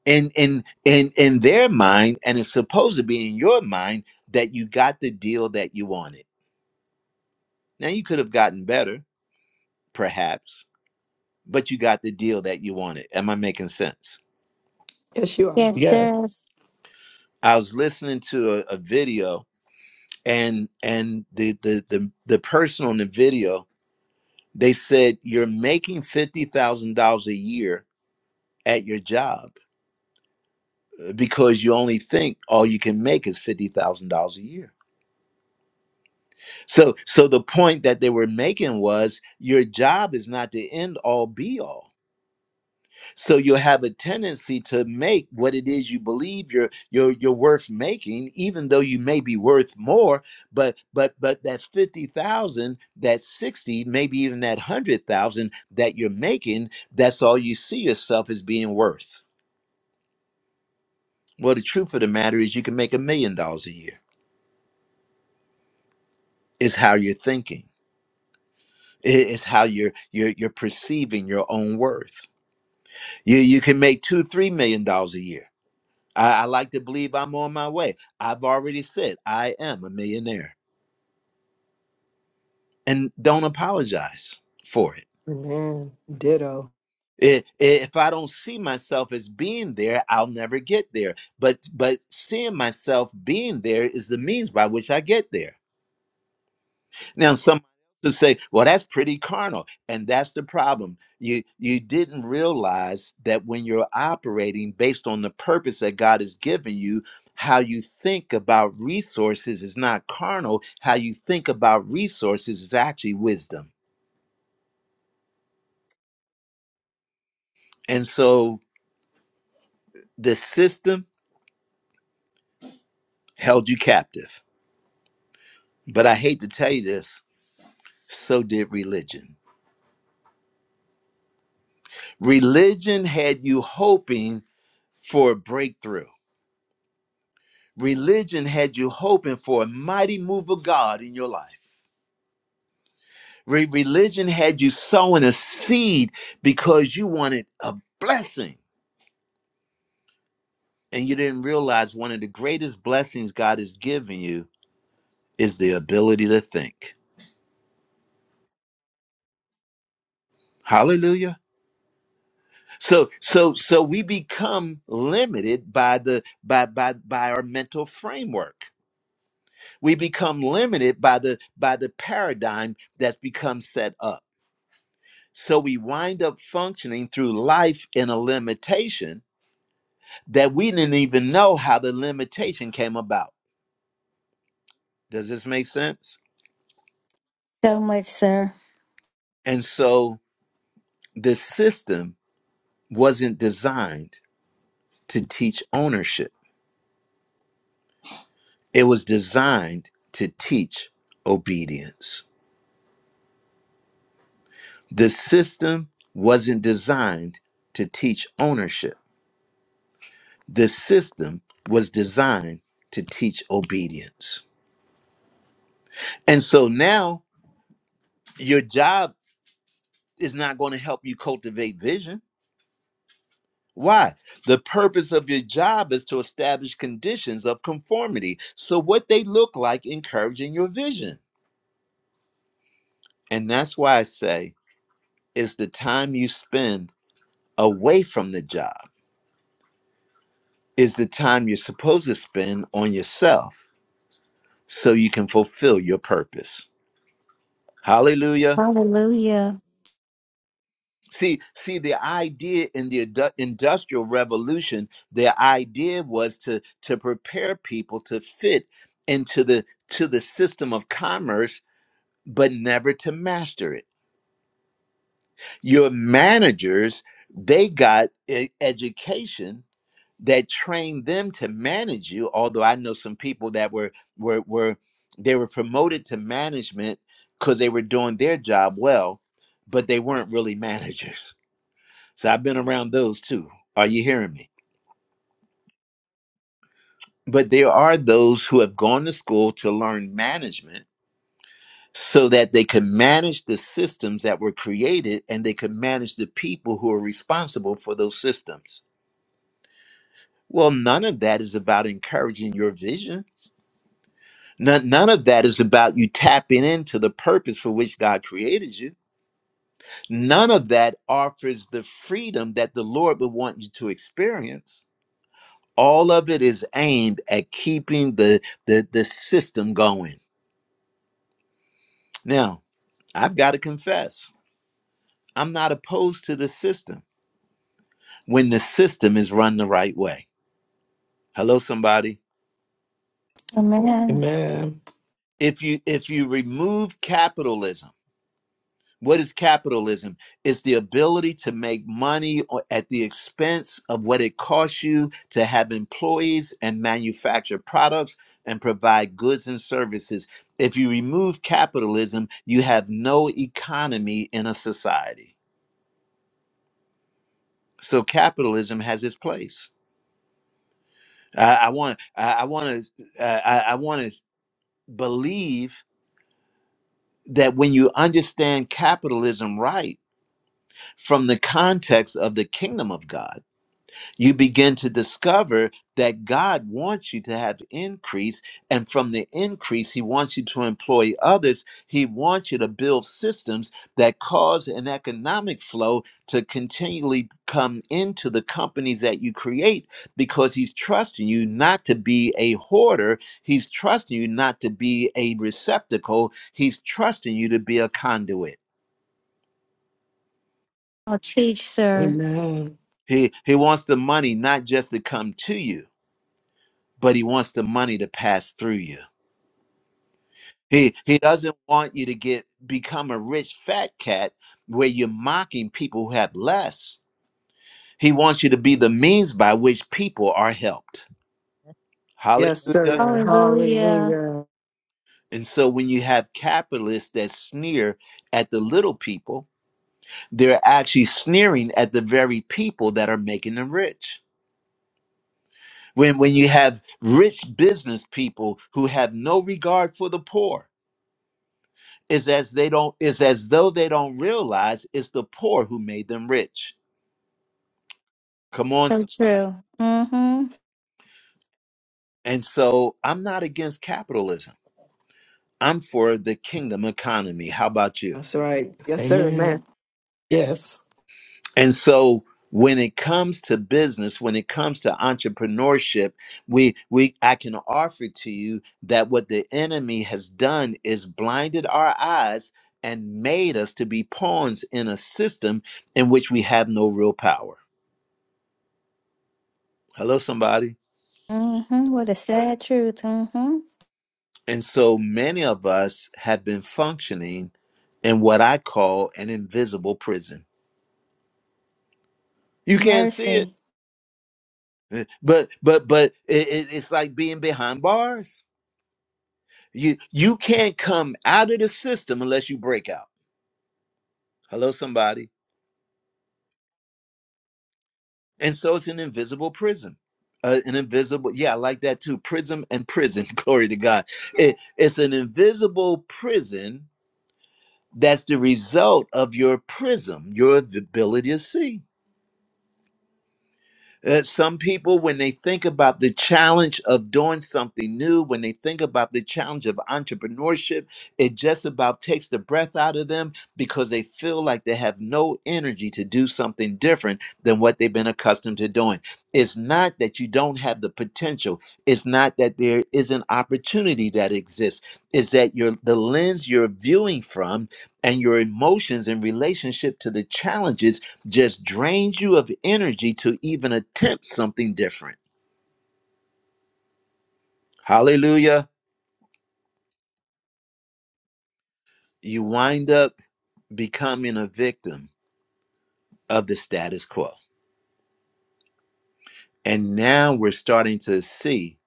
[SPEAKER 1] in in in in their mind and it's supposed to be in your mind that you got the deal that you wanted. Now you could have gotten better perhaps, but you got the deal that you wanted. Am I making sense?
[SPEAKER 2] Yes, you are.
[SPEAKER 5] Yes,
[SPEAKER 4] Yes.
[SPEAKER 5] sir.
[SPEAKER 1] I was listening to a, a video and and the the the the person on the video They said, You're making $50,000 a year at your job uh, because you only think all you can make is $50,000 a year. So so the point that they were making was your job is not the end all be all. So you have a tendency to make what it is you believe you're you're you're worth making, even though you may be worth more. But but but that fifty thousand, that sixty, maybe even that hundred thousand that you're making, that's all you see yourself as being worth. Well, the truth of the matter is, you can make a million dollars a year. It's how you're thinking. It- It's how you're you're you're perceiving your own worth. You you can make two three million dollars a year I, I like to believe I'm on my way. I've already said I am a millionaire and don't apologize for it.
[SPEAKER 2] Amen. Ditto.
[SPEAKER 1] I- If I don't see myself as being there, I'll never get there. But but seeing myself being there is the means by which I get there. Now, somebody else to say, well, that's pretty carnal. And that's the problem. You you didn't realize that when you're operating based on the purpose that God has given you, how you think about resources is not carnal. How you think about resources is actually wisdom. And so the system held you captive. But I hate to tell you this, so did religion. Religion had you hoping for a breakthrough Religion had you hoping for a mighty move of God in your life. Re- religion had you sowing a seed because you wanted a blessing. And you didn't realize one of the greatest blessings God has given you is the ability to think. Hallelujah. So so so we become limited by the by by by our mental framework. We become limited by the by the paradigm that's become set up So we wind up functioning through life in a limitation that we didn't even know how the limitation came about. Does this make sense?
[SPEAKER 5] So much, sir.
[SPEAKER 1] And so the system wasn't designed to teach ownership, it was designed to teach obedience. The system wasn't designed to teach ownership, the system was designed to teach obedience. And so now, your job is not going to help you cultivate vision. Why? The purpose of your job is to establish conditions of conformity. So, what they look like encouraging your vision. And that's why I say is the time you spend away from the job is the time you're supposed to spend on yourself so you can fulfill your purpose. Hallelujah.
[SPEAKER 5] Hallelujah.
[SPEAKER 1] See, see, the idea in the indu- industrial revolution, the idea was to to prepare people to fit into the to the system of commerce, but never to master it. Your managers, they got e- education that trained them to manage you. Although I know some people that were were were they were promoted to management because they were doing their job well, but they weren't really [laughs] managers so I've been around those too. Are you hearing me? But there are those who have gone to school to learn management so that they could manage the systems that were created and they could manage the people who are responsible for those systems. Well, none of that is about encouraging your vision. None, none of that is about you tapping into the purpose for which God created you. None of that offers the freedom that the Lord would want you to experience all of it is aimed at keeping the the, the system going now i've got to confess i'm not opposed to the system when the system is run the right way hello somebody
[SPEAKER 5] Amen.
[SPEAKER 4] Amen.
[SPEAKER 1] if you if you remove capitalism What is capitalism? It's the ability to make money o- at the expense of what it costs you to have employees and manufacture products and provide goods and services. If you remove capitalism, you have no economy in a society. So capitalism has its place. I, I want, I, I want to, uh, I, I want to believe that when you understand capitalism right from the context of the kingdom of God you begin to discover that God wants you to have increase. And from the increase, He wants you to employ others. He wants you to build systems that cause an economic flow to continually come into the companies that you create because He's trusting you not to be a hoarder. He's trusting you not to be a receptacle. He's trusting you to be a conduit.
[SPEAKER 5] I'll teach, sir.
[SPEAKER 4] Amen.
[SPEAKER 1] He, he wants the money not just to come to you, but He wants the money to pass through you. He he doesn't want you to get become a rich fat cat where you're mocking people who have less. He wants you to be the means by which people are helped.
[SPEAKER 2] Yes,
[SPEAKER 1] Hallelujah.
[SPEAKER 2] sir.
[SPEAKER 5] Hallelujah.
[SPEAKER 2] Hallelujah.
[SPEAKER 1] And so when you have capitalists that sneer at the little people, they're actually sneering at the very people that are making them rich. When when you have rich business people who have no regard for the poor, it's as they don't it's as though they don't realize it's the poor who made them rich. Come on.
[SPEAKER 5] So
[SPEAKER 1] some-
[SPEAKER 5] true. Mm-hmm.
[SPEAKER 1] And so I'm not against capitalism. I'm for the kingdom economy. How about you?
[SPEAKER 2] That's right. Yes, sir, man.
[SPEAKER 4] Amen. Yes.
[SPEAKER 1] And so when it comes to business, when it comes to entrepreneurship, we we I can offer to you that what the enemy has done is blinded our eyes and made us to be pawns in a system in which we have no real power. Hello somebody.
[SPEAKER 5] Mm-hmm. What a sad truth. Mm-hmm.
[SPEAKER 1] And so many of us have been functioning in what I call an invisible prison. You can't see it.
[SPEAKER 5] Mercy.
[SPEAKER 1] Eh, But but but it, it, it's like being behind bars. You you can't come out of the system unless you break out. Hello, somebody. And so it's an invisible prison. Uh, an invisible, yeah, I like that too. Prism and prison. [laughs] Glory to God. It, it's an invisible prison that's the result of your prism, your ability to see. Uh, some people, when they think about the challenge of doing something new, when they think about the challenge of entrepreneurship, it just about takes the breath out of them because they feel like they have no energy to do something different than what they've been accustomed to doing. It's not that you don't have the potential, it's not that there is an opportunity that exists, it's that your the lens you're viewing from and your emotions in relationship to the challenges just drains you of energy to even attempt something different. Hallelujah. You wind up becoming a victim of the status quo. And now we're starting to see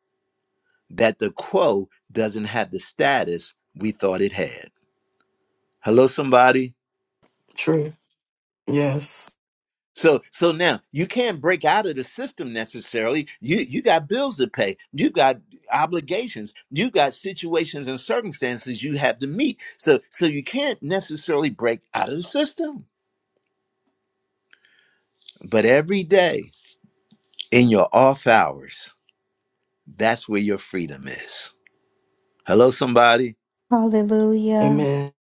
[SPEAKER 1] that the quo doesn't have the status we thought it had. Hello, somebody.
[SPEAKER 4] True. Yes.
[SPEAKER 1] So so now you can't break out of the system necessarily. You you got bills to pay. You got obligations. You got situations and circumstances you have to meet. So so you can't necessarily break out of the system. But every day in your off hours, that's where your freedom is. Hello somebody.
[SPEAKER 5] Hallelujah.
[SPEAKER 4] Amen.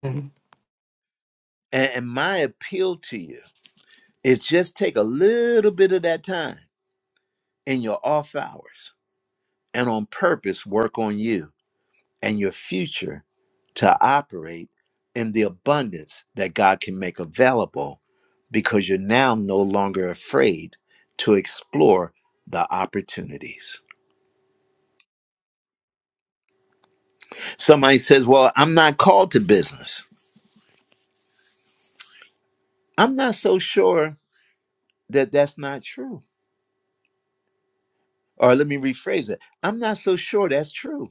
[SPEAKER 1] And, and my appeal to you is just take a little bit of that time in your off hours and on purpose work on you and your future to operate in the abundance that God can make available because you're now no longer afraid to explore the opportunities. Somebody says, Well, I'm not called to business. I'm not so sure that that's not true. Or let me rephrase it I'm not so sure that's true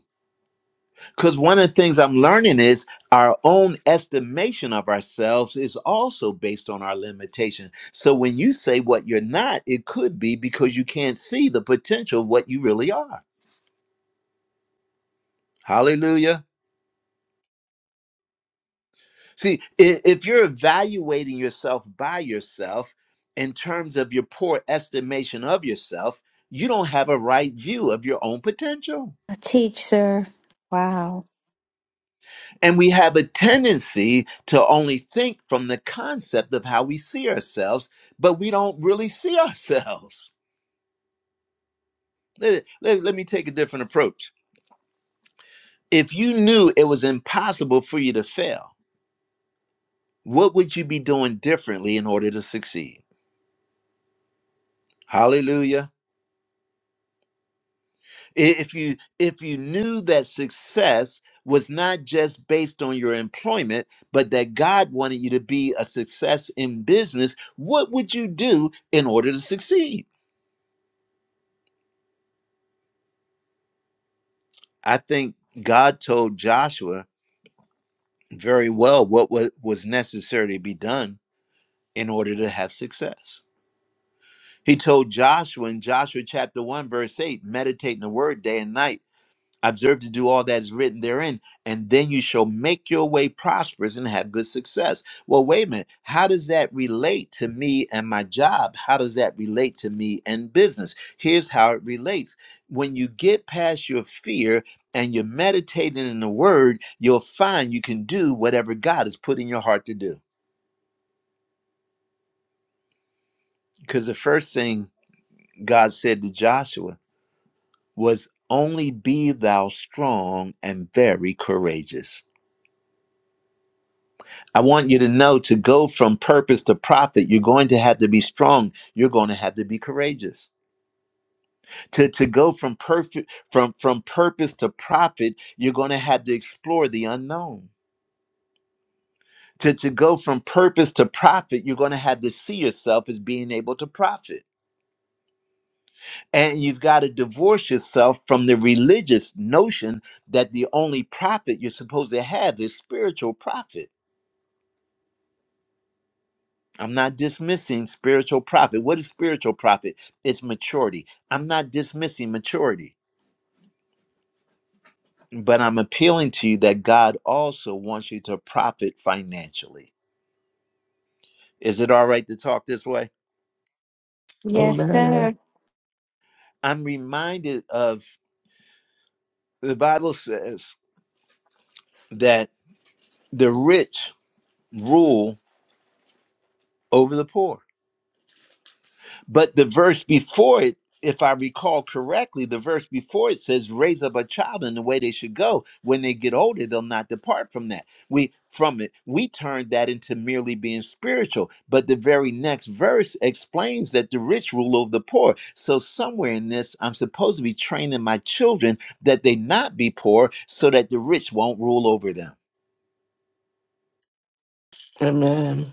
[SPEAKER 1] Because one of the things I'm learning is our own estimation of ourselves is also based on our limitation. So when you say what you're not, it could be because you can't see the potential of what you really are. Hallelujah. See, i- if you're evaluating yourself by yourself in terms of your poor estimation of yourself, you don't have a right view of your own potential.
[SPEAKER 5] A teacher. Wow.
[SPEAKER 1] And we have a tendency to only think from the concept of how we see ourselves, but we don't really see ourselves. [laughs] Let, let- let me take a different approach. If you knew it was impossible for you to fail, what would you be doing differently in order to succeed? Hallelujah. I- If you if you knew that success was not just based on your employment, but that God wanted you to be a success in business, what would you do in order to succeed? I think God told Joshua very well what wa- was necessary to be done in order to have success. He told Joshua in Joshua chapter 1, verse 8, meditate in the word day and night observe to do all that is written therein, and then you shall make your way prosperous and have good success. Well, wait a minute. How does that relate to me and my job? How does that relate to me and business? Here's how it relates when you get past your fear and you're meditating in the word, you'll find you can do whatever God has put in your heart to do. Because the first thing God said to Joshua was, Only be thou strong and very courageous I want you to know to go from purpose to profit, you're going to have to be strong. You're going to have to be courageous. To, to go from perfect from from purpose to profit, you're going to have to explore the unknown. To, to go from purpose to profit, you're going to have to see yourself as being able to profit. And you've got to divorce yourself from the religious notion that the only profit you're supposed to have is spiritual profit I'm not dismissing spiritual profit. What is spiritual profit? It's maturity. I'm not dismissing maturity, but I'm appealing to you that God also wants you to profit financially. Is it all right to talk this way?
[SPEAKER 5] Yes,
[SPEAKER 4] Amen.
[SPEAKER 5] sir.
[SPEAKER 1] I'm reminded of the Bible says that the rich rule over the poor. But the verse before it, if I recall correctly, the verse before it says, "Raise up a child in the way they should go. When they get older, they'll not depart from that." We from it, we turned that into merely being spiritual. But the very next verse explains that the rich rule over the poor. So somewhere in this, I'm supposed to be training my children that they not be poor, so that the rich won't rule over them.
[SPEAKER 4] Amen.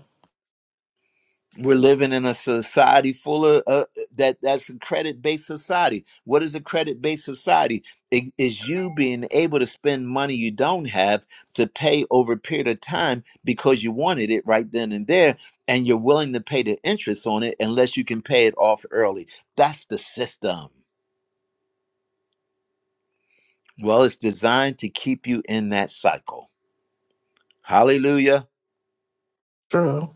[SPEAKER 1] we're living in a society full of uh, that that's a credit based society what is a credit based society it is you being able to spend money you don't have to pay over a period of time because you wanted it right then and there and you're willing to pay the interest on it unless you can pay it off early that's the system well it's designed to keep you in that cycle hallelujah
[SPEAKER 4] True.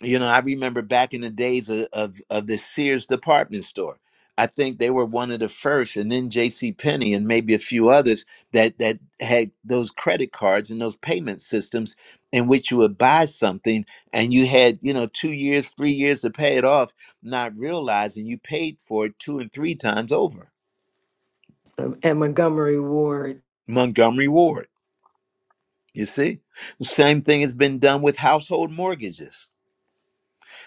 [SPEAKER 1] You know, I remember back in the days of, of, of the Sears department store. I think they were one of the first, and then J.C. Penney and maybe a few others that that had those credit cards and those payment systems in which you would buy something and you had you know two years, three years to pay it off, not realizing you paid for it two and three times over.
[SPEAKER 2] Um, And Montgomery Ward.
[SPEAKER 1] Montgomery Ward, you see, the same thing has been done with household mortgages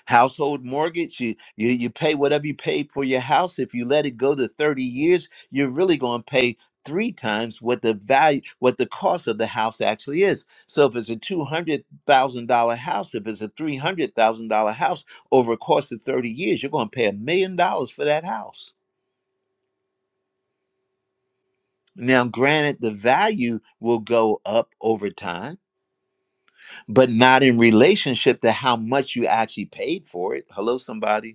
[SPEAKER 1] household mortgage you, you you pay whatever you paid for your house if you let it go to 30 years you're really going to pay three times what the value what the cost of the house actually is so if it's a $200000 house if it's a $300000 house over a course of 30 years you're going to pay a million dollars for that house now granted the value will go up over time but not in relationship to how much you actually paid for it hello somebody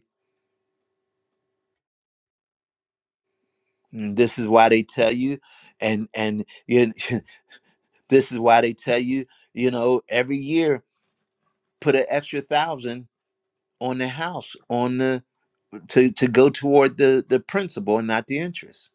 [SPEAKER 1] Mm, this is why they tell you and and you, [laughs] this is why they tell you you know every year put an extra thousand on the house on the to to go toward the the principal and not the interest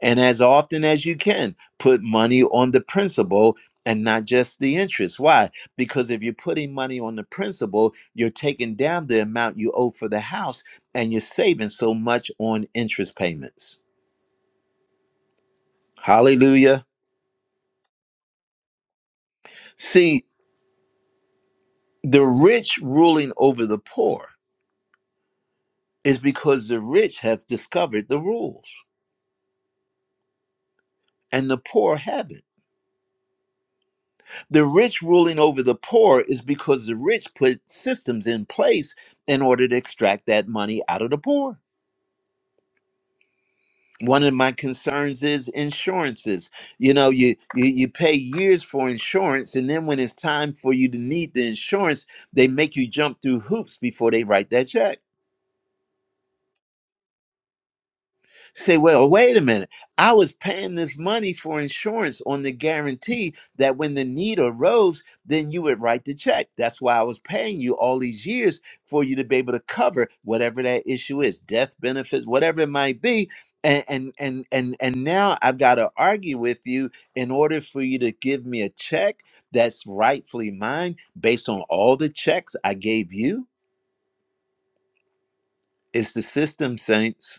[SPEAKER 1] and as often as you can put money on the principal and not just the interest why because if you're putting money on the principal you're taking down the amount you owe for the house and you're saving so much on interest payments hallelujah see The rich ruling over the poor is because the rich have discovered the rules and the poor haven't. The rich ruling over the poor is because the rich put systems in place in order to extract that money out of the poor. One of my concerns is insurances. You know, you, you you pay years for insurance, and then when it's time for you to need the insurance, they make you jump through hoops before they write that check. Say, well, wait a minute. I was paying this money for insurance on the guarantee that when the need arose, then you would write the check. That's why I was paying you all these years for you to be able to cover whatever that issue is, death benefits, whatever it might be. And and and and, and now I've got to argue with you in order for you to give me a check that's rightfully mine based on all the checks I gave you. It's the system, saints.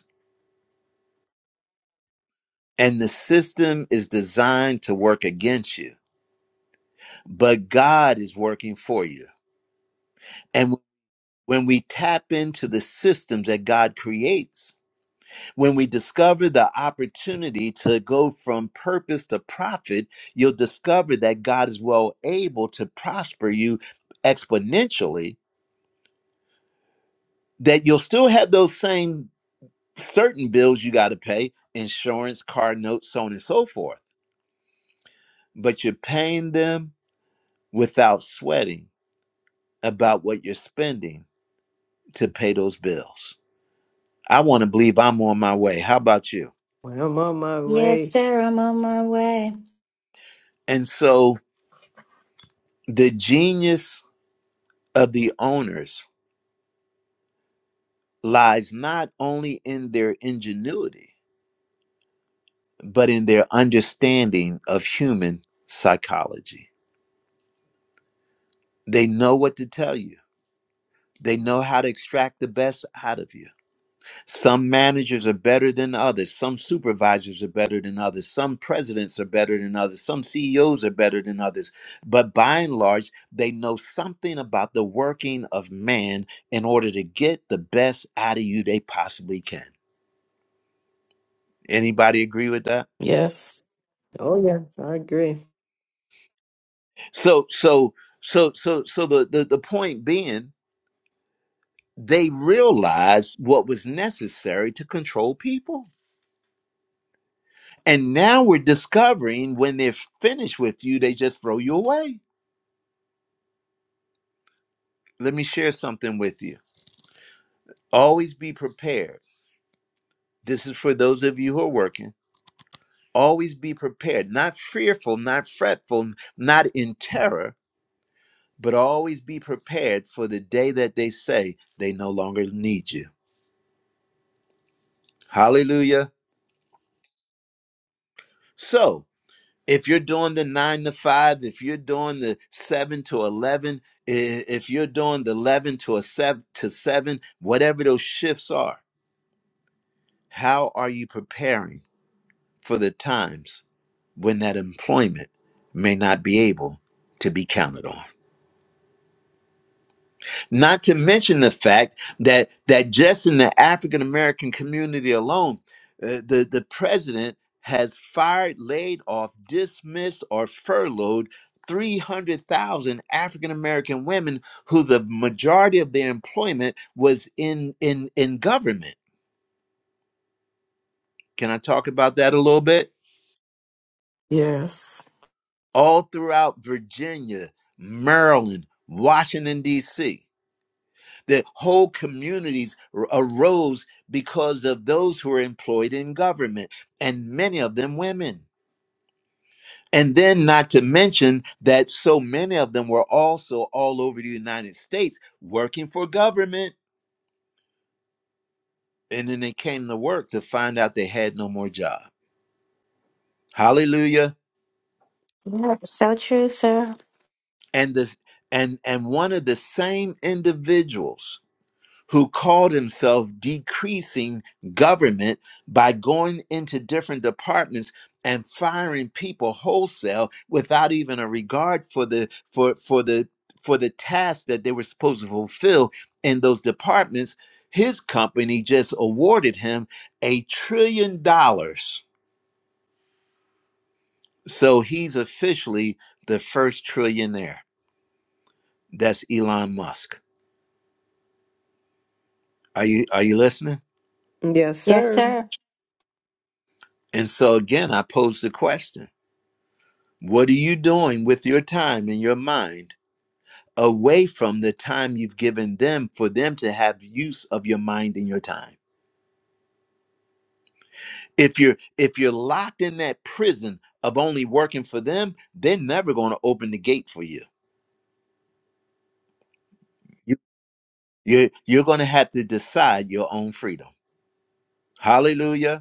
[SPEAKER 1] And the system is designed to work against you, but God is working for you. And when we tap into the systems that God creates, when we discover the opportunity to go from purpose to profit, you'll discover that God is well able to prosper you exponentially, that you'll still have those same certain bills you got to pay insurance, car notes, so on and so forth, but you're paying them without sweating about what you're spending to pay those bills. I want to believe I'm on my way. How about you?
[SPEAKER 2] When I'm on my
[SPEAKER 5] Yes,
[SPEAKER 2] way.
[SPEAKER 5] sir. I'm on my way.
[SPEAKER 1] And so the genius of the owners lies not only in their ingenuity, but in their understanding of human psychology. They know what to tell you, they know how to extract the best out of you. Some managers are better than others. Some supervisors are better than others. Some presidents are better than others. Some CEOs are better than others. But by and large, they know something about the working of man in order to get the best out of you they possibly can. Anybody agree with that?
[SPEAKER 4] Yes.
[SPEAKER 2] Oh, yes, I agree.
[SPEAKER 1] So, so, so, so, so the, the, the point being, they realized what was necessary to control people. And now we're discovering when they're finished with you, they just throw you away Let me share something with you. Always be prepared. This is for those of you who are working. Always be prepared, not fearful, not fretful, not in terror, but always be prepared for the day that they say they no longer need you. Hallelujah. So, if you're doing the nine to five, if you're doing the seven to 11, if you're doing the 11 to a seven to seven, whatever those shifts are, how are you preparing for the times when that employment may not be able to be counted on. Not to mention the fact that that just in the African American community alone, uh, the the president has fired, laid off, dismissed, or furloughed. 300,000 African American women who the majority of their employment was in in in government. Can I talk about that a little bit?
[SPEAKER 4] Yes.
[SPEAKER 1] All throughout Virginia, Maryland, Washington D.C. The whole communities r- arose because of those who were employed in government, and many of them women. And then, not to mention that so many of them were also all over the United States working for government. And then they came to work to find out they had no more job. Hallelujah.
[SPEAKER 5] Yep, So true, sir.
[SPEAKER 1] And this and and one of the same individuals who called himself decreasing government by going into different departments and firing people wholesale without even a regard for the for for the for the task that they were supposed to fulfill in those departments his company just awarded him a trillion dollars so he's officially the first trillionaire that's Elon Musk are you are you listening
[SPEAKER 2] Yes,
[SPEAKER 5] Yes,
[SPEAKER 2] sir.
[SPEAKER 5] sir.
[SPEAKER 1] and so again I pose the question What are you doing with your time and your mind away from the time you've given them for them to have use of your mind and your time? If you're if you're locked in that prison of only working for them, they're never going to open the gate for you. You you you're going to have to decide your own freedom. Hallelujah.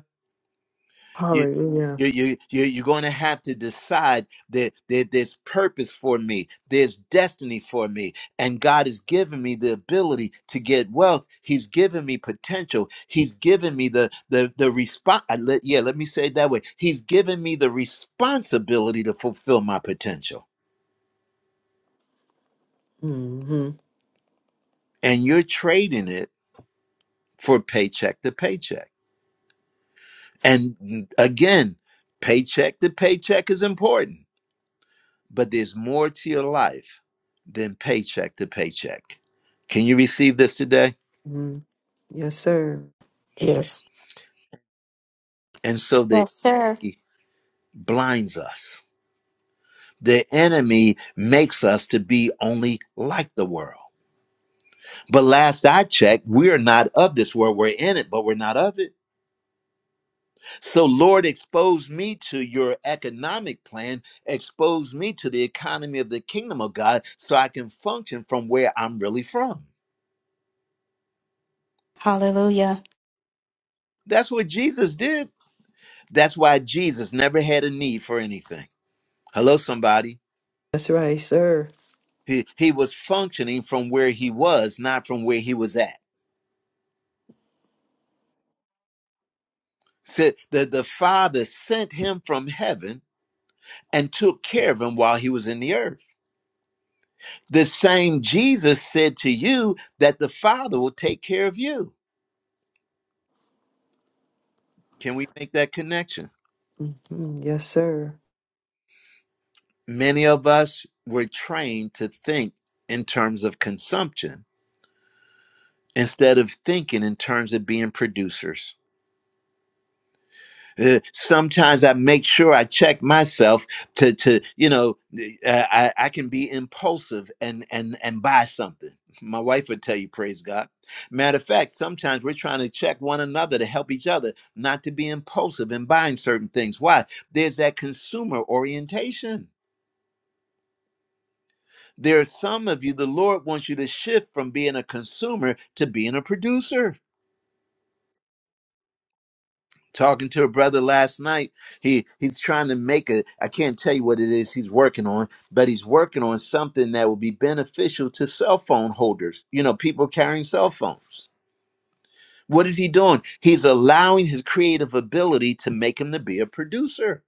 [SPEAKER 1] you
[SPEAKER 2] Hallelujah.
[SPEAKER 1] you you, you you're going to have to decide that, that there's purpose for me there's destiny for me and god has given me the ability to get wealth he's given me potential he's given me the the the response Let, yeah let me say it that way he's given me the responsibility to fulfill my potential
[SPEAKER 2] hmm
[SPEAKER 1] and you're trading it for paycheck to paycheck and mm, again paycheck to paycheck is important but there's more to your life than paycheck to paycheck. Can you receive this today?
[SPEAKER 2] hmm Yes, sir.
[SPEAKER 4] Yes.
[SPEAKER 1] And so the
[SPEAKER 5] Yes, sir.
[SPEAKER 1] enemy blinds us. The enemy makes us to be only like the world. But last I checked, we are not of this world. We're in it, but we're not of it. So, Lord, expose me to your economic plan, expose me to the economy of the kingdom of God so I can function from where I'm really from.
[SPEAKER 5] Hallelujah.
[SPEAKER 1] That's what Jesus did. That's why Jesus never had a need for anything. Hello, somebody.
[SPEAKER 2] That's right, sir.
[SPEAKER 1] He he was functioning from where he was, not from where he was at. So the, the Father sent him from heaven and took care of him while he was in the earth. The same Jesus said to you that the Father will take care of you. Can we make that connection?
[SPEAKER 2] hmm Yes, sir.
[SPEAKER 1] Many of us were trained to think in terms of consumption instead of thinking in terms of being producers. Uh, sometimes I make sure I check myself to to you know uh, I I can be impulsive and and and buy something. [laughs] My wife would tell you, praise God. Matter of fact, sometimes we're trying to check one another to help each other not to be impulsive in buying certain things. Why? There's that consumer orientation. There are some of you the Lord wants you to shift from being a consumer to being a producer. talking to a brother last night he he's trying to make a i can't tell you what it is he's working on but he's working on something that will be beneficial to cell phone holders you know people carrying cell phones what is he doing he's allowing his creative ability to make him to be a producer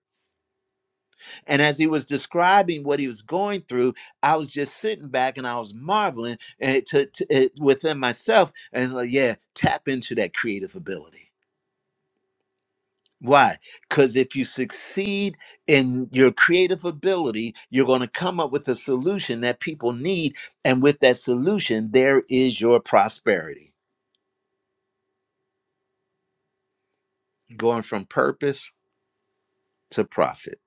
[SPEAKER 1] and as he was describing what he was going through i was just sitting back and i was marveling eh, to, to, eh, within myself and like yeah tap into that creative ability Why? Because if you succeed in your creative ability, you're going to come up with a solution that people need. And with that solution, there is your prosperity going from purpose to profit.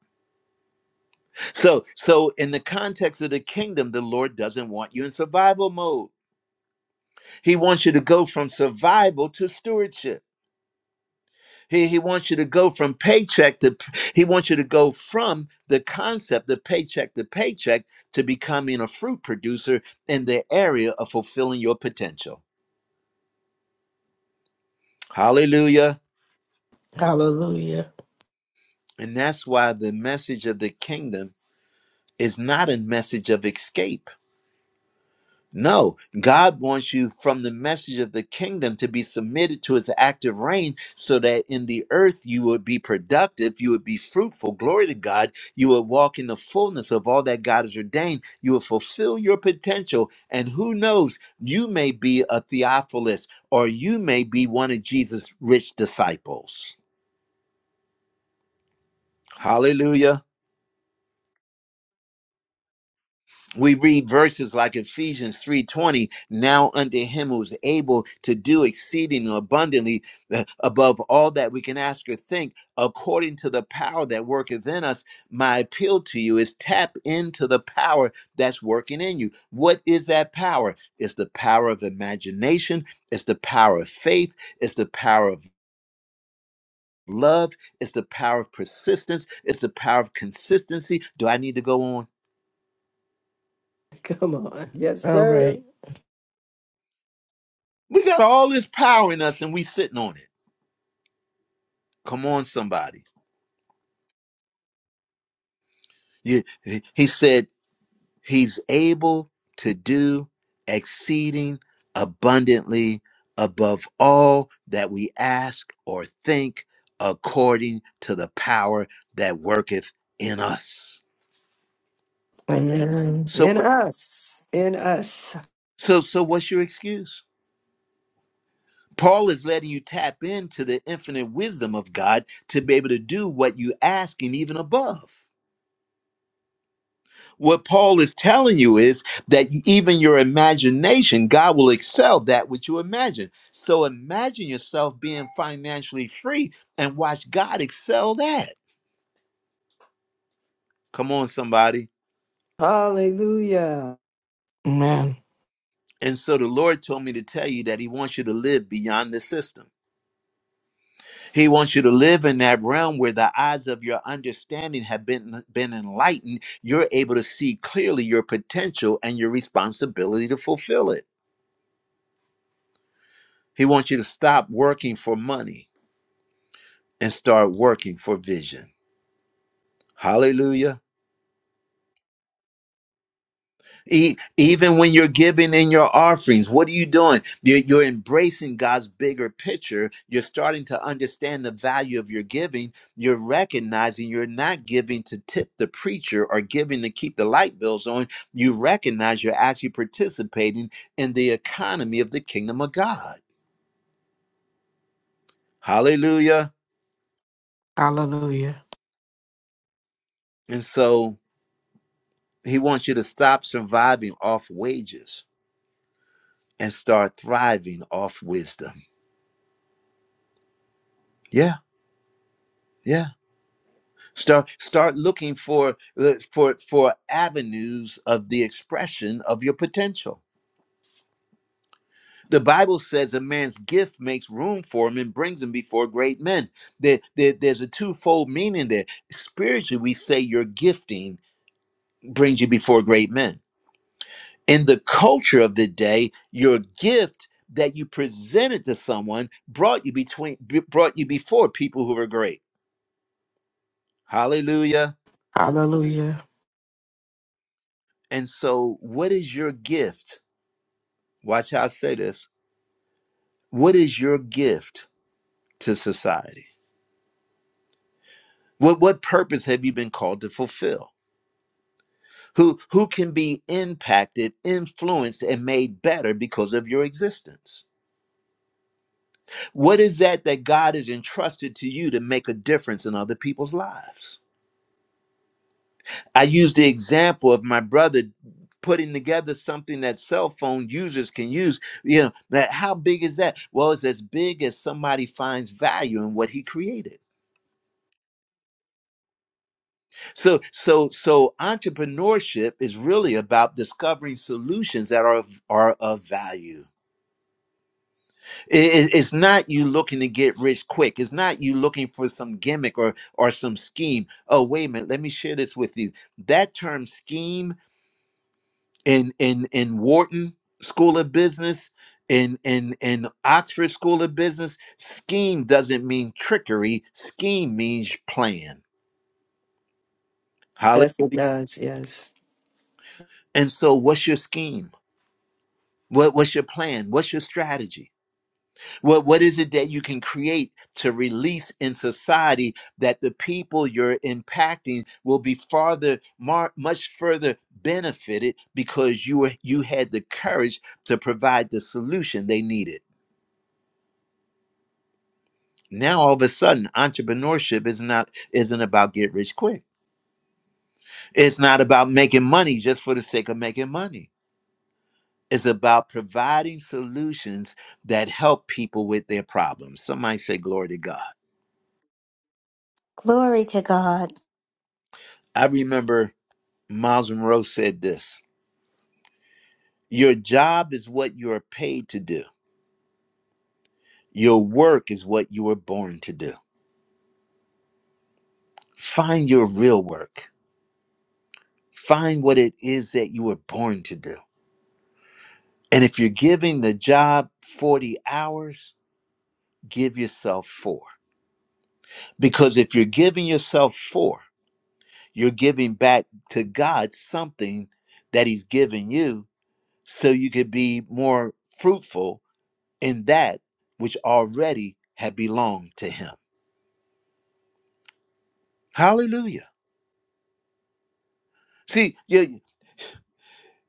[SPEAKER 1] So, so in the context of the kingdom, the Lord doesn't want you in survival mode. He wants you to go from survival to stewardship. He, he wants you to go from paycheck to, he wants you to go from the concept of paycheck to paycheck to becoming a fruit producer in the area of fulfilling your potential. Hallelujah.
[SPEAKER 4] Hallelujah.
[SPEAKER 1] And that's why the message of the kingdom is not a message of escape. No, God wants you from the message of the kingdom to be submitted to his active reign so that in the earth you would be productive, you would be fruitful. Glory to God. You would walk in the fullness of all that God has ordained. You would fulfill your potential. And who knows, you may be a Theophilus or you may be one of Jesus' rich disciples. Hallelujah. we read verses like ephesians 3.20 now unto him who is able to do exceeding abundantly uh, above all that we can ask or think according to the power that worketh in us my appeal to you is tap into the power that's working in you what is that power it's the power of imagination it's the power of faith it's the power of love it's the power of persistence it's the power of consistency do i need to go on
[SPEAKER 2] [laughs] Come on. Yes,
[SPEAKER 4] All
[SPEAKER 2] sir.
[SPEAKER 4] right.
[SPEAKER 1] we got all this power in us and we sitting on it Come on, somebody. You, he said he's able to do exceeding abundantly above all that we ask or think according to the power that worketh in us.
[SPEAKER 4] Amen.
[SPEAKER 1] So
[SPEAKER 2] In
[SPEAKER 1] what-
[SPEAKER 2] us. In us.
[SPEAKER 1] so so what's your excuse? Paul is letting you tap into the infinite wisdom of God to be able to do what you ask and even above. What Paul is telling you is that even your imagination, God will excel that which you imagine. So imagine yourself being financially free and watch God excel that. Come on, somebody.
[SPEAKER 2] Hallelujah.
[SPEAKER 4] Amen.
[SPEAKER 1] And so the Lord told me to tell you that He wants you to live beyond the system. He wants you to live in that realm where the eyes of your understanding have been, been enlightened. You're able to see clearly your potential and your responsibility to fulfill it. He wants you to stop working for money. and start working for vision. Hallelujah. E- even when you're giving in your offerings, what are you doing? You're, you're embracing God's bigger picture. You're starting to understand the value of your giving. You're recognizing you're not giving to tip the preacher or giving to keep the light bills on. You recognize you're actually participating in the economy of the kingdom of God. Hallelujah.
[SPEAKER 4] Hallelujah.
[SPEAKER 1] And so he wants you to stop surviving off wages and start thriving off wisdom. Yeah, yeah. Start start looking for uh, for for avenues of the expression of your potential. The Bible says a man's gift makes room for him and brings him before great men. There, there- there's a twofold meaning there. Spiritually, we say your gifting brings you before great men. In the culture of the day, your gift that you presented to someone brought you between brought you before people who were great. Hallelujah.
[SPEAKER 4] Hallelujah.
[SPEAKER 1] And so, what is your gift? Watch how I say this. What is your gift to society? What what purpose have you been called to fulfill? Who who can be impacted, influenced, and made better because of your existence? What is that that God has entrusted to you to make a difference in other people's lives? I use the example of my brother putting together something that cell phone users can use. You know, that how big is that? Well, it's as big as somebody finds value in what he created. So, so, so entrepreneurship is really about discovering solutions that are of, are of value. I- i- it's not you looking to get rich quick. It's not you looking for some gimmick or or some scheme. Oh, wait a minute, let me share this with you. That term scheme in in in Wharton School of Business, in in in Oxford School of Business, scheme doesn't mean trickery. Scheme means plan. Hallelujah.
[SPEAKER 2] Yes, it does. Yes.
[SPEAKER 1] And so, what's your scheme? What what's your plan? What's your strategy? What what is it that you can create to release in society that the people you're impacting will be farther, mar- much further benefited because you were you had the courage to provide the solution they needed. now all of a sudden entrepreneurship is not isn't about get rich quick it's not about making money just for the sake of making money it's about providing solutions that help people with their problems somebody say glory to god
[SPEAKER 5] Glory to God.
[SPEAKER 1] i remember miles monroe said this your job is what you are paid to do your work is what you were born to do find your real work find what it is that you were born to do and if you're giving the job 40 hours give yourself for. Because if you're giving yourself for, you're giving back to God something that He's given you so you could be more fruitful in that which already had belonged to Him. Hallelujah. See, you-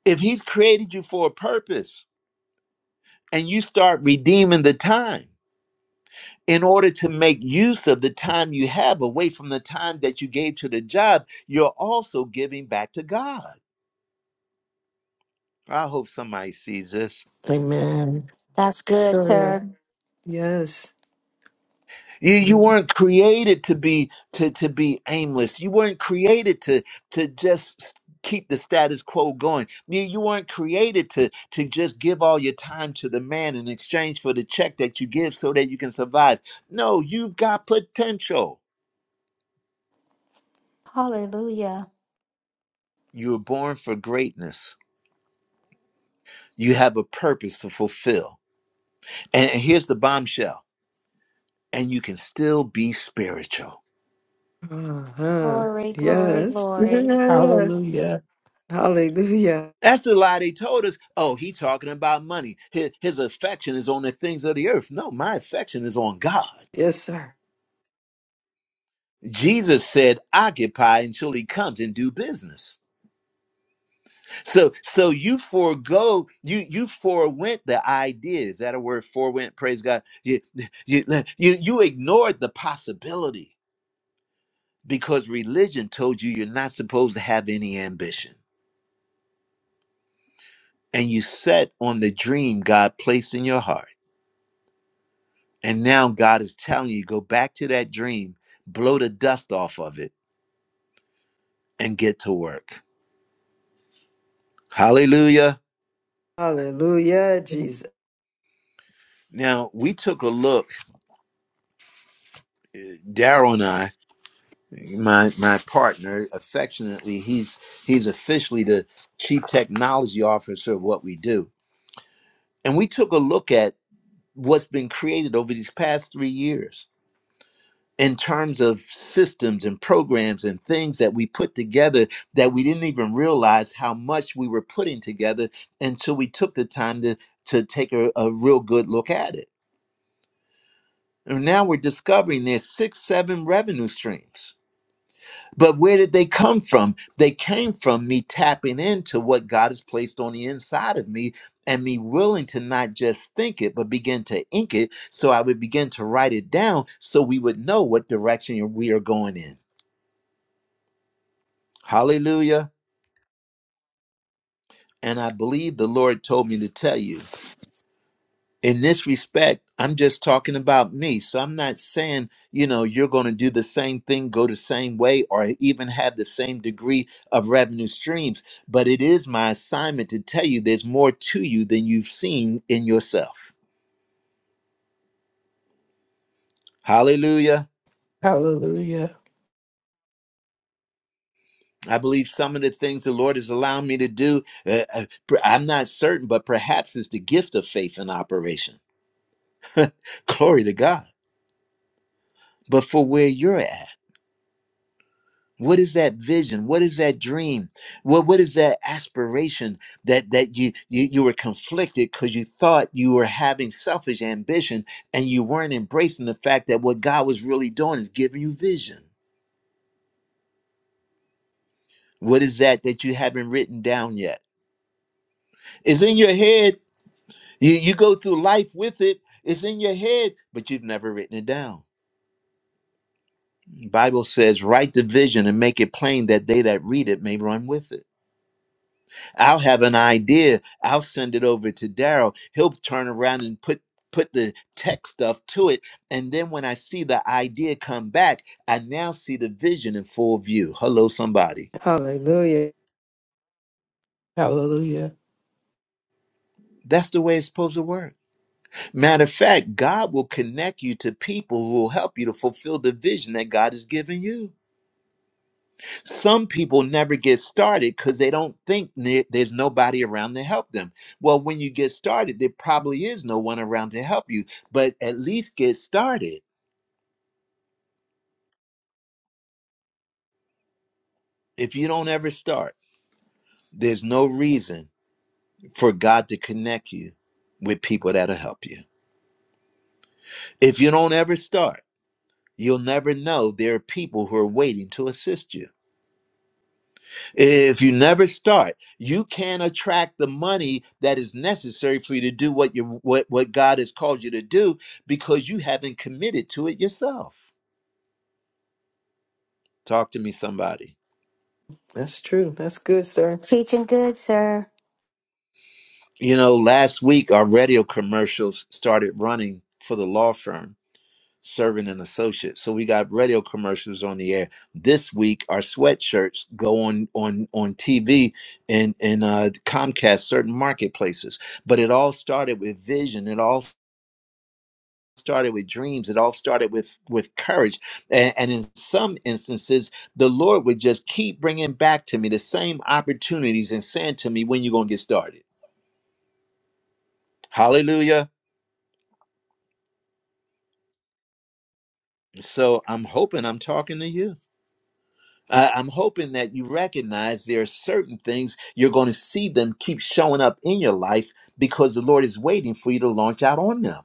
[SPEAKER 1] if He's created you for a purpose and you start redeeming the time, in order to make use of the time you have away from the time that you gave to the job, you're also giving back to God. I hope somebody sees this.
[SPEAKER 4] Amen.
[SPEAKER 5] That's good,
[SPEAKER 2] Sir.
[SPEAKER 5] sir.
[SPEAKER 2] Yes.
[SPEAKER 1] You you weren't created to be to to be aimless. You weren't created to to just keep the status quo going. You you weren't created to to just give all your time to the man in exchange for the check that you give so that you can survive. No, you've got potential.
[SPEAKER 5] Hallelujah.
[SPEAKER 1] You were born for greatness. You have a purpose to fulfill. and here's the bombshell. And you can still be spiritual.
[SPEAKER 2] Uh-huh.
[SPEAKER 5] Glory, glory,
[SPEAKER 2] Yes. [laughs]
[SPEAKER 5] glory.
[SPEAKER 2] Yes.
[SPEAKER 4] Hallelujah.
[SPEAKER 2] Hallelujah.
[SPEAKER 1] That's the lie they told us. Oh, he's talking about money. His, his affection is on the things of the earth. No, my affection is on God.
[SPEAKER 2] Yes, sir.
[SPEAKER 1] Jesus said, occupy until he comes and do business. So so you forego, you you forewent the idea. Is that a word? Forewent, praise God. You you you, you ignored the possibility because religion told you you're not supposed to have any ambition. And you set on the dream God placed in your heart And now God is telling you go back to that dream, blow the dust off of it, and get to work. Hallelujah.
[SPEAKER 2] Hallelujah, Jesus.
[SPEAKER 1] Now we took a look, Daryl and I, my my partner, affectionately, he's he's officially the chief technology officer of what we do. And we took a look at what's been created over these past three years. in terms of systems and programs and things that we put together that we didn't even realize how much we were putting together until we took the time to to take a, a real good look at it. And now we're discovering there's six, seven revenue streams. But where did they come from? They came from me tapping into what God has placed on the inside of me and me willing to not just think it, but begin to ink it. So I would begin to write it down so we would know what direction we are going in. Hallelujah. And I believe the Lord told me to tell you in this respect, I'm just talking about me. So I'm not saying, you know, you're going to do the same thing, go the same way, or even have the same degree of revenue streams. But it is my assignment to tell you there's more to you than you've seen in yourself. Hallelujah.
[SPEAKER 4] Hallelujah.
[SPEAKER 1] I believe some of the things the Lord has allowed me to do, uh, uh, I'm not certain, but perhaps it's the gift of faith in operation. Glory to God. But for where you're at, What is that vision? What is that dream? What what is that aspiration that that you you, you were conflicted because you thought you were having selfish ambition and you weren't embracing the fact that what God was really doing is giving you vision. What is that that you haven't written down yet? It's in your head. You you go through life with it. It's in your head, but you've never written it down. Bible says, write the vision and make it plain that they that read it may run with it. I'll have an idea. I'll send it over to Daryl. He'll turn around and put put the tech stuff to it. And then when I see the idea come back, I now see the vision in full view. Hello, somebody.
[SPEAKER 2] Hallelujah.
[SPEAKER 4] Hallelujah.
[SPEAKER 1] That's the way it's supposed to work. Matter of fact, God will connect you to people who will help you to fulfill the vision that God has given you. some people never get started because they don't think ne- there's nobody around to help them. Well, when you get started, there probably is no one around to help you, but at least get started. If you don't ever start, there's no reason for God to connect you with people that'll help you. If you don't ever start, you'll never know there are people who are waiting to assist you. If you never start, you can't attract the money that is necessary for you to do what you what what God has called you to do because you haven't committed to it yourself. Talk to me, somebody.
[SPEAKER 2] That's true. That's good, sir.
[SPEAKER 5] Teaching good, sir.
[SPEAKER 1] You know, last week our radio commercials started running for the law firm serving an associate. So we got radio commercials on the air. This week our sweatshirts go on on on TV and and uh Comcast certain marketplaces. But it all started with vision. It all started with dreams it all started with with courage and, and in some instances the lord would just keep bringing back to me the same opportunities and saying to me when you gonna get started hallelujah so i'm hoping i'm talking to you I- I'm hoping that you recognize there are certain things you're going to see them keep showing up in your life because the Lord is waiting for you to launch out on them.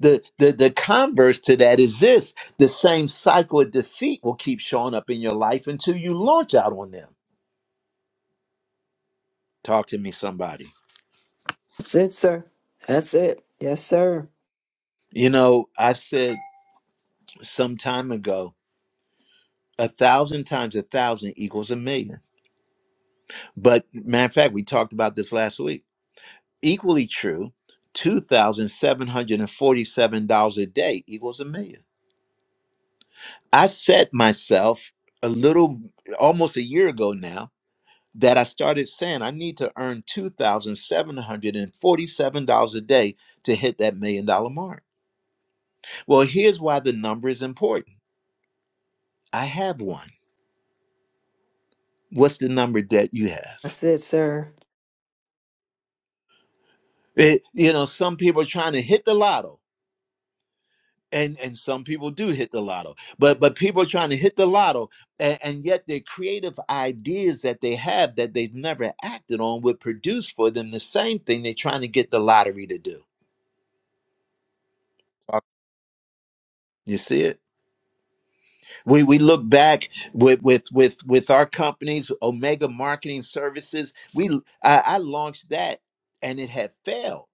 [SPEAKER 1] The, the, the converse to that is this the same cycle of defeat will keep showing up in your life until you launch out on them. Talk to me, somebody.
[SPEAKER 2] That's it, sir. That's it. Yes, sir.
[SPEAKER 1] You know, I said some time ago, a thousand times a thousand equals a million. But matter of fact, we talked about this last week. Equally true, $2,747 a day equals a million. I set myself a little, almost a year ago now, that I started saying I need to earn $2,747 a day to hit that million dollar mark. Well, here's why the number is important I have one. what's the number that you have
[SPEAKER 2] That's it, sir.
[SPEAKER 1] it, you know some people are trying to hit the lotto and and some people do hit the lotto but but people are trying to hit the lotto and, and yet the creative ideas that they have that they've never acted on would produce for them the same thing they're trying to get the lottery to do you see it we we look back with with with with our companies omega marketing services we i, I launched that and it had failed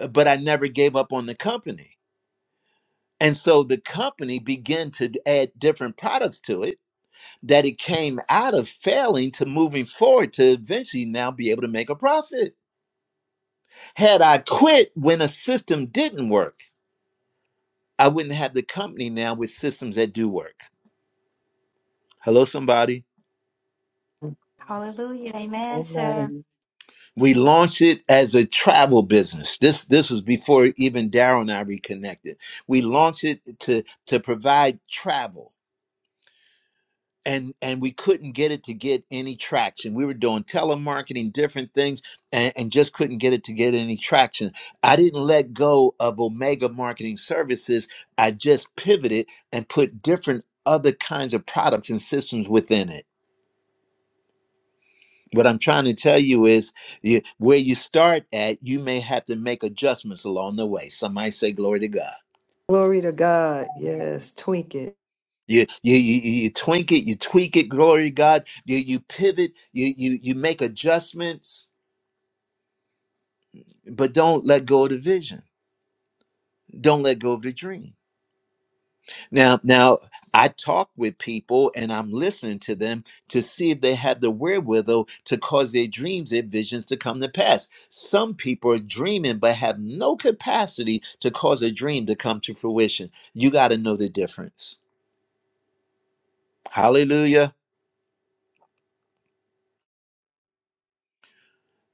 [SPEAKER 1] uh, but i never gave up on the company And so the company began to add different products to it that it came out of failing to moving forward to eventually now be able to make a profit. Had I quit when a system didn't work, I wouldn't have the company now with systems that do work. Hello, somebody.
[SPEAKER 3] Yes.
[SPEAKER 5] Hallelujah. Amen, sir.
[SPEAKER 3] Amen.
[SPEAKER 1] We launched it as a travel business. This this was before even Daryl and I reconnected. We launched it to to provide travel and and we couldn't get it to get any traction we were doing telemarketing different things and, and just couldn't get it to get any traction i didn't let go of omega marketing services i just pivoted and put different other kinds of products and systems within it what i'm trying to tell you is you, where you start at you may have to make adjustments along the way somebody say glory to god
[SPEAKER 2] Glory to God. Yes, twink it.
[SPEAKER 1] you, you you you you twink it, you tweak it. Glory to God. You you pivot. You you you make adjustments but don't let go of the vision don't let go of the dream now now i talk with people and i'm listening to them to see if they have the wherewithal to cause their dreams their visions to come to pass some people are dreaming but have no capacity to cause a dream to come to fruition you got to know the difference hallelujah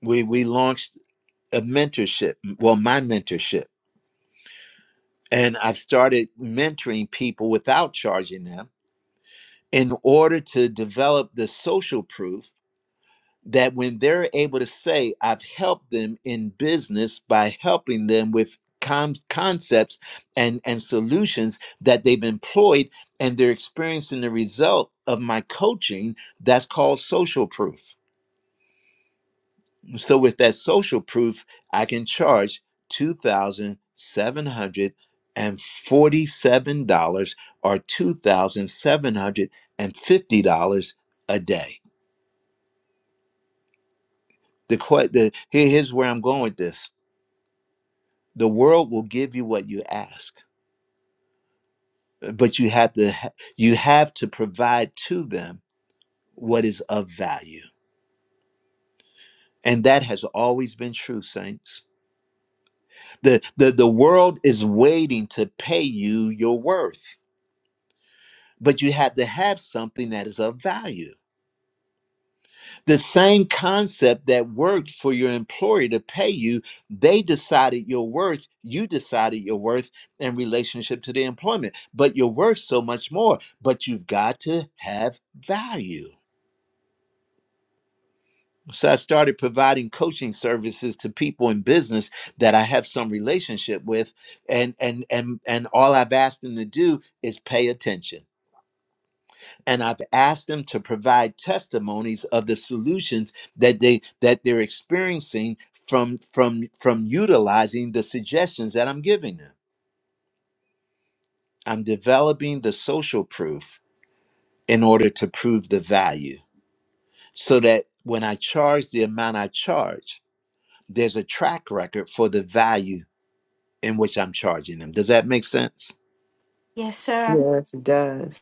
[SPEAKER 1] we we launched a mentorship well my mentorship and i've started mentoring people without charging them in order to develop the social proof that when they're able to say, I've helped them in business by helping them with com- concepts and, and solutions that they've employed, and they're experiencing the result of my coaching, that's called social proof. So, with that social proof, I can charge $2,747 or $2,750 a day. the que- the here, here's where I'm going with this. The world will give you what you ask, but you have to ha- you have to provide to them what is of value. And that has always been true, saints. The, the the world is waiting to pay you your worth, but you have to have something that is of value the same concept that worked for your employer to pay you they decided your worth you decided your worth in relationship to the employment but you're worth so much more but you've got to have value so i started providing coaching services to people in business that i have some relationship with and and and and all i've asked them to do is pay attention and I've asked them to provide testimonies of the solutions that they that they're experiencing from from from utilizing the suggestions that I'm giving them. I'm developing the social proof in order to prove the value so that when I charge the amount I charge, there's a track record for the value in which I'm charging them. Does that make sense?
[SPEAKER 5] Yes, sir.
[SPEAKER 2] Yes, it does.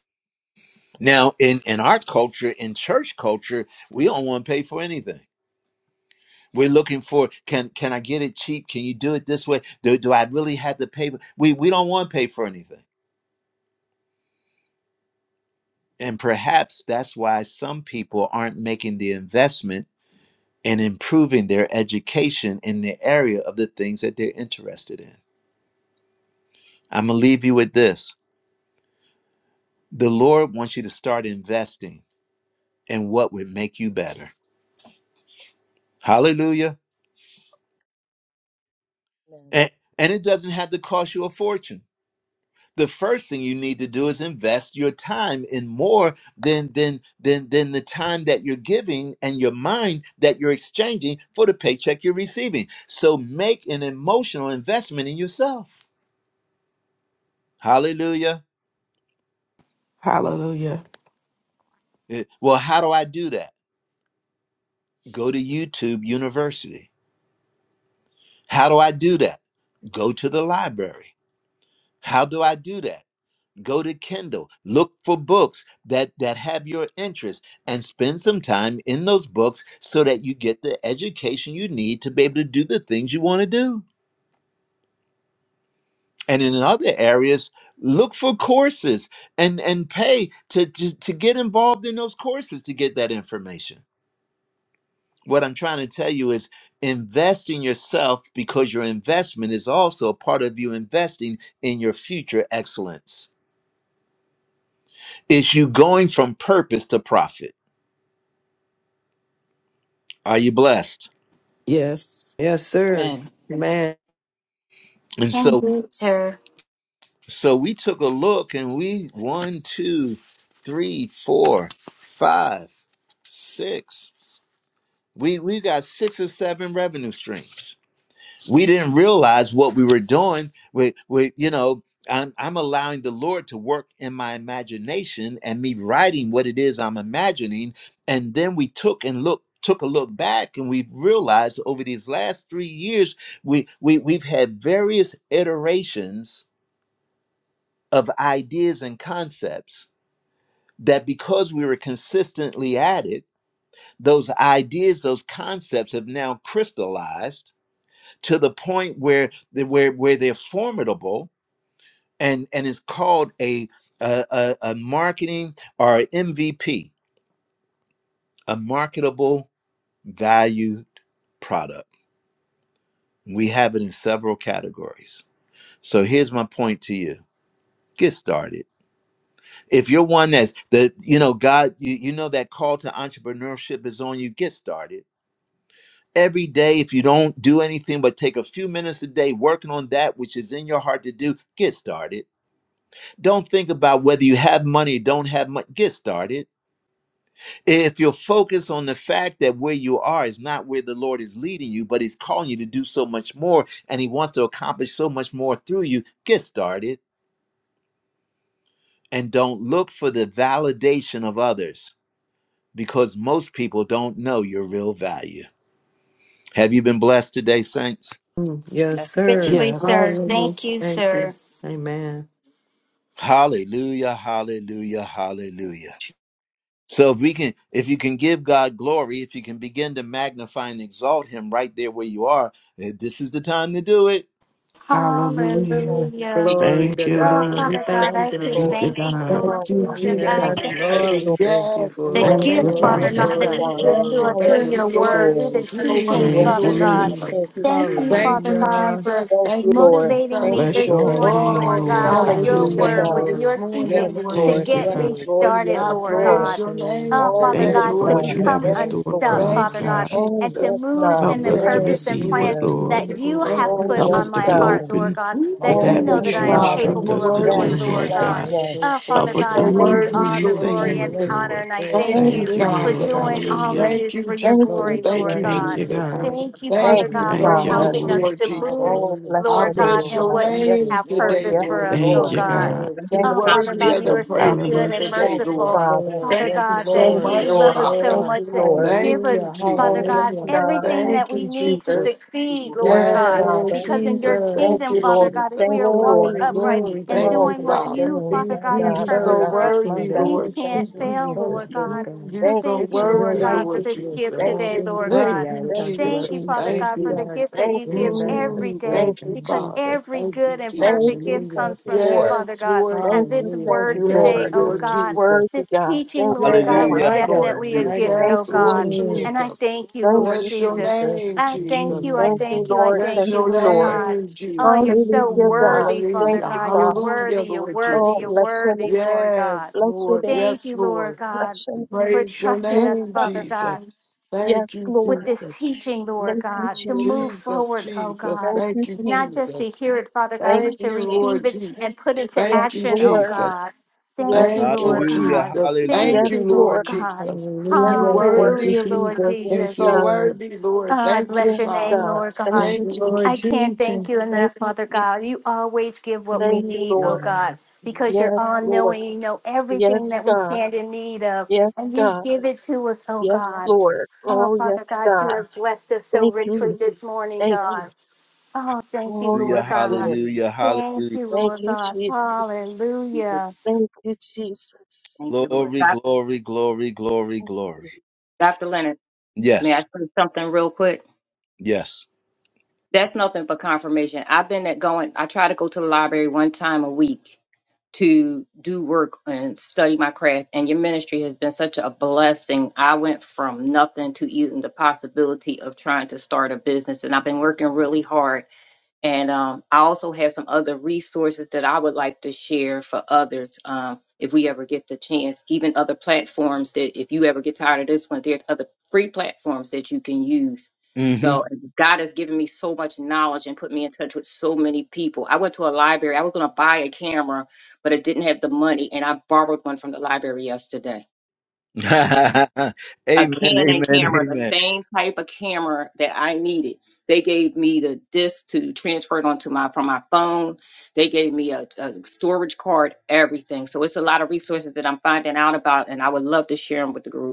[SPEAKER 1] Now, in in our culture, in church culture, we don't want to pay for anything We're looking for can can I get it cheap? Can you do it this way? Do, do I really have to pay? We we don't want to pay for anything. And perhaps that's why some people aren't making the investment in improving their education in the area of the things that they're interested in. I'm gonna leave you with this. The Lord wants you to start investing in what would make you better. Hallelujah.
[SPEAKER 3] Amen.
[SPEAKER 1] And and it doesn't have to cost you a fortune. the first thing you need to do is invest your time in more than than than than the time that you're giving and your mind that you're exchanging for the paycheck you're receiving so make an emotional investment in yourself hallelujah
[SPEAKER 4] Hallelujah.
[SPEAKER 1] Eh, well how do i do that go to youtube university how do i do that go to the library how do i do that go to kindle look for books that that have your interest and spend some time in those books so that you get the education you need to be able to do the things you want to do and in other areas look for courses and and pay to, to to get involved in those courses to get that information what i'm trying to tell you is invest in yourself because your investment is also a part of you investing in your future excellence it's you going from purpose to profit Are you blessed?
[SPEAKER 4] Yes.
[SPEAKER 2] Yes, sir.
[SPEAKER 6] Amen.
[SPEAKER 2] Amen.
[SPEAKER 1] And
[SPEAKER 5] indeed
[SPEAKER 1] so
[SPEAKER 5] sir.
[SPEAKER 1] so we took a look and we one, two, three, four, five, six. We we got six or seven revenue streams. We didn't realize what we were doing. We we you know, I'm I'm allowing the Lord to work in my imagination and me writing what it is I'm imagining. And then we took and looked took a look back and we realized over these last three years we, we we've had various iterations of ideas and concepts that because we were consistently at it, those ideas, those concepts have now crystallized to the point where they, where where they're formidable, and and it's called a a, a, a marketing or a MVP, a marketable valued product. We have it in several categories. So here's my point to you: get started. if you're one that's the you know god you, you know that call to entrepreneurship is on you get started every day if you don't do anything but take a few minutes a day working on that which is in your heart to do get started don't think about whether you have money or don't have money get started if you're focused on the fact that where you are is not where the lord is leading you but he's calling you to do so much more and he wants to accomplish so much more through you get started and don't look for the validation of others because most people don't know your real value. Have you been blessed today, saints?
[SPEAKER 2] Yes,
[SPEAKER 6] Yes.
[SPEAKER 2] sir.
[SPEAKER 5] Richly, sir.
[SPEAKER 4] Yes.
[SPEAKER 2] Hallelujah.
[SPEAKER 5] Thank you,
[SPEAKER 2] Thank
[SPEAKER 5] sir.
[SPEAKER 2] you. Amen.
[SPEAKER 1] Hallelujah, hallelujah, hallelujah. So if we can if you can give God glory, if you can begin to magnify and exalt him right there where you are, eh, this is the time to do it.
[SPEAKER 3] Yes,
[SPEAKER 4] Hallelujah.
[SPEAKER 3] thank you,
[SPEAKER 5] Hallelujah.
[SPEAKER 3] Jesus.
[SPEAKER 2] Glory
[SPEAKER 4] Thank
[SPEAKER 2] to
[SPEAKER 4] you,
[SPEAKER 5] Oh,
[SPEAKER 2] God.
[SPEAKER 4] Lord.
[SPEAKER 2] We
[SPEAKER 5] Father
[SPEAKER 2] thank
[SPEAKER 5] God,
[SPEAKER 3] Thank
[SPEAKER 2] you,
[SPEAKER 5] I
[SPEAKER 3] you,
[SPEAKER 5] just
[SPEAKER 4] Thank
[SPEAKER 2] God.
[SPEAKER 3] Lord.
[SPEAKER 4] you,
[SPEAKER 5] thank you,
[SPEAKER 4] God.
[SPEAKER 5] Lord
[SPEAKER 7] Thank you,
[SPEAKER 3] Hallelujah,
[SPEAKER 5] Jesus. I
[SPEAKER 2] Yes,
[SPEAKER 5] thank
[SPEAKER 7] Jesus.
[SPEAKER 3] Jesus.
[SPEAKER 6] Thank
[SPEAKER 2] Lord,
[SPEAKER 6] you,
[SPEAKER 2] we
[SPEAKER 6] Lord.
[SPEAKER 2] thank you
[SPEAKER 7] Yes,
[SPEAKER 5] the
[SPEAKER 2] for
[SPEAKER 7] Lord.
[SPEAKER 2] it.
[SPEAKER 4] Thank
[SPEAKER 3] Glory
[SPEAKER 5] gifts,
[SPEAKER 4] you,
[SPEAKER 7] Thank
[SPEAKER 3] to
[SPEAKER 7] you,
[SPEAKER 2] Glory,
[SPEAKER 3] your
[SPEAKER 5] Father
[SPEAKER 4] Father.
[SPEAKER 5] God,
[SPEAKER 3] name,
[SPEAKER 5] that
[SPEAKER 2] glory,
[SPEAKER 5] you
[SPEAKER 7] Jesus.
[SPEAKER 3] God.
[SPEAKER 5] give
[SPEAKER 6] Thank
[SPEAKER 5] to
[SPEAKER 6] you,
[SPEAKER 5] us
[SPEAKER 2] glory.
[SPEAKER 6] Lord.
[SPEAKER 5] through
[SPEAKER 7] Thank
[SPEAKER 5] your
[SPEAKER 7] you,
[SPEAKER 3] Hallelujah,
[SPEAKER 7] Lord.
[SPEAKER 5] word, through the
[SPEAKER 7] You're
[SPEAKER 3] Lord.
[SPEAKER 7] so
[SPEAKER 5] teachings,
[SPEAKER 7] worthy,
[SPEAKER 2] Mm,
[SPEAKER 3] Lord,
[SPEAKER 4] Thank you,
[SPEAKER 5] Father
[SPEAKER 7] Lord
[SPEAKER 5] God.
[SPEAKER 4] Lord.
[SPEAKER 2] mm.
[SPEAKER 7] Jesus.
[SPEAKER 3] thank you,
[SPEAKER 5] Thank you,
[SPEAKER 3] Jesus.
[SPEAKER 7] Thank
[SPEAKER 5] Father
[SPEAKER 7] you,
[SPEAKER 5] God,
[SPEAKER 2] Hallelujah.
[SPEAKER 5] for
[SPEAKER 7] Jesus.
[SPEAKER 3] Thank you,
[SPEAKER 7] Thank you,
[SPEAKER 3] Lord.
[SPEAKER 5] motivating
[SPEAKER 3] Thank
[SPEAKER 7] Jesus.
[SPEAKER 5] me
[SPEAKER 2] Glory,
[SPEAKER 3] you,
[SPEAKER 4] Bless your
[SPEAKER 5] this
[SPEAKER 3] Lord.
[SPEAKER 4] holy
[SPEAKER 5] morning,
[SPEAKER 2] glory,
[SPEAKER 4] name,
[SPEAKER 5] Lord
[SPEAKER 7] Oh,
[SPEAKER 5] God,
[SPEAKER 2] glory,
[SPEAKER 4] Lord.
[SPEAKER 7] God,
[SPEAKER 5] with
[SPEAKER 3] Hallelujah,
[SPEAKER 7] just
[SPEAKER 5] your
[SPEAKER 2] glory,
[SPEAKER 7] thank
[SPEAKER 5] word,
[SPEAKER 4] Hallelujah.
[SPEAKER 7] you
[SPEAKER 3] God.
[SPEAKER 5] with
[SPEAKER 7] this
[SPEAKER 2] glory.
[SPEAKER 5] your
[SPEAKER 7] morning,
[SPEAKER 3] Yes,
[SPEAKER 5] teaching
[SPEAKER 7] Lord
[SPEAKER 5] to
[SPEAKER 3] Lord.
[SPEAKER 2] Thank
[SPEAKER 4] Thank you,
[SPEAKER 2] you
[SPEAKER 5] get
[SPEAKER 3] Yes,
[SPEAKER 4] God.
[SPEAKER 5] me
[SPEAKER 7] Jesus.
[SPEAKER 2] for it.
[SPEAKER 3] Lord.
[SPEAKER 5] started,
[SPEAKER 3] Yes,
[SPEAKER 7] I
[SPEAKER 2] Jesus.
[SPEAKER 5] Lord
[SPEAKER 2] We
[SPEAKER 3] Lord.
[SPEAKER 7] praise
[SPEAKER 5] God.
[SPEAKER 2] bless
[SPEAKER 7] your
[SPEAKER 2] your name.
[SPEAKER 7] name
[SPEAKER 5] Oh,
[SPEAKER 2] Lord. We
[SPEAKER 3] Oh,
[SPEAKER 5] Father
[SPEAKER 3] yes,
[SPEAKER 7] today,
[SPEAKER 4] Thank you
[SPEAKER 5] God,
[SPEAKER 4] for
[SPEAKER 5] to
[SPEAKER 7] Lord
[SPEAKER 2] glorify
[SPEAKER 4] what you
[SPEAKER 3] God.
[SPEAKER 2] you.
[SPEAKER 4] have
[SPEAKER 5] become
[SPEAKER 4] in
[SPEAKER 3] Yes,
[SPEAKER 7] Jesus.
[SPEAKER 2] Thank
[SPEAKER 4] store
[SPEAKER 2] you,
[SPEAKER 4] for
[SPEAKER 3] Lord.
[SPEAKER 5] unstuck,
[SPEAKER 4] us,
[SPEAKER 7] Thank
[SPEAKER 5] Father
[SPEAKER 7] you,
[SPEAKER 5] God,
[SPEAKER 4] God.
[SPEAKER 2] Jesus.
[SPEAKER 3] Oh,
[SPEAKER 5] and to
[SPEAKER 3] yes,
[SPEAKER 7] Jesus.
[SPEAKER 5] move in
[SPEAKER 3] God.
[SPEAKER 4] Help
[SPEAKER 5] the
[SPEAKER 4] us
[SPEAKER 3] Thank
[SPEAKER 4] to
[SPEAKER 3] you,
[SPEAKER 2] Hallelujah.
[SPEAKER 5] purpose and
[SPEAKER 7] Yes,
[SPEAKER 4] receive
[SPEAKER 7] Lord
[SPEAKER 4] it,
[SPEAKER 5] plans
[SPEAKER 3] Jesus.
[SPEAKER 4] Lord.
[SPEAKER 5] that
[SPEAKER 2] Thank
[SPEAKER 7] Jesus.
[SPEAKER 2] you,
[SPEAKER 5] you
[SPEAKER 7] Thank
[SPEAKER 5] have
[SPEAKER 2] Lord,
[SPEAKER 7] you,
[SPEAKER 3] Oh,
[SPEAKER 5] put
[SPEAKER 4] Help
[SPEAKER 2] for
[SPEAKER 4] us
[SPEAKER 5] on
[SPEAKER 3] yes,
[SPEAKER 2] it.
[SPEAKER 4] to
[SPEAKER 5] my
[SPEAKER 4] be
[SPEAKER 7] Jesus.
[SPEAKER 5] heart,
[SPEAKER 3] God.
[SPEAKER 5] Lord
[SPEAKER 4] open
[SPEAKER 5] God,
[SPEAKER 7] Thank
[SPEAKER 4] to
[SPEAKER 5] that
[SPEAKER 3] Oh,
[SPEAKER 5] you
[SPEAKER 4] that
[SPEAKER 2] Yes,
[SPEAKER 5] know
[SPEAKER 7] you,
[SPEAKER 5] that
[SPEAKER 3] yes,
[SPEAKER 4] which
[SPEAKER 5] I
[SPEAKER 4] you
[SPEAKER 5] am
[SPEAKER 2] Lord
[SPEAKER 7] Father.
[SPEAKER 3] Father.
[SPEAKER 4] instruct
[SPEAKER 7] You
[SPEAKER 5] capable
[SPEAKER 4] us
[SPEAKER 2] Jesus.
[SPEAKER 5] of
[SPEAKER 4] to
[SPEAKER 3] Yes,
[SPEAKER 4] do,
[SPEAKER 7] worthy,
[SPEAKER 2] Yes,
[SPEAKER 5] doing,
[SPEAKER 4] Lord
[SPEAKER 5] Lord
[SPEAKER 2] God.
[SPEAKER 3] yes,
[SPEAKER 5] God.
[SPEAKER 4] God.
[SPEAKER 7] Jesus
[SPEAKER 2] Let it
[SPEAKER 3] yes.
[SPEAKER 5] Oh,
[SPEAKER 4] Help
[SPEAKER 5] Father
[SPEAKER 2] forward
[SPEAKER 4] us to
[SPEAKER 5] God,
[SPEAKER 7] no
[SPEAKER 2] with
[SPEAKER 5] I
[SPEAKER 2] the
[SPEAKER 3] Thank
[SPEAKER 5] give
[SPEAKER 2] Lord.
[SPEAKER 4] move
[SPEAKER 5] you
[SPEAKER 3] you,
[SPEAKER 7] words,
[SPEAKER 4] when
[SPEAKER 5] all
[SPEAKER 4] you
[SPEAKER 5] the
[SPEAKER 7] Lord
[SPEAKER 4] say
[SPEAKER 5] glory
[SPEAKER 3] Jesus.
[SPEAKER 5] and
[SPEAKER 4] move,
[SPEAKER 5] the
[SPEAKER 2] Let us
[SPEAKER 7] Jesus.
[SPEAKER 5] honor,
[SPEAKER 2] go
[SPEAKER 4] Lord.
[SPEAKER 5] and I
[SPEAKER 2] forward with
[SPEAKER 5] thank
[SPEAKER 7] Thank
[SPEAKER 3] Thank
[SPEAKER 7] you,
[SPEAKER 2] what
[SPEAKER 4] Thank
[SPEAKER 5] you
[SPEAKER 3] you,
[SPEAKER 4] you,
[SPEAKER 2] you've
[SPEAKER 5] for
[SPEAKER 4] Lord.
[SPEAKER 7] Father.
[SPEAKER 2] given us
[SPEAKER 3] Jesus.
[SPEAKER 5] doing
[SPEAKER 2] to
[SPEAKER 5] all
[SPEAKER 4] Hallelujah.
[SPEAKER 5] of
[SPEAKER 2] do.
[SPEAKER 7] Thank
[SPEAKER 5] this
[SPEAKER 7] you,
[SPEAKER 5] for your
[SPEAKER 3] Thank
[SPEAKER 2] Lord,
[SPEAKER 3] you,
[SPEAKER 7] Jesus.
[SPEAKER 5] glory,
[SPEAKER 2] we
[SPEAKER 7] Thank
[SPEAKER 5] Lord
[SPEAKER 7] you,
[SPEAKER 2] bless
[SPEAKER 4] Thank
[SPEAKER 2] you.
[SPEAKER 5] God.
[SPEAKER 3] Jesus.
[SPEAKER 4] you,
[SPEAKER 2] We
[SPEAKER 7] Jesus.
[SPEAKER 4] God.
[SPEAKER 2] thank you.
[SPEAKER 5] Thank you,
[SPEAKER 3] Thank
[SPEAKER 5] Father
[SPEAKER 7] Thank you
[SPEAKER 3] you,
[SPEAKER 5] God, for
[SPEAKER 7] so
[SPEAKER 4] Thank
[SPEAKER 2] Hallelujah.
[SPEAKER 4] you,
[SPEAKER 3] Father.
[SPEAKER 7] much,
[SPEAKER 5] helping us
[SPEAKER 4] Lord.
[SPEAKER 7] Lord
[SPEAKER 5] to move,
[SPEAKER 7] Jesus.
[SPEAKER 3] Oh,
[SPEAKER 2] Hallelujah.
[SPEAKER 3] bless
[SPEAKER 7] I
[SPEAKER 2] Thank
[SPEAKER 3] your
[SPEAKER 5] Lord
[SPEAKER 2] you,
[SPEAKER 5] God,
[SPEAKER 3] name,
[SPEAKER 7] bless
[SPEAKER 5] in
[SPEAKER 2] Lord
[SPEAKER 7] your
[SPEAKER 3] God.
[SPEAKER 5] what you
[SPEAKER 3] Yes,
[SPEAKER 7] name
[SPEAKER 2] Jesus.
[SPEAKER 5] have
[SPEAKER 3] Lord.
[SPEAKER 2] We
[SPEAKER 7] today,
[SPEAKER 3] Yes,
[SPEAKER 5] purposed for
[SPEAKER 7] Lord
[SPEAKER 5] us,
[SPEAKER 4] Thank
[SPEAKER 5] oh
[SPEAKER 3] Lord.
[SPEAKER 2] glorify
[SPEAKER 4] you,
[SPEAKER 2] you,
[SPEAKER 7] Jesus.
[SPEAKER 5] God.
[SPEAKER 4] God.
[SPEAKER 2] Lord
[SPEAKER 6] Thank you
[SPEAKER 7] You
[SPEAKER 3] Thank
[SPEAKER 6] for
[SPEAKER 5] Oh,
[SPEAKER 3] you,
[SPEAKER 2] Jesus.
[SPEAKER 5] Father
[SPEAKER 7] worthy
[SPEAKER 6] confirmation,
[SPEAKER 5] God,
[SPEAKER 7] of
[SPEAKER 5] you
[SPEAKER 7] the
[SPEAKER 5] are
[SPEAKER 3] Jesus.
[SPEAKER 6] Lord.
[SPEAKER 5] so
[SPEAKER 6] Thank
[SPEAKER 7] praises
[SPEAKER 5] good
[SPEAKER 6] you.
[SPEAKER 4] Hallelujah.
[SPEAKER 5] and
[SPEAKER 7] today,
[SPEAKER 3] Thank you,
[SPEAKER 2] Yes,
[SPEAKER 7] Lord.
[SPEAKER 5] merciful.
[SPEAKER 3] Father.
[SPEAKER 2] Lord.
[SPEAKER 5] Father
[SPEAKER 2] Yes,
[SPEAKER 7] Thank you
[SPEAKER 5] God,
[SPEAKER 6] Thank
[SPEAKER 7] so
[SPEAKER 5] that
[SPEAKER 6] you,
[SPEAKER 3] Thank
[SPEAKER 2] Lord.
[SPEAKER 6] Lord.
[SPEAKER 3] you,
[SPEAKER 5] you
[SPEAKER 7] much,
[SPEAKER 2] Yes,
[SPEAKER 5] love
[SPEAKER 3] Lord.
[SPEAKER 5] us so
[SPEAKER 7] Father.
[SPEAKER 3] Thank
[SPEAKER 2] Lord.
[SPEAKER 3] you,
[SPEAKER 5] much that you
[SPEAKER 3] Lord.
[SPEAKER 5] give
[SPEAKER 7] Thank you,
[SPEAKER 5] us,
[SPEAKER 2] Hallelujah.
[SPEAKER 5] Father
[SPEAKER 3] Oh, yes,
[SPEAKER 7] Jesus.
[SPEAKER 5] God,
[SPEAKER 6] Thank you,
[SPEAKER 2] Hallelujah.
[SPEAKER 3] God.
[SPEAKER 5] everything
[SPEAKER 3] Thank
[SPEAKER 5] that
[SPEAKER 7] Thank
[SPEAKER 3] you,
[SPEAKER 5] we
[SPEAKER 7] you,
[SPEAKER 5] need to
[SPEAKER 3] Jesus.
[SPEAKER 7] Jesus.
[SPEAKER 5] succeed,
[SPEAKER 6] Lord.
[SPEAKER 3] Thank
[SPEAKER 5] Lord
[SPEAKER 6] Thank
[SPEAKER 2] Yes,
[SPEAKER 3] you,
[SPEAKER 5] God.
[SPEAKER 7] Yes,
[SPEAKER 2] Lord
[SPEAKER 3] Father.
[SPEAKER 5] Because in your
[SPEAKER 7] Jesus.
[SPEAKER 2] Jesus.
[SPEAKER 3] Thank
[SPEAKER 7] Thank
[SPEAKER 5] kingdom,
[SPEAKER 3] you,
[SPEAKER 7] you,
[SPEAKER 6] you,
[SPEAKER 5] Father
[SPEAKER 6] Lord. Thank you,
[SPEAKER 3] Lord.
[SPEAKER 6] Lord.
[SPEAKER 5] God, if we
[SPEAKER 3] Thank
[SPEAKER 7] Jesus.
[SPEAKER 5] are
[SPEAKER 3] you,
[SPEAKER 5] walking
[SPEAKER 3] Lord.
[SPEAKER 2] Glory,
[SPEAKER 5] upright
[SPEAKER 7] Mm,
[SPEAKER 2] glory,
[SPEAKER 5] and
[SPEAKER 7] thank
[SPEAKER 3] Oh,
[SPEAKER 7] you,
[SPEAKER 2] glory,
[SPEAKER 5] doing what
[SPEAKER 3] bless your
[SPEAKER 2] glory.
[SPEAKER 7] Father.
[SPEAKER 5] you,
[SPEAKER 3] name,
[SPEAKER 5] Father
[SPEAKER 2] Seek
[SPEAKER 3] my
[SPEAKER 5] God, have
[SPEAKER 2] ye
[SPEAKER 7] You're
[SPEAKER 3] God, my
[SPEAKER 7] so
[SPEAKER 5] purposed
[SPEAKER 3] God,
[SPEAKER 5] for
[SPEAKER 2] first the
[SPEAKER 5] us.
[SPEAKER 3] my
[SPEAKER 7] worthy,
[SPEAKER 2] kingdom.
[SPEAKER 3] God.
[SPEAKER 5] We
[SPEAKER 2] We'll
[SPEAKER 7] Lord
[SPEAKER 3] Thank
[SPEAKER 5] can't
[SPEAKER 2] seek
[SPEAKER 3] you,
[SPEAKER 2] ye
[SPEAKER 7] Jesus.
[SPEAKER 5] fail,
[SPEAKER 3] Jesus.
[SPEAKER 5] Lord
[SPEAKER 2] first, Lord
[SPEAKER 5] God.
[SPEAKER 7] Mm,
[SPEAKER 2] God.
[SPEAKER 7] You're
[SPEAKER 5] So
[SPEAKER 3] Thank
[SPEAKER 7] so
[SPEAKER 3] you,
[SPEAKER 5] thank you,
[SPEAKER 2] Your
[SPEAKER 5] Lord
[SPEAKER 7] worthy,
[SPEAKER 3] Jesus.
[SPEAKER 5] God, for
[SPEAKER 7] Lord
[SPEAKER 5] this
[SPEAKER 2] righteousness,
[SPEAKER 5] gift
[SPEAKER 7] Jesus.
[SPEAKER 3] Thank
[SPEAKER 2] all
[SPEAKER 5] today,
[SPEAKER 3] you,
[SPEAKER 2] things
[SPEAKER 5] Lord
[SPEAKER 2] will
[SPEAKER 7] Thank
[SPEAKER 2] be
[SPEAKER 5] God.
[SPEAKER 3] Jesus.
[SPEAKER 7] you,
[SPEAKER 2] added
[SPEAKER 3] Thank you,
[SPEAKER 2] unto
[SPEAKER 5] Thank
[SPEAKER 2] us.
[SPEAKER 5] you,
[SPEAKER 7] Jesus.
[SPEAKER 2] We
[SPEAKER 5] Father
[SPEAKER 7] Thank
[SPEAKER 2] thank
[SPEAKER 3] Jesus.
[SPEAKER 5] God,
[SPEAKER 2] you,
[SPEAKER 5] for
[SPEAKER 7] you.
[SPEAKER 5] the
[SPEAKER 2] God,
[SPEAKER 5] gift that
[SPEAKER 3] Thank
[SPEAKER 5] you
[SPEAKER 2] in
[SPEAKER 3] you,
[SPEAKER 5] give every
[SPEAKER 3] Jesus.
[SPEAKER 2] advance,
[SPEAKER 7] Mm,
[SPEAKER 5] day
[SPEAKER 3] Thank
[SPEAKER 2] Lord
[SPEAKER 7] thank
[SPEAKER 3] you,
[SPEAKER 7] you,
[SPEAKER 2] God.
[SPEAKER 5] because
[SPEAKER 7] Father.
[SPEAKER 3] Jesus.
[SPEAKER 5] every
[SPEAKER 7] Thank
[SPEAKER 5] good
[SPEAKER 7] you,
[SPEAKER 5] and
[SPEAKER 3] Thank
[SPEAKER 5] perfect
[SPEAKER 7] Jesus.
[SPEAKER 3] you,
[SPEAKER 5] gift
[SPEAKER 2] Hallelujah.
[SPEAKER 3] thank
[SPEAKER 5] comes
[SPEAKER 3] you,
[SPEAKER 5] from you,
[SPEAKER 3] Lord.
[SPEAKER 5] Father
[SPEAKER 7] Yes,
[SPEAKER 5] God.
[SPEAKER 7] Lord.
[SPEAKER 5] And
[SPEAKER 3] Thank you,
[SPEAKER 5] this
[SPEAKER 2] Hallelujah.
[SPEAKER 3] thank
[SPEAKER 5] word
[SPEAKER 2] Thank
[SPEAKER 3] you,
[SPEAKER 2] you,
[SPEAKER 7] Yes,
[SPEAKER 5] today,
[SPEAKER 3] Lord.
[SPEAKER 5] oh
[SPEAKER 7] Lord
[SPEAKER 2] Jesus.
[SPEAKER 5] God,
[SPEAKER 7] Jesus.
[SPEAKER 3] Worthy
[SPEAKER 5] this
[SPEAKER 3] God.
[SPEAKER 5] teaching,
[SPEAKER 3] Thank you
[SPEAKER 5] Lord
[SPEAKER 3] so
[SPEAKER 5] God,
[SPEAKER 3] much,
[SPEAKER 5] was
[SPEAKER 1] Hallelujah,
[SPEAKER 7] Yes.
[SPEAKER 2] My
[SPEAKER 3] Lord.
[SPEAKER 2] God,
[SPEAKER 5] definitely a
[SPEAKER 1] hallelujah,
[SPEAKER 2] my
[SPEAKER 5] gift,
[SPEAKER 2] God.
[SPEAKER 3] Thank
[SPEAKER 5] oh
[SPEAKER 7] Yes,
[SPEAKER 3] you,
[SPEAKER 7] Lord
[SPEAKER 5] God.
[SPEAKER 2] Mm,
[SPEAKER 5] And
[SPEAKER 3] Jesus.
[SPEAKER 5] I
[SPEAKER 7] Jesus.
[SPEAKER 5] thank you,
[SPEAKER 3] Thank
[SPEAKER 5] Lord
[SPEAKER 3] you,
[SPEAKER 7] Bless your
[SPEAKER 5] Jesus.
[SPEAKER 3] Jesus.
[SPEAKER 7] name,
[SPEAKER 5] I thank you,
[SPEAKER 7] Jesus.
[SPEAKER 5] I
[SPEAKER 3] Thank
[SPEAKER 2] mm,
[SPEAKER 3] you,
[SPEAKER 5] thank you, I
[SPEAKER 3] Lord.
[SPEAKER 7] Bless
[SPEAKER 5] thank
[SPEAKER 3] Thank
[SPEAKER 5] you,
[SPEAKER 7] your
[SPEAKER 3] you,
[SPEAKER 5] Lord
[SPEAKER 3] Lord.
[SPEAKER 5] God.
[SPEAKER 7] name,
[SPEAKER 5] Oh, you're
[SPEAKER 7] Jesus.
[SPEAKER 5] so
[SPEAKER 3] Hallelujah,
[SPEAKER 2] mm.
[SPEAKER 3] God.
[SPEAKER 5] worthy, Father
[SPEAKER 3] Thank
[SPEAKER 7] Hallelujah.
[SPEAKER 3] you,
[SPEAKER 5] God. You're
[SPEAKER 3] Father.
[SPEAKER 5] worthy.
[SPEAKER 7] Hallelujah,
[SPEAKER 5] You're
[SPEAKER 7] Lord
[SPEAKER 5] worthy.
[SPEAKER 3] Oh,
[SPEAKER 5] You're
[SPEAKER 7] Jesus.
[SPEAKER 3] bless your
[SPEAKER 5] worthy,
[SPEAKER 3] name.
[SPEAKER 5] Lord God.
[SPEAKER 7] Yes,
[SPEAKER 3] Bless your
[SPEAKER 7] Lord.
[SPEAKER 3] name.
[SPEAKER 5] Thank
[SPEAKER 7] Yes,
[SPEAKER 5] you,
[SPEAKER 7] Lord.
[SPEAKER 5] Lord God,
[SPEAKER 3] Bless your name.
[SPEAKER 5] for
[SPEAKER 7] Praise your
[SPEAKER 5] trusting
[SPEAKER 3] Yes,
[SPEAKER 5] us,
[SPEAKER 7] name,
[SPEAKER 3] God.
[SPEAKER 5] Father God,
[SPEAKER 7] Jesus. Thank
[SPEAKER 3] Yes,
[SPEAKER 7] you,
[SPEAKER 5] with
[SPEAKER 3] Lord.
[SPEAKER 5] this
[SPEAKER 7] Jesus.
[SPEAKER 5] teaching, Lord
[SPEAKER 3] Thank you,
[SPEAKER 5] God,
[SPEAKER 7] Mm,
[SPEAKER 5] to
[SPEAKER 3] Jesus.
[SPEAKER 5] move
[SPEAKER 7] Jesus,
[SPEAKER 5] forward, oh
[SPEAKER 7] Jesus.
[SPEAKER 5] God.
[SPEAKER 3] Thank you,
[SPEAKER 7] Thank you,
[SPEAKER 5] Not
[SPEAKER 3] Jesus.
[SPEAKER 5] just to
[SPEAKER 7] Jesus.
[SPEAKER 5] hear it, Father God,
[SPEAKER 3] Thank
[SPEAKER 5] but
[SPEAKER 7] Thank
[SPEAKER 3] you,
[SPEAKER 5] to
[SPEAKER 7] you,
[SPEAKER 5] receive
[SPEAKER 7] Lord
[SPEAKER 5] it
[SPEAKER 3] Jesus.
[SPEAKER 5] and
[SPEAKER 7] Jesus.
[SPEAKER 5] put it to
[SPEAKER 3] Yes,
[SPEAKER 7] Thank you,
[SPEAKER 5] action, oh
[SPEAKER 3] Lord.
[SPEAKER 7] Jesus.
[SPEAKER 5] God. Thank
[SPEAKER 3] Yes,
[SPEAKER 5] you,
[SPEAKER 7] Thank you,
[SPEAKER 5] Lord
[SPEAKER 3] Lord.
[SPEAKER 1] hallelujah,
[SPEAKER 5] God.
[SPEAKER 7] Jesus. Thank
[SPEAKER 5] Thank
[SPEAKER 1] hallelujah,
[SPEAKER 7] you,
[SPEAKER 3] Yes,
[SPEAKER 5] you,
[SPEAKER 7] Lord
[SPEAKER 5] Lord
[SPEAKER 3] Lord.
[SPEAKER 5] God.
[SPEAKER 7] Jesus. You
[SPEAKER 3] Yes,
[SPEAKER 2] Hallelujah. Thank
[SPEAKER 3] Lord.
[SPEAKER 2] you,
[SPEAKER 5] Hallelujah,
[SPEAKER 7] worthy.
[SPEAKER 5] Lord
[SPEAKER 2] Jesus.
[SPEAKER 3] Yes,
[SPEAKER 7] You
[SPEAKER 5] Jesus.
[SPEAKER 2] Thank you,
[SPEAKER 7] so
[SPEAKER 3] God.
[SPEAKER 2] Lord.
[SPEAKER 7] worthy,
[SPEAKER 5] Oh,
[SPEAKER 7] Lord.
[SPEAKER 5] I
[SPEAKER 7] Thank you,
[SPEAKER 5] bless your
[SPEAKER 3] Yes,
[SPEAKER 5] name,
[SPEAKER 7] Father.
[SPEAKER 3] God.
[SPEAKER 5] Lord
[SPEAKER 3] Thank
[SPEAKER 5] God.
[SPEAKER 2] Thank
[SPEAKER 3] you,
[SPEAKER 2] you,
[SPEAKER 7] Thank you,
[SPEAKER 3] Jesus.
[SPEAKER 2] Lord
[SPEAKER 5] I can't
[SPEAKER 2] Jesus.
[SPEAKER 5] thank you
[SPEAKER 3] Thank
[SPEAKER 5] enough,
[SPEAKER 3] you,
[SPEAKER 5] Father
[SPEAKER 3] Jesus.
[SPEAKER 5] God. You always give what we
[SPEAKER 3] Thank you,
[SPEAKER 5] need, oh
[SPEAKER 3] Lord.
[SPEAKER 5] God, because you're
[SPEAKER 3] Yes,
[SPEAKER 5] all
[SPEAKER 3] Lord.
[SPEAKER 5] knowing. You know everything
[SPEAKER 3] Yes,
[SPEAKER 5] that we
[SPEAKER 3] God.
[SPEAKER 5] stand in need of,
[SPEAKER 3] Yes,
[SPEAKER 5] and you
[SPEAKER 3] God.
[SPEAKER 5] give it to us, oh
[SPEAKER 3] Yes,
[SPEAKER 5] God.
[SPEAKER 3] Lord.
[SPEAKER 5] Oh,
[SPEAKER 3] Oh, yes,
[SPEAKER 5] Father God, you
[SPEAKER 3] God.
[SPEAKER 5] have blessed us so
[SPEAKER 3] Thank
[SPEAKER 5] richly
[SPEAKER 3] you.
[SPEAKER 5] this morning,
[SPEAKER 3] Thank
[SPEAKER 5] God.
[SPEAKER 3] you.
[SPEAKER 5] Oh, thank you,
[SPEAKER 3] Oh,
[SPEAKER 1] hallelujah,
[SPEAKER 3] yes,
[SPEAKER 5] Lord God.
[SPEAKER 3] Lord.
[SPEAKER 1] hallelujah, hallelujah.
[SPEAKER 3] Thank you, Jesus.
[SPEAKER 6] Thank you, Lord.
[SPEAKER 3] Thank you, Jesus.
[SPEAKER 6] Thank you, Lord.
[SPEAKER 1] Glory,
[SPEAKER 6] Doc-
[SPEAKER 1] glory, glory, glory,
[SPEAKER 3] Thank you.
[SPEAKER 1] glory.
[SPEAKER 6] Dr. Leonard, may I
[SPEAKER 1] Yes,
[SPEAKER 6] say something real quick?
[SPEAKER 1] yes.
[SPEAKER 6] That's nothing but confirmation. I've been at going, I try to go to the library one time a week to do work and study my craft, and your ministry has been such a blessing. I went from nothing to even the possibility of trying to start a business, and I've been working really hard And um, I also have some other resources that I would like to share for others um, if we ever get the chance. Even other platforms that, if you ever get tired of this one, there's other free platforms that you can use.
[SPEAKER 1] hmm
[SPEAKER 6] So God has given me so much knowledge and put me in touch with so many people. I went to a library. I was going to buy a camera, but I didn't have the money, and I borrowed one from the library yesterday
[SPEAKER 1] [laughs]
[SPEAKER 6] a
[SPEAKER 1] amen,
[SPEAKER 6] Canon
[SPEAKER 1] amen,
[SPEAKER 6] camera, the
[SPEAKER 1] amen.
[SPEAKER 6] same type of camera that I needed. They gave me the disc to transfer it onto my from my phone. They gave me a, a storage card, everything. So it's a lot of resources that I'm finding out about, and I would love to share them with the group.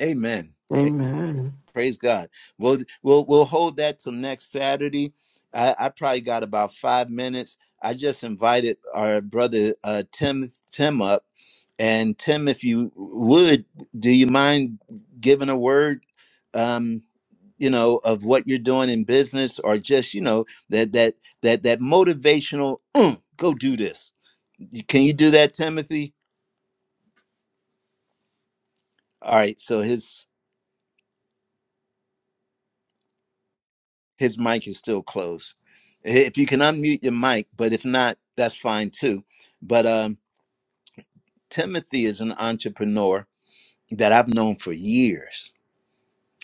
[SPEAKER 1] Amen. A-
[SPEAKER 4] Amen.
[SPEAKER 1] Praise God. We'll we'll we'll hold that till next Saturday. I, I probably got about five minutes. I just invited our brother uh, Tim Tim up, and Tim, if you would, do you mind giving a word? Um, you know of what you're doing in business or just you know that that that that motivational "Mm, go do this can you do that timothy all right so his His mic is still closed. If you can unmute your mic, but if not, that's fine too. But um, Timothy is an entrepreneur that I've known for years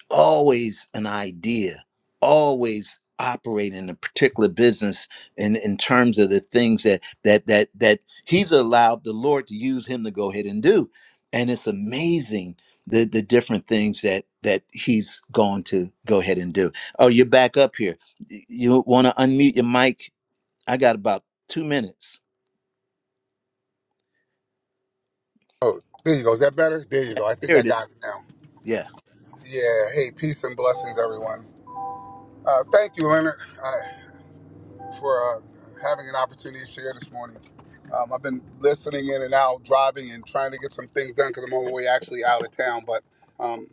[SPEAKER 1] always an idea, always operate in a particular business in, in terms of the things that that that that he's allowed the Lord to use him to go ahead and do. And it's amazing the the different things that that he's going to go ahead and do. Oh, you're back up here. Y- You want to unmute your mic? I got about two minutes.
[SPEAKER 8] Oh, there you go. Is that better? There you go. I think
[SPEAKER 1] There
[SPEAKER 8] I
[SPEAKER 1] it is.
[SPEAKER 8] got it now.
[SPEAKER 1] Yeah.
[SPEAKER 8] Yeah. Hey, peace and blessings, everyone. Uh, thank you, Leonard, uh, for uh, having an opportunity to share this morning. Um, I've been listening in and out, driving and trying to get some things done because I'm on my way actually out of town. But um,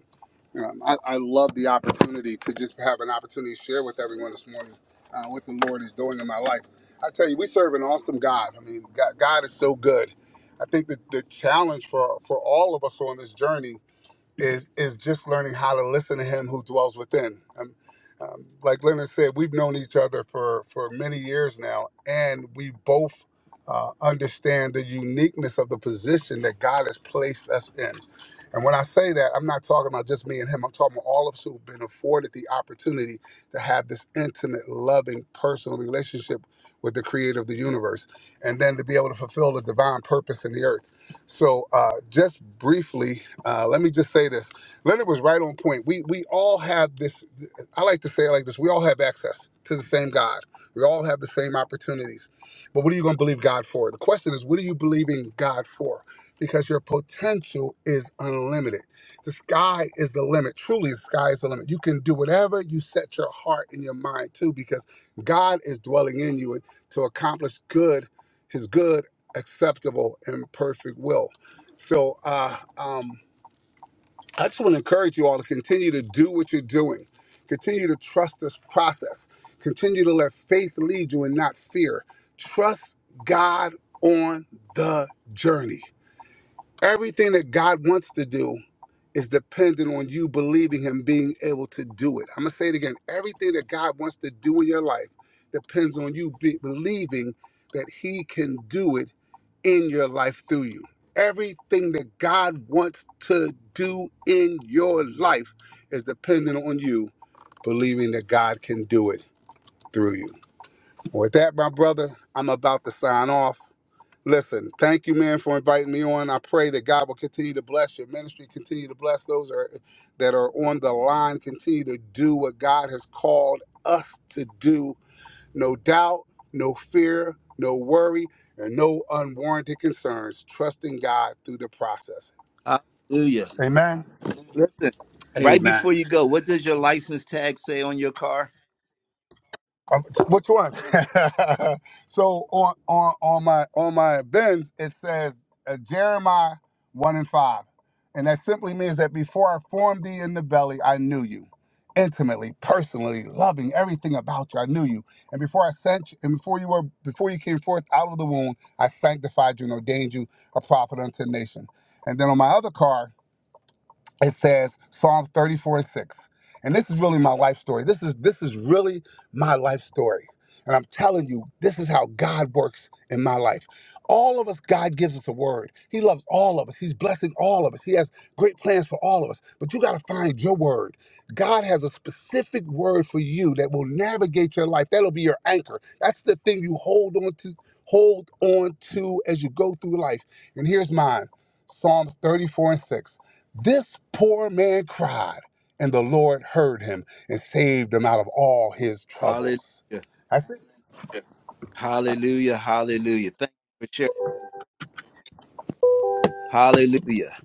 [SPEAKER 8] you know, I, I love the opportunity to just have an opportunity to share with everyone this morning uh, what the Lord is doing in my life. I tell you, we serve an awesome God. I mean, God, God is so good. I think that the challenge for for all of us on this journey is is just learning how to listen to him who dwells within. Um, um, like Leonard said, we've known each other for for many years now, and we both uh, understand the uniqueness of the position that God has placed us in. And when I say that, I'm not talking about just me and him. I'm talking about all of us who've been afforded the opportunity to have this intimate, loving, personal relationship with the creator of the universe, and then to be able to fulfill the divine purpose in the earth. So, uh, just briefly, uh, let me just say this. Leonard was right on point. We we all have this. I like to say it like this. We all have access to the same God. We all have the same opportunities. But what are you going to believe God for? The question is, what are you believing God for? Because your potential is unlimited. The sky is the limit. Truly, the sky is the limit. You can do whatever you set your heart and your mind to, because God is dwelling in you to accomplish good, His good acceptable and perfect will. So uh, um, I just want to encourage you all to continue to do what you're doing, continue to trust this process, continue to let faith lead you and not fear. Trust God on the journey. Everything that God wants to do is dependent on you believing Him being able to do it. I'm going to say it again. Everything that God wants to do in your life depends on you be- believing that He can do it in your life through you. Everything that God wants to do in your life is dependent on you believing that God can do it through you. With that, my brother, I'm about to sign off. Listen, thank you, man, for inviting me on. I pray that God will continue to bless your ministry, continue to bless those that are, that are on the line, continue to do what God has called us to do no doubt, no fear, no worry, and no unwarranted concerns, trusting God through the process.
[SPEAKER 1] Hallelujah.
[SPEAKER 8] Amen.
[SPEAKER 1] Listen, right
[SPEAKER 8] Amen.
[SPEAKER 1] before you go, what does your license tag say on your car?
[SPEAKER 8] Um, which one? [laughs] so on on on my on my bins it says uh, Jeremiah one and five, and that simply means that before I formed thee in the belly, I knew you, intimately, personally, loving everything about you. I knew you, and before I sent you, and before you were before you came forth out of the womb, I sanctified you and ordained you a prophet unto the nation. And then on my other card it says Psalms 34 and 6. And this is really my life story. This is this is really my life story. And I'm telling you, this is how God works in my life. All of us, God gives us a word. He loves all of us. He's blessing all of us. He has great plans for all of us. But you got to find your word. God has a specific word for you that will navigate your life. That'll be your anchor. That's the thing you hold on to, hold on to as you go through life. And here's mine. Psalms 34 and 6. This poor man cried, and the Lord heard him and saved him out of all his
[SPEAKER 1] Hallelujah.
[SPEAKER 8] troubles. That's it.
[SPEAKER 1] Hallelujah. Hallelujah. Thank you for sharing. Hallelujah.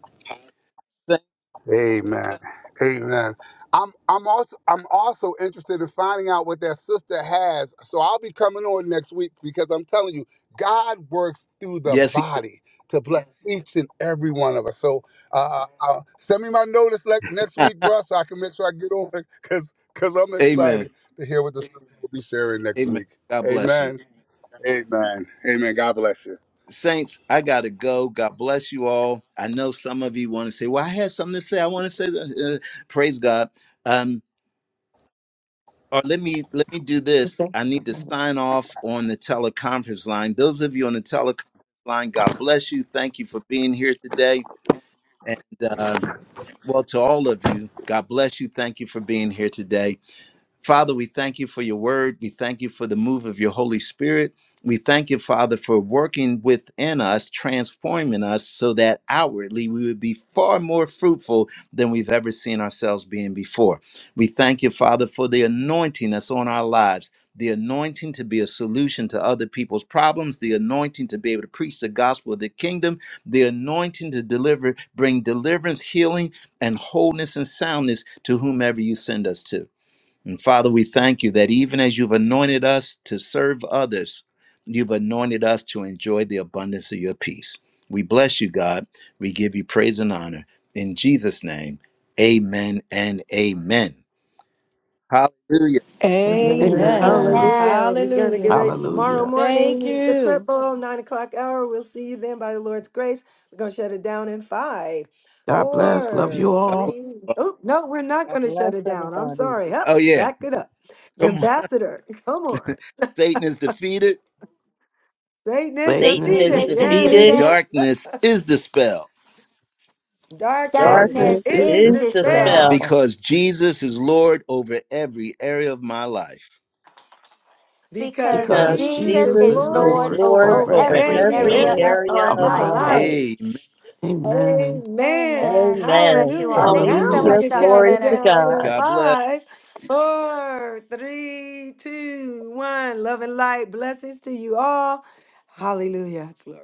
[SPEAKER 1] Thank-
[SPEAKER 8] Amen. Amen. I'm I'm also I'm also interested in finding out what that sister has. So I'll be coming on next week because I'm telling you, God works through the
[SPEAKER 1] Yes, he does.
[SPEAKER 8] body to bless each and every one of us. So uh, uh, send me my notice like next week, bro, so I can make sure I get on it because because I'm excited
[SPEAKER 1] Amen.
[SPEAKER 8] to hear what the sister will be sharing next
[SPEAKER 1] Amen.
[SPEAKER 8] week.
[SPEAKER 1] God bless you.
[SPEAKER 8] Amen. Amen. Amen. God bless you.
[SPEAKER 1] Saints, I got to go. God bless you all. I know some of you want to say, well, I had something to say. I want to say, that." Uh, praise God. Um, or let me let me do this. I need to sign off on the teleconference line. Those of you on the teleconference line, God bless you. Thank you for being here today. And uh, well, to all of you, God bless you. Thank you for being here today. Father, we thank you for your word. We thank you for the move of your Holy Spirit. We thank you, Father, for working within us, transforming us so that outwardly we would be far more fruitful than we've ever seen ourselves being before. We thank you, Father, for the anointing that's on our lives. The anointing to be a solution to other people's problems, the anointing to be able to preach the gospel of the kingdom, the anointing to deliver, bring deliverance, healing, and wholeness and soundness to whomever you send us to. And Father, we thank you that even as you've anointed us to serve others, you've anointed us to enjoy the abundance of your peace. We bless you, God. We give you praise and honor. In Jesus' name, amen and amen. Hallelujah.
[SPEAKER 9] Amen.
[SPEAKER 4] Amen.
[SPEAKER 5] Amen.
[SPEAKER 2] Hallelujah. We're going to
[SPEAKER 9] Hallelujah.
[SPEAKER 2] get ready tomorrow
[SPEAKER 4] Hallelujah.
[SPEAKER 9] Thank
[SPEAKER 2] morning, the
[SPEAKER 9] you.
[SPEAKER 2] triple, nine o'clock hour. We'll see you then by the Lord's grace. We're going to shut it down in five,
[SPEAKER 4] God bless. Love
[SPEAKER 2] four,
[SPEAKER 4] you
[SPEAKER 1] God
[SPEAKER 4] all.
[SPEAKER 1] bless.
[SPEAKER 2] three. Oh, no, we're not
[SPEAKER 3] I
[SPEAKER 2] going to
[SPEAKER 3] bless
[SPEAKER 2] shut it down. I'm
[SPEAKER 3] everybody.
[SPEAKER 2] sorry. Up,
[SPEAKER 1] Oh, yeah.
[SPEAKER 2] back it up.
[SPEAKER 1] Come on. [laughs]
[SPEAKER 2] Ambassador, come on.
[SPEAKER 1] Satan is defeated,
[SPEAKER 2] Satan is
[SPEAKER 4] Satan
[SPEAKER 3] Satan
[SPEAKER 4] is
[SPEAKER 5] Satan
[SPEAKER 3] is
[SPEAKER 2] defeated.
[SPEAKER 5] is
[SPEAKER 2] Yes.
[SPEAKER 3] defeated.
[SPEAKER 4] defeated.
[SPEAKER 5] defeated.
[SPEAKER 1] darkness is dispelled
[SPEAKER 2] Darkness
[SPEAKER 4] Darkness
[SPEAKER 5] Darkness
[SPEAKER 3] Darkness
[SPEAKER 4] is
[SPEAKER 2] is
[SPEAKER 5] is
[SPEAKER 3] is
[SPEAKER 4] dispelled
[SPEAKER 2] dispelled
[SPEAKER 5] dispelled
[SPEAKER 3] dispelled
[SPEAKER 1] because Jesus is Lord over every area of my life.
[SPEAKER 2] because
[SPEAKER 5] because
[SPEAKER 4] because
[SPEAKER 3] because
[SPEAKER 2] Jesus
[SPEAKER 5] Jesus
[SPEAKER 2] is
[SPEAKER 4] Jesus
[SPEAKER 3] Jesus
[SPEAKER 5] is
[SPEAKER 4] is
[SPEAKER 3] is
[SPEAKER 2] Lord
[SPEAKER 5] Lord
[SPEAKER 4] Lord
[SPEAKER 3] Lord
[SPEAKER 5] over
[SPEAKER 4] over
[SPEAKER 2] over
[SPEAKER 3] over
[SPEAKER 5] every
[SPEAKER 4] every
[SPEAKER 2] every
[SPEAKER 3] every
[SPEAKER 5] area
[SPEAKER 4] area
[SPEAKER 2] area
[SPEAKER 5] of
[SPEAKER 3] area
[SPEAKER 5] my
[SPEAKER 2] of
[SPEAKER 4] of
[SPEAKER 3] of
[SPEAKER 2] my
[SPEAKER 4] my
[SPEAKER 3] my
[SPEAKER 5] life.
[SPEAKER 4] life.
[SPEAKER 2] life.
[SPEAKER 3] life.
[SPEAKER 1] Amen.
[SPEAKER 4] Amen.
[SPEAKER 2] Amen.
[SPEAKER 5] Amen. God bless
[SPEAKER 3] Amen.
[SPEAKER 5] you all.
[SPEAKER 2] Hallelujah.
[SPEAKER 5] Thank you
[SPEAKER 2] Now
[SPEAKER 5] so
[SPEAKER 2] we
[SPEAKER 4] Hallelujah.
[SPEAKER 3] Hallelujah.
[SPEAKER 5] much,
[SPEAKER 2] can
[SPEAKER 5] Dr.
[SPEAKER 2] count
[SPEAKER 3] Glory
[SPEAKER 2] it
[SPEAKER 3] to
[SPEAKER 5] Leonard.
[SPEAKER 2] down
[SPEAKER 3] God.
[SPEAKER 2] in
[SPEAKER 1] God bless.
[SPEAKER 2] five, four, three, two, one. Love and light. Blessings to you all. Hallelujah. Glory.